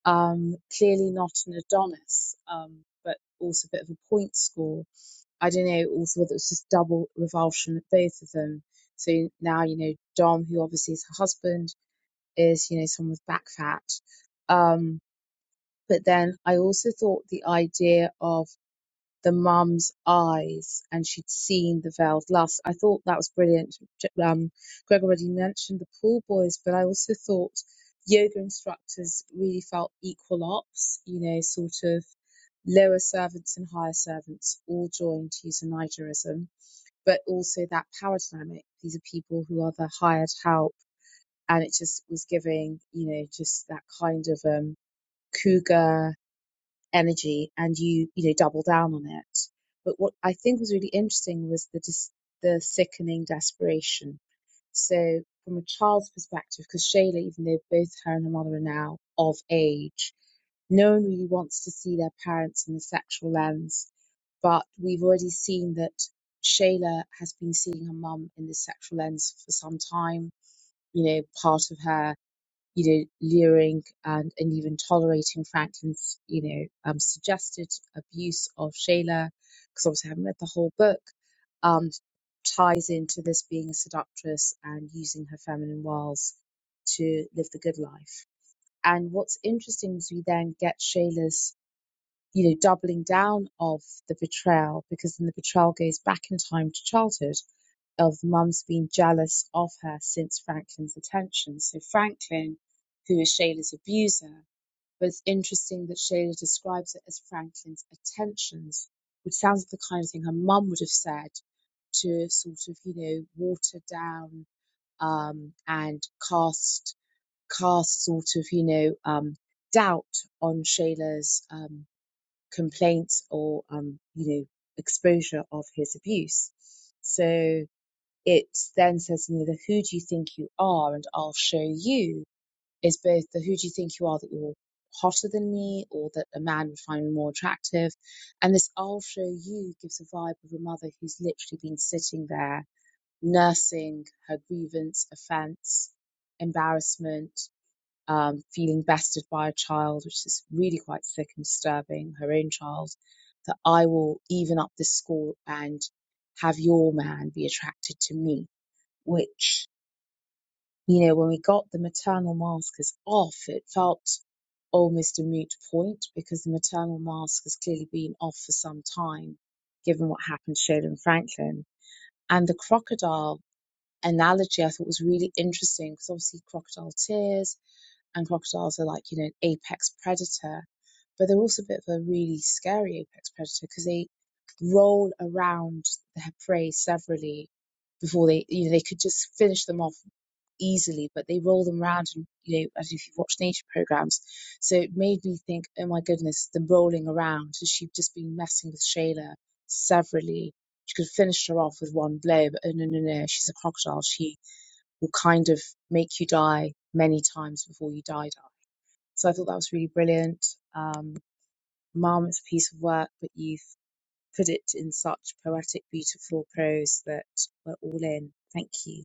S5: Um, clearly not an Adonis, um, but also a bit of a point score. I don't know, also whether it was just double revulsion at both of them. So now, you know, Dom, who obviously is her husband, is, you know, someone with back fat. Um, but then I also thought the idea of the mum's eyes and she'd seen the veiled lust. I thought that was brilliant. Um, Greg already mentioned the pool boys, but I also thought yoga instructors really felt equal ops, you know, sort of lower servants and higher servants all joined to use a Nigerism, but also that power dynamic. These are people who are the hired help. And it just was giving, you know, just that kind of um, cougar energy and you you know double down on it but what i think was really interesting was the dis- the sickening desperation so from a child's perspective because shayla even though both her and her mother are now of age no one really wants to see their parents in the sexual lens but we've already seen that shayla has been seeing her mum in this sexual lens for some time you know part of her you know, leering and, and even tolerating Franklin's, you know, um, suggested abuse of Shayla, because obviously I haven't read the whole book, um, ties into this being a seductress and using her feminine wiles to live the good life. And what's interesting is we then get Shayla's you know, doubling down of the betrayal because then the betrayal goes back in time to childhood of mum's being jealous of her since Franklin's attention. So Franklin, who is Shayla's abuser, but it's interesting that Shayla describes it as Franklin's attentions, which sounds like the kind of thing her mum would have said to sort of, you know, water down um, and cast cast sort of, you know, um, doubt on Shayla's um, complaints or um, you know exposure of his abuse. So it then says, you know, the who do you think you are, and I'll show you is both the who do you think you are that you're hotter than me, or that a man would find me more attractive, and this I'll show you gives a vibe of a mother who's literally been sitting there nursing her grievance, offence, embarrassment um, feeling bested by a child, which is really quite sick and disturbing, her own child, that I will even up this score and have your man be attracted to me. Which, you know, when we got the maternal maskers off, it felt almost a moot point because the maternal mask has clearly been off for some time, given what happened to Sheldon Franklin. And the crocodile analogy I thought was really interesting because obviously crocodile tears and crocodiles are like, you know, an apex predator, but they're also a bit of a really scary apex predator because they roll around their prey severally before they, you know, they could just finish them off easily, but they roll them around and, you know, as if you've watched nature programs. So it made me think, oh my goodness, the rolling around. So she would just been messing with Shayla severally? She could have finished her off with one blow, but oh no, no, no, she's a crocodile. She will kind of make you die many times before you die, die. So I thought that was really brilliant. Um, Mum, it's a piece of work, but you've put it in such poetic, beautiful prose that we're all in. Thank you.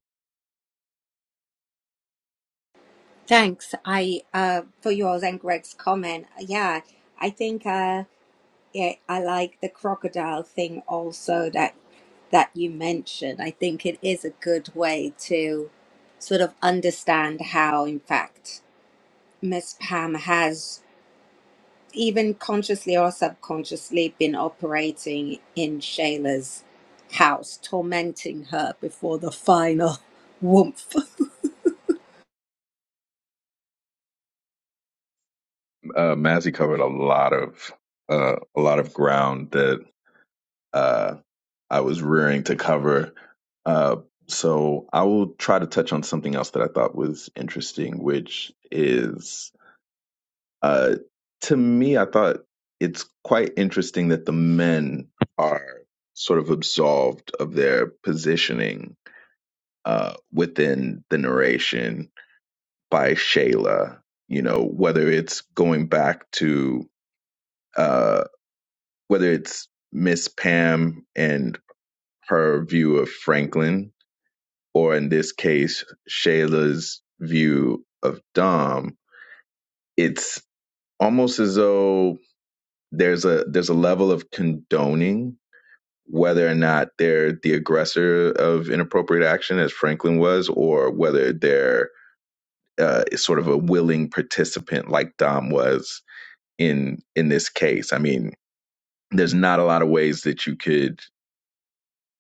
S2: Thanks, I uh, for yours and Greg's comment. Yeah, I think uh, yeah, I like the crocodile thing also that that you mentioned. I think it is a good way to sort of understand how, in fact, Miss Pam has. even consciously or subconsciously been operating in Shayla's house, tormenting her before the final woof.
S3: Uh Mazzy covered a lot of uh, a lot of ground that uh, I was rearing to cover. Uh, so I will try to touch on something else that I thought was interesting, which is uh, to me, I thought it's quite interesting that the men are sort of absolved of their positioning uh, within the narration by Shayla. You know, whether it's going back to uh, whether it's Miss Pam and her view of Franklin or in this case, Shayla's view of Dom, it's almost as though there's a there's a level of condoning whether or not they're the aggressor of inappropriate action, as Franklin was, or whether they're uh, sort of a willing participant like Dom was in in this case. I mean, there's not a lot of ways that you could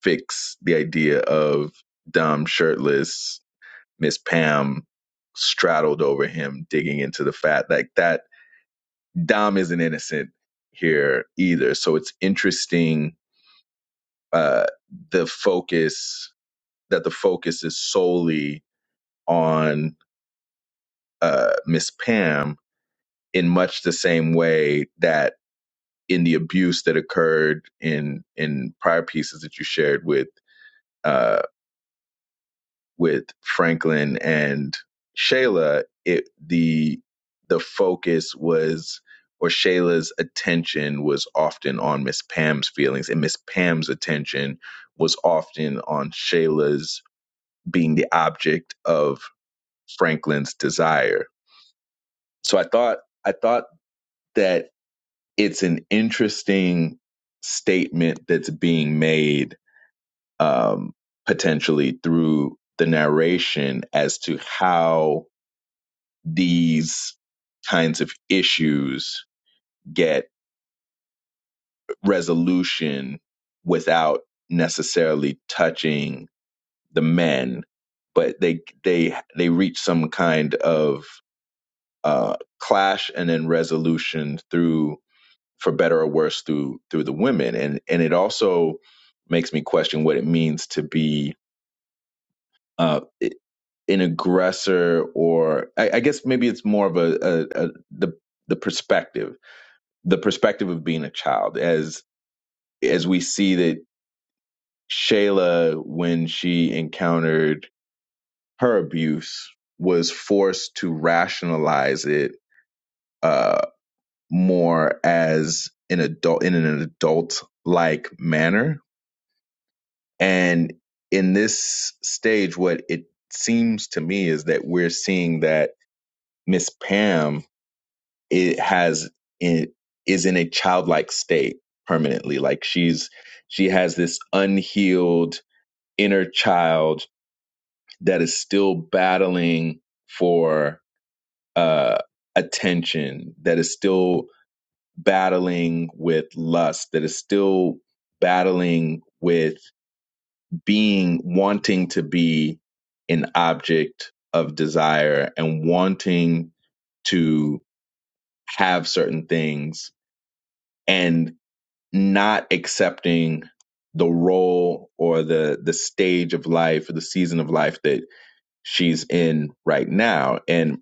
S3: fix the idea of Dom shirtless Miss Pam straddled over him, digging into the fat. Like that, Dom isn't innocent here either. So it's interesting uh, the focus that the focus is solely on uh, Miss Pam in much the same way that in the abuse that occurred in in prior pieces that you shared with uh, with Franklin and Shayla, it the the focus was or Shayla's attention was often on Miss Pam's feelings, and Miss Pam's attention was often on Shayla's being the object of Franklin's desire. So I thought I thought that it's an interesting statement that's being made um, potentially through the narration as to how these kinds of issues get resolution without necessarily touching the men but they they they reach some kind of uh clash and then resolution through for better or worse through through the women and and it also makes me question what it means to be uh an aggressor or I, I guess maybe it's more of a, a, a the the perspective the perspective of being a child as as we see that Shayla when she encountered her abuse was forced to rationalize it uh more as an adult in an adult like manner and in this stage what it seems to me is that we're seeing that Miss Pam it has it is in a childlike state permanently like she's she has this unhealed inner child that is still battling for uh attention that is still battling with lust that is still battling with being wanting to be an object of desire and wanting to have certain things and. not accepting the role or the the stage of life or the season of life that she's in right now and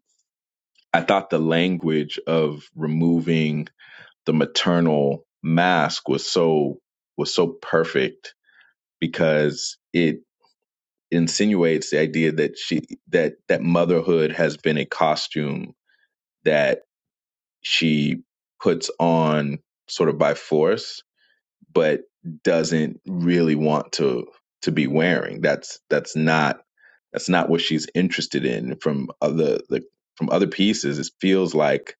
S3: i thought the language of removing the maternal mask was so was so perfect because it insinuates the idea that she that that motherhood has been a costume that she puts on sort of by force but doesn't really want to to be wearing. That's that's not that's not what she's interested in from other the from other pieces. It feels like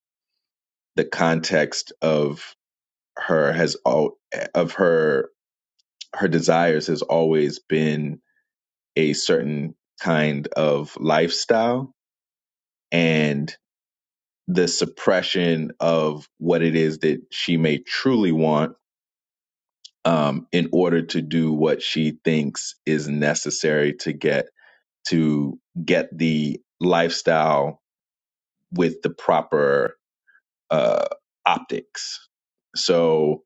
S3: the context of her has all of her her desires has always been a certain kind of lifestyle and the suppression of what it is that she may truly want um, in order to do what she thinks is necessary to get to get the lifestyle with the proper uh, optics. So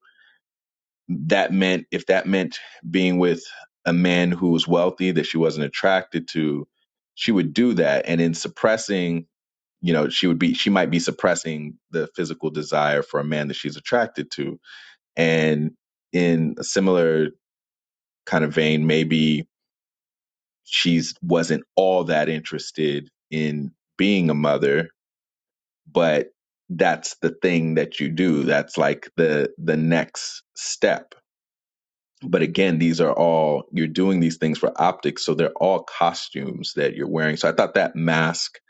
S3: that meant if that meant being with a man who was wealthy that she wasn't attracted to, she would do that. And in suppressing, you know, she would be she might be suppressing the physical desire for a man that she's attracted to. And in a similar kind of vein, maybe she's wasn't all that interested in being a mother but that's the thing that you do that's like the the next step but again these are all you're doing these things for optics so they're all costumes that you're wearing so i thought that mask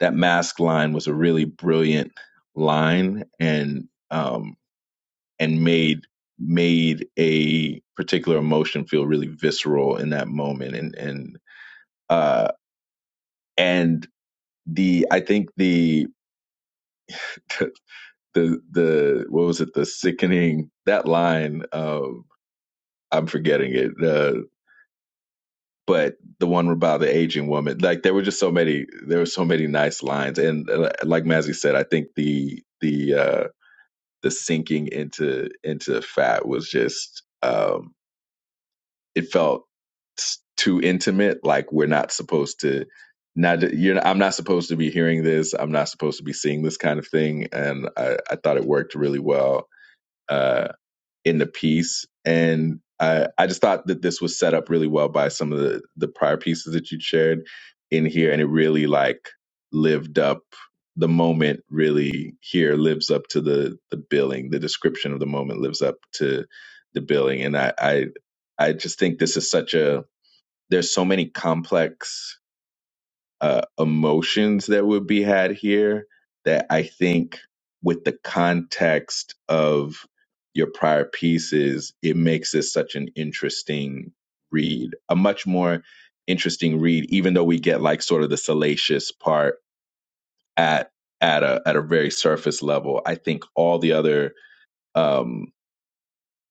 S3: that mask line was a really brilliant line and um and made made a particular emotion feel really visceral in that moment and and uh and the I think the the the what was it the sickening that line um I'm forgetting it uh, but the one about the aging woman like there were just so many there were so many nice lines and uh, like Mazzy said I think the the uh the sinking into into fat was just um it felt too intimate like we're not supposed to not you're i'm not supposed to be hearing this i'm not supposed to be seeing this kind of thing and i, I thought it worked really well Uh, in the piece. And I, I just thought that this was set up really well by some of the, the prior pieces that you'd shared in here. And it really like lived up the moment really here lives up to the, the billing. The description of the moment lives up to the billing. And I, I, I just think this is such a, there's so many complex uh, emotions that would be had here that I think, with the context of your prior pieces, it makes this such an interesting read, a much more interesting read, even though we get like sort of the salacious part at at a at a very surface level. I think all the other um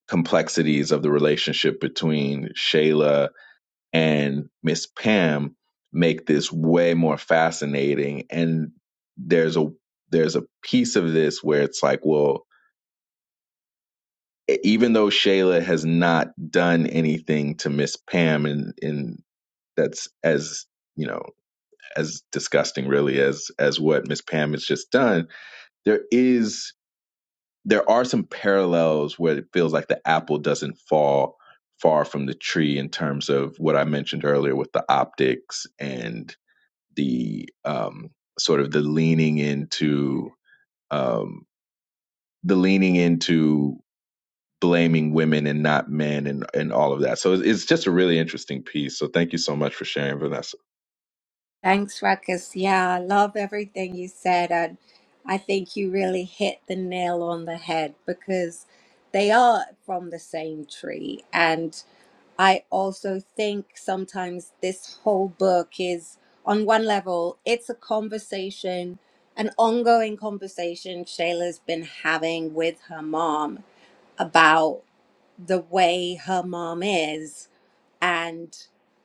S3: complexities of the relationship between Shayla and Miss Pam make this way more fascinating. And there's a there's a piece of this where it's like, well, e- even though Shayla has not done anything to Miss Pam, and and that's as you know as disgusting really as as what Miss Pam has just done, there is there are some parallels where it feels like the apple doesn't fall far from the tree in terms of what I mentioned earlier with the optics and the um, sort of the leaning into um, the leaning into blaming women and not men and and all of that. So it's, it's just a really interesting piece. So thank you so much for sharing, Vanessa.
S2: Thanks, Ruckus. Yeah, I love everything you said. And I think you really hit the nail on the head because they are from the same tree. and. I also think sometimes this whole book is, on one level, it's a conversation, an ongoing conversation Shayla's been having with her mom about the way her mom is and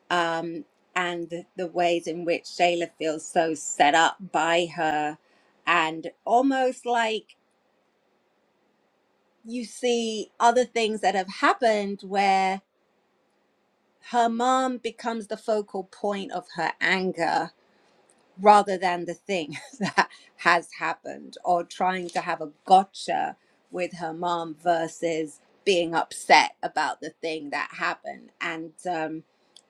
S2: um, and the ways in which Shayla feels so set up by her, and almost like you see other things that have happened where her mom becomes the focal point of her anger rather than the thing that has happened or trying to have a gotcha with her mom versus being upset about the thing that happened and um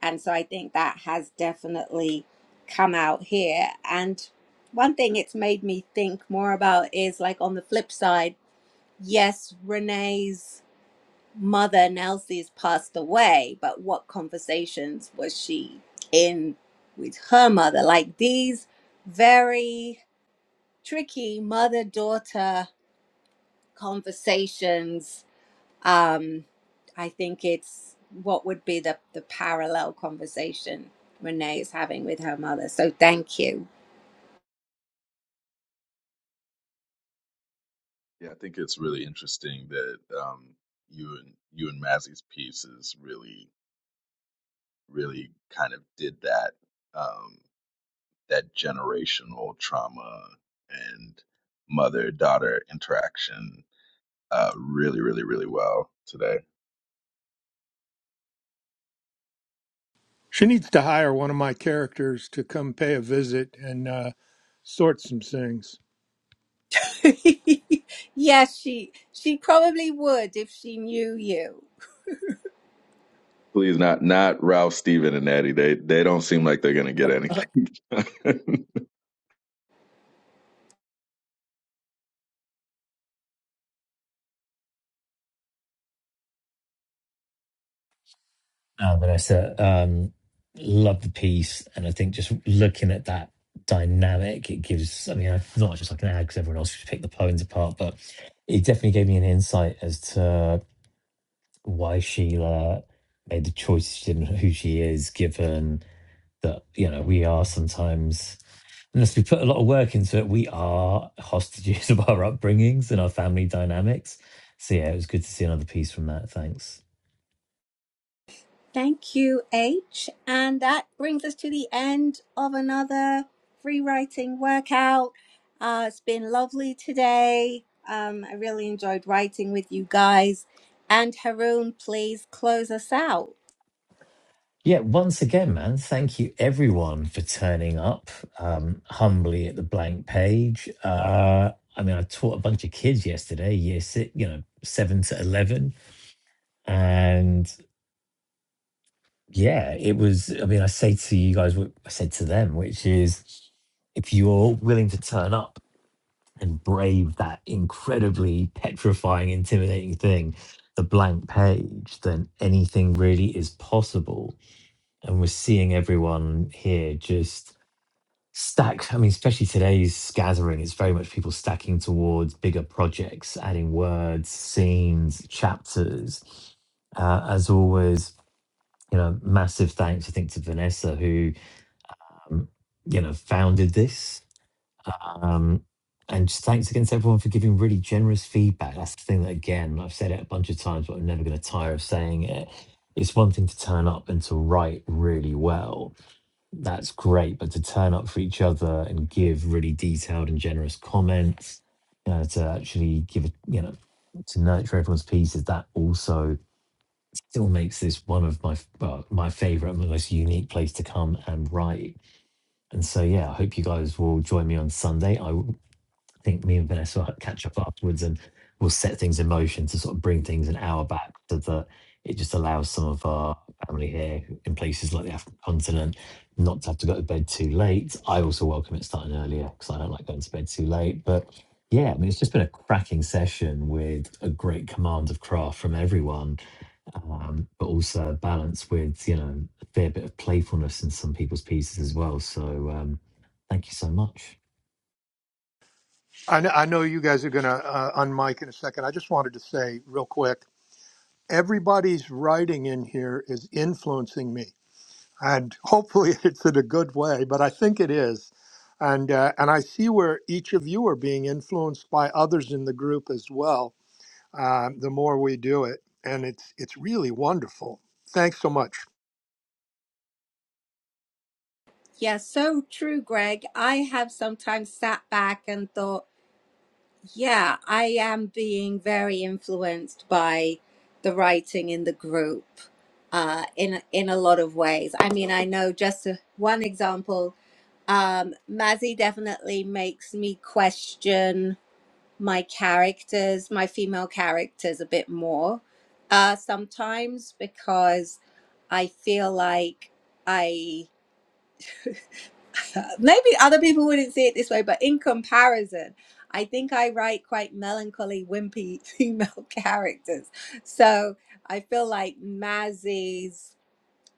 S2: and so i think that has definitely come out here and one thing it's made me think more about is like on the flip side yes renee's mother Nelsie's passed away, but what conversations was she in with her mother? Like these very tricky mother daughter conversations. Um, I think it's what would be the, the parallel conversation Renee is having with her mother. So thank you.
S3: Yeah, I think it's really interesting that um, you and you and Mazzy's pieces really, really kind of did that um, that generational trauma and mother daughter interaction uh, really, really, really well today.
S4: She needs to hire one of my characters to come pay a visit and uh, sort some things.
S2: yes, she she probably would if she knew you.
S3: Please not not Ralph, Steven, and Natty. They they don't seem like they're gonna get anything.
S1: uh, Vanessa. Um, love the piece, and I think just looking at that dynamic, it gives. I mean, I not just like an ad because everyone else should pick the poems apart, but it definitely gave me an insight as to why Sheila made the choices she did and who she is, given that you know we are sometimes. Unless we put a lot of work into it, we are hostages of our upbringings and our family dynamics. So yeah, it was good to see another piece from that. Thanks.
S2: Thank you, H. And that brings us to the end of another free writing workout. Uh, it's been lovely today. Um, I really enjoyed writing with you guys. And Haroon, please close us out.
S1: Yeah, once again, man, thank you everyone for turning up um, humbly at the blank page. Uh, I mean, I taught a bunch of kids yesterday, year six, you know, seven to 11. And yeah, it was, I mean, I say to you guys, what I said to them, which is if you're willing to turn up and brave that incredibly petrifying, intimidating thing, the blank page, then anything really is possible. And we're seeing everyone here just stack i mean especially today's gathering it's very much people stacking towards bigger projects adding words scenes chapters uh, as always you know massive thanks i think to vanessa who um, you know founded this um, and just thanks again to everyone for giving really generous feedback that's the thing that again i've said it a bunch of times but i'm never going to tire of saying it it's one thing to turn up and to write really well that's great. But to turn up for each other and give really detailed and generous comments, you know, to actually give it, you know, to nurture everyone's pieces, that also still makes this one of my f- well, my favorite, and most unique place to come and write. And so, yeah, I hope you guys will join me on Sunday. I I think me and Vanessa will catch up afterwards and we'll set things in motion to sort of bring things an hour back so that it just allows some of our family here in places like the African continent not to have to go to bed too late. I also welcome it starting earlier because I don't like going to bed too late. But yeah, I mean, it's just been a cracking session with a great command of craft from everyone, um, but also a balance with, you know, a fair bit of playfulness in some people's pieces as well. So um, thank you so much.
S4: I know, I know you guys are going to uh, unmic in a second. I just wanted to say real quick everybody's writing in here is influencing me. And hopefully it's in a good way, but I think it is. And, uh, and I see where each of you are being influenced by others in the group as well, uh, the more we do it. And it's, it's really wonderful. Thanks so much.
S2: Yeah, so true, Greg. I have sometimes sat back and thought, yeah, I am being very influenced by the writing in the group uh, in in a lot of ways. I mean, I know just a, one example um, Mazzy definitely makes me question my characters, my female characters, a bit more uh, sometimes because I feel like I maybe other people wouldn't see it this way, but in comparison, I think I write quite melancholy, wimpy female characters. So I feel like Mazzy's.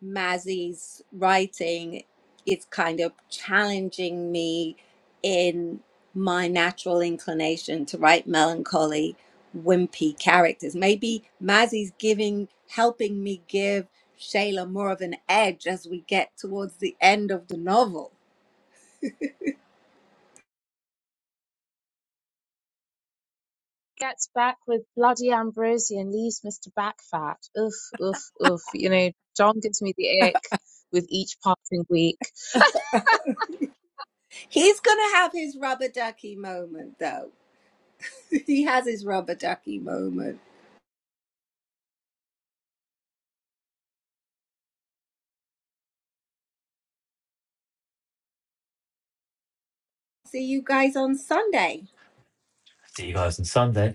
S2: Mazzy's writing is kind of challenging me in my natural inclination to write melancholy, wimpy characters. Maybe Mazzy's giving, helping me give Shayla more of an edge as we get towards the end of the novel.
S5: Gets back with bloody ambrosia and leaves Mr. Backfat. Oof, oof, oof. You know, John gives me the ick with each passing week.
S2: He's going to have his rubber ducky moment, though. he has his rubber ducky moment. See you guys on Sunday.
S1: See you guys on Sunday.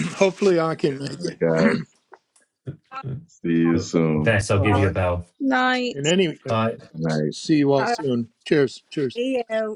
S4: hopefully I can make
S3: Oh,
S4: it.
S3: God,
S5: Have
S3: see you
S1: Cool.
S3: soon.
S1: Thanks. I'll
S4: All
S1: give
S5: one.
S1: you a
S4: right.
S1: bell.
S5: Night.
S4: In any,
S1: Uh,
S3: Good Night.
S4: see you all
S2: All right.
S4: soon. Cheers. Cheers.
S2: See you.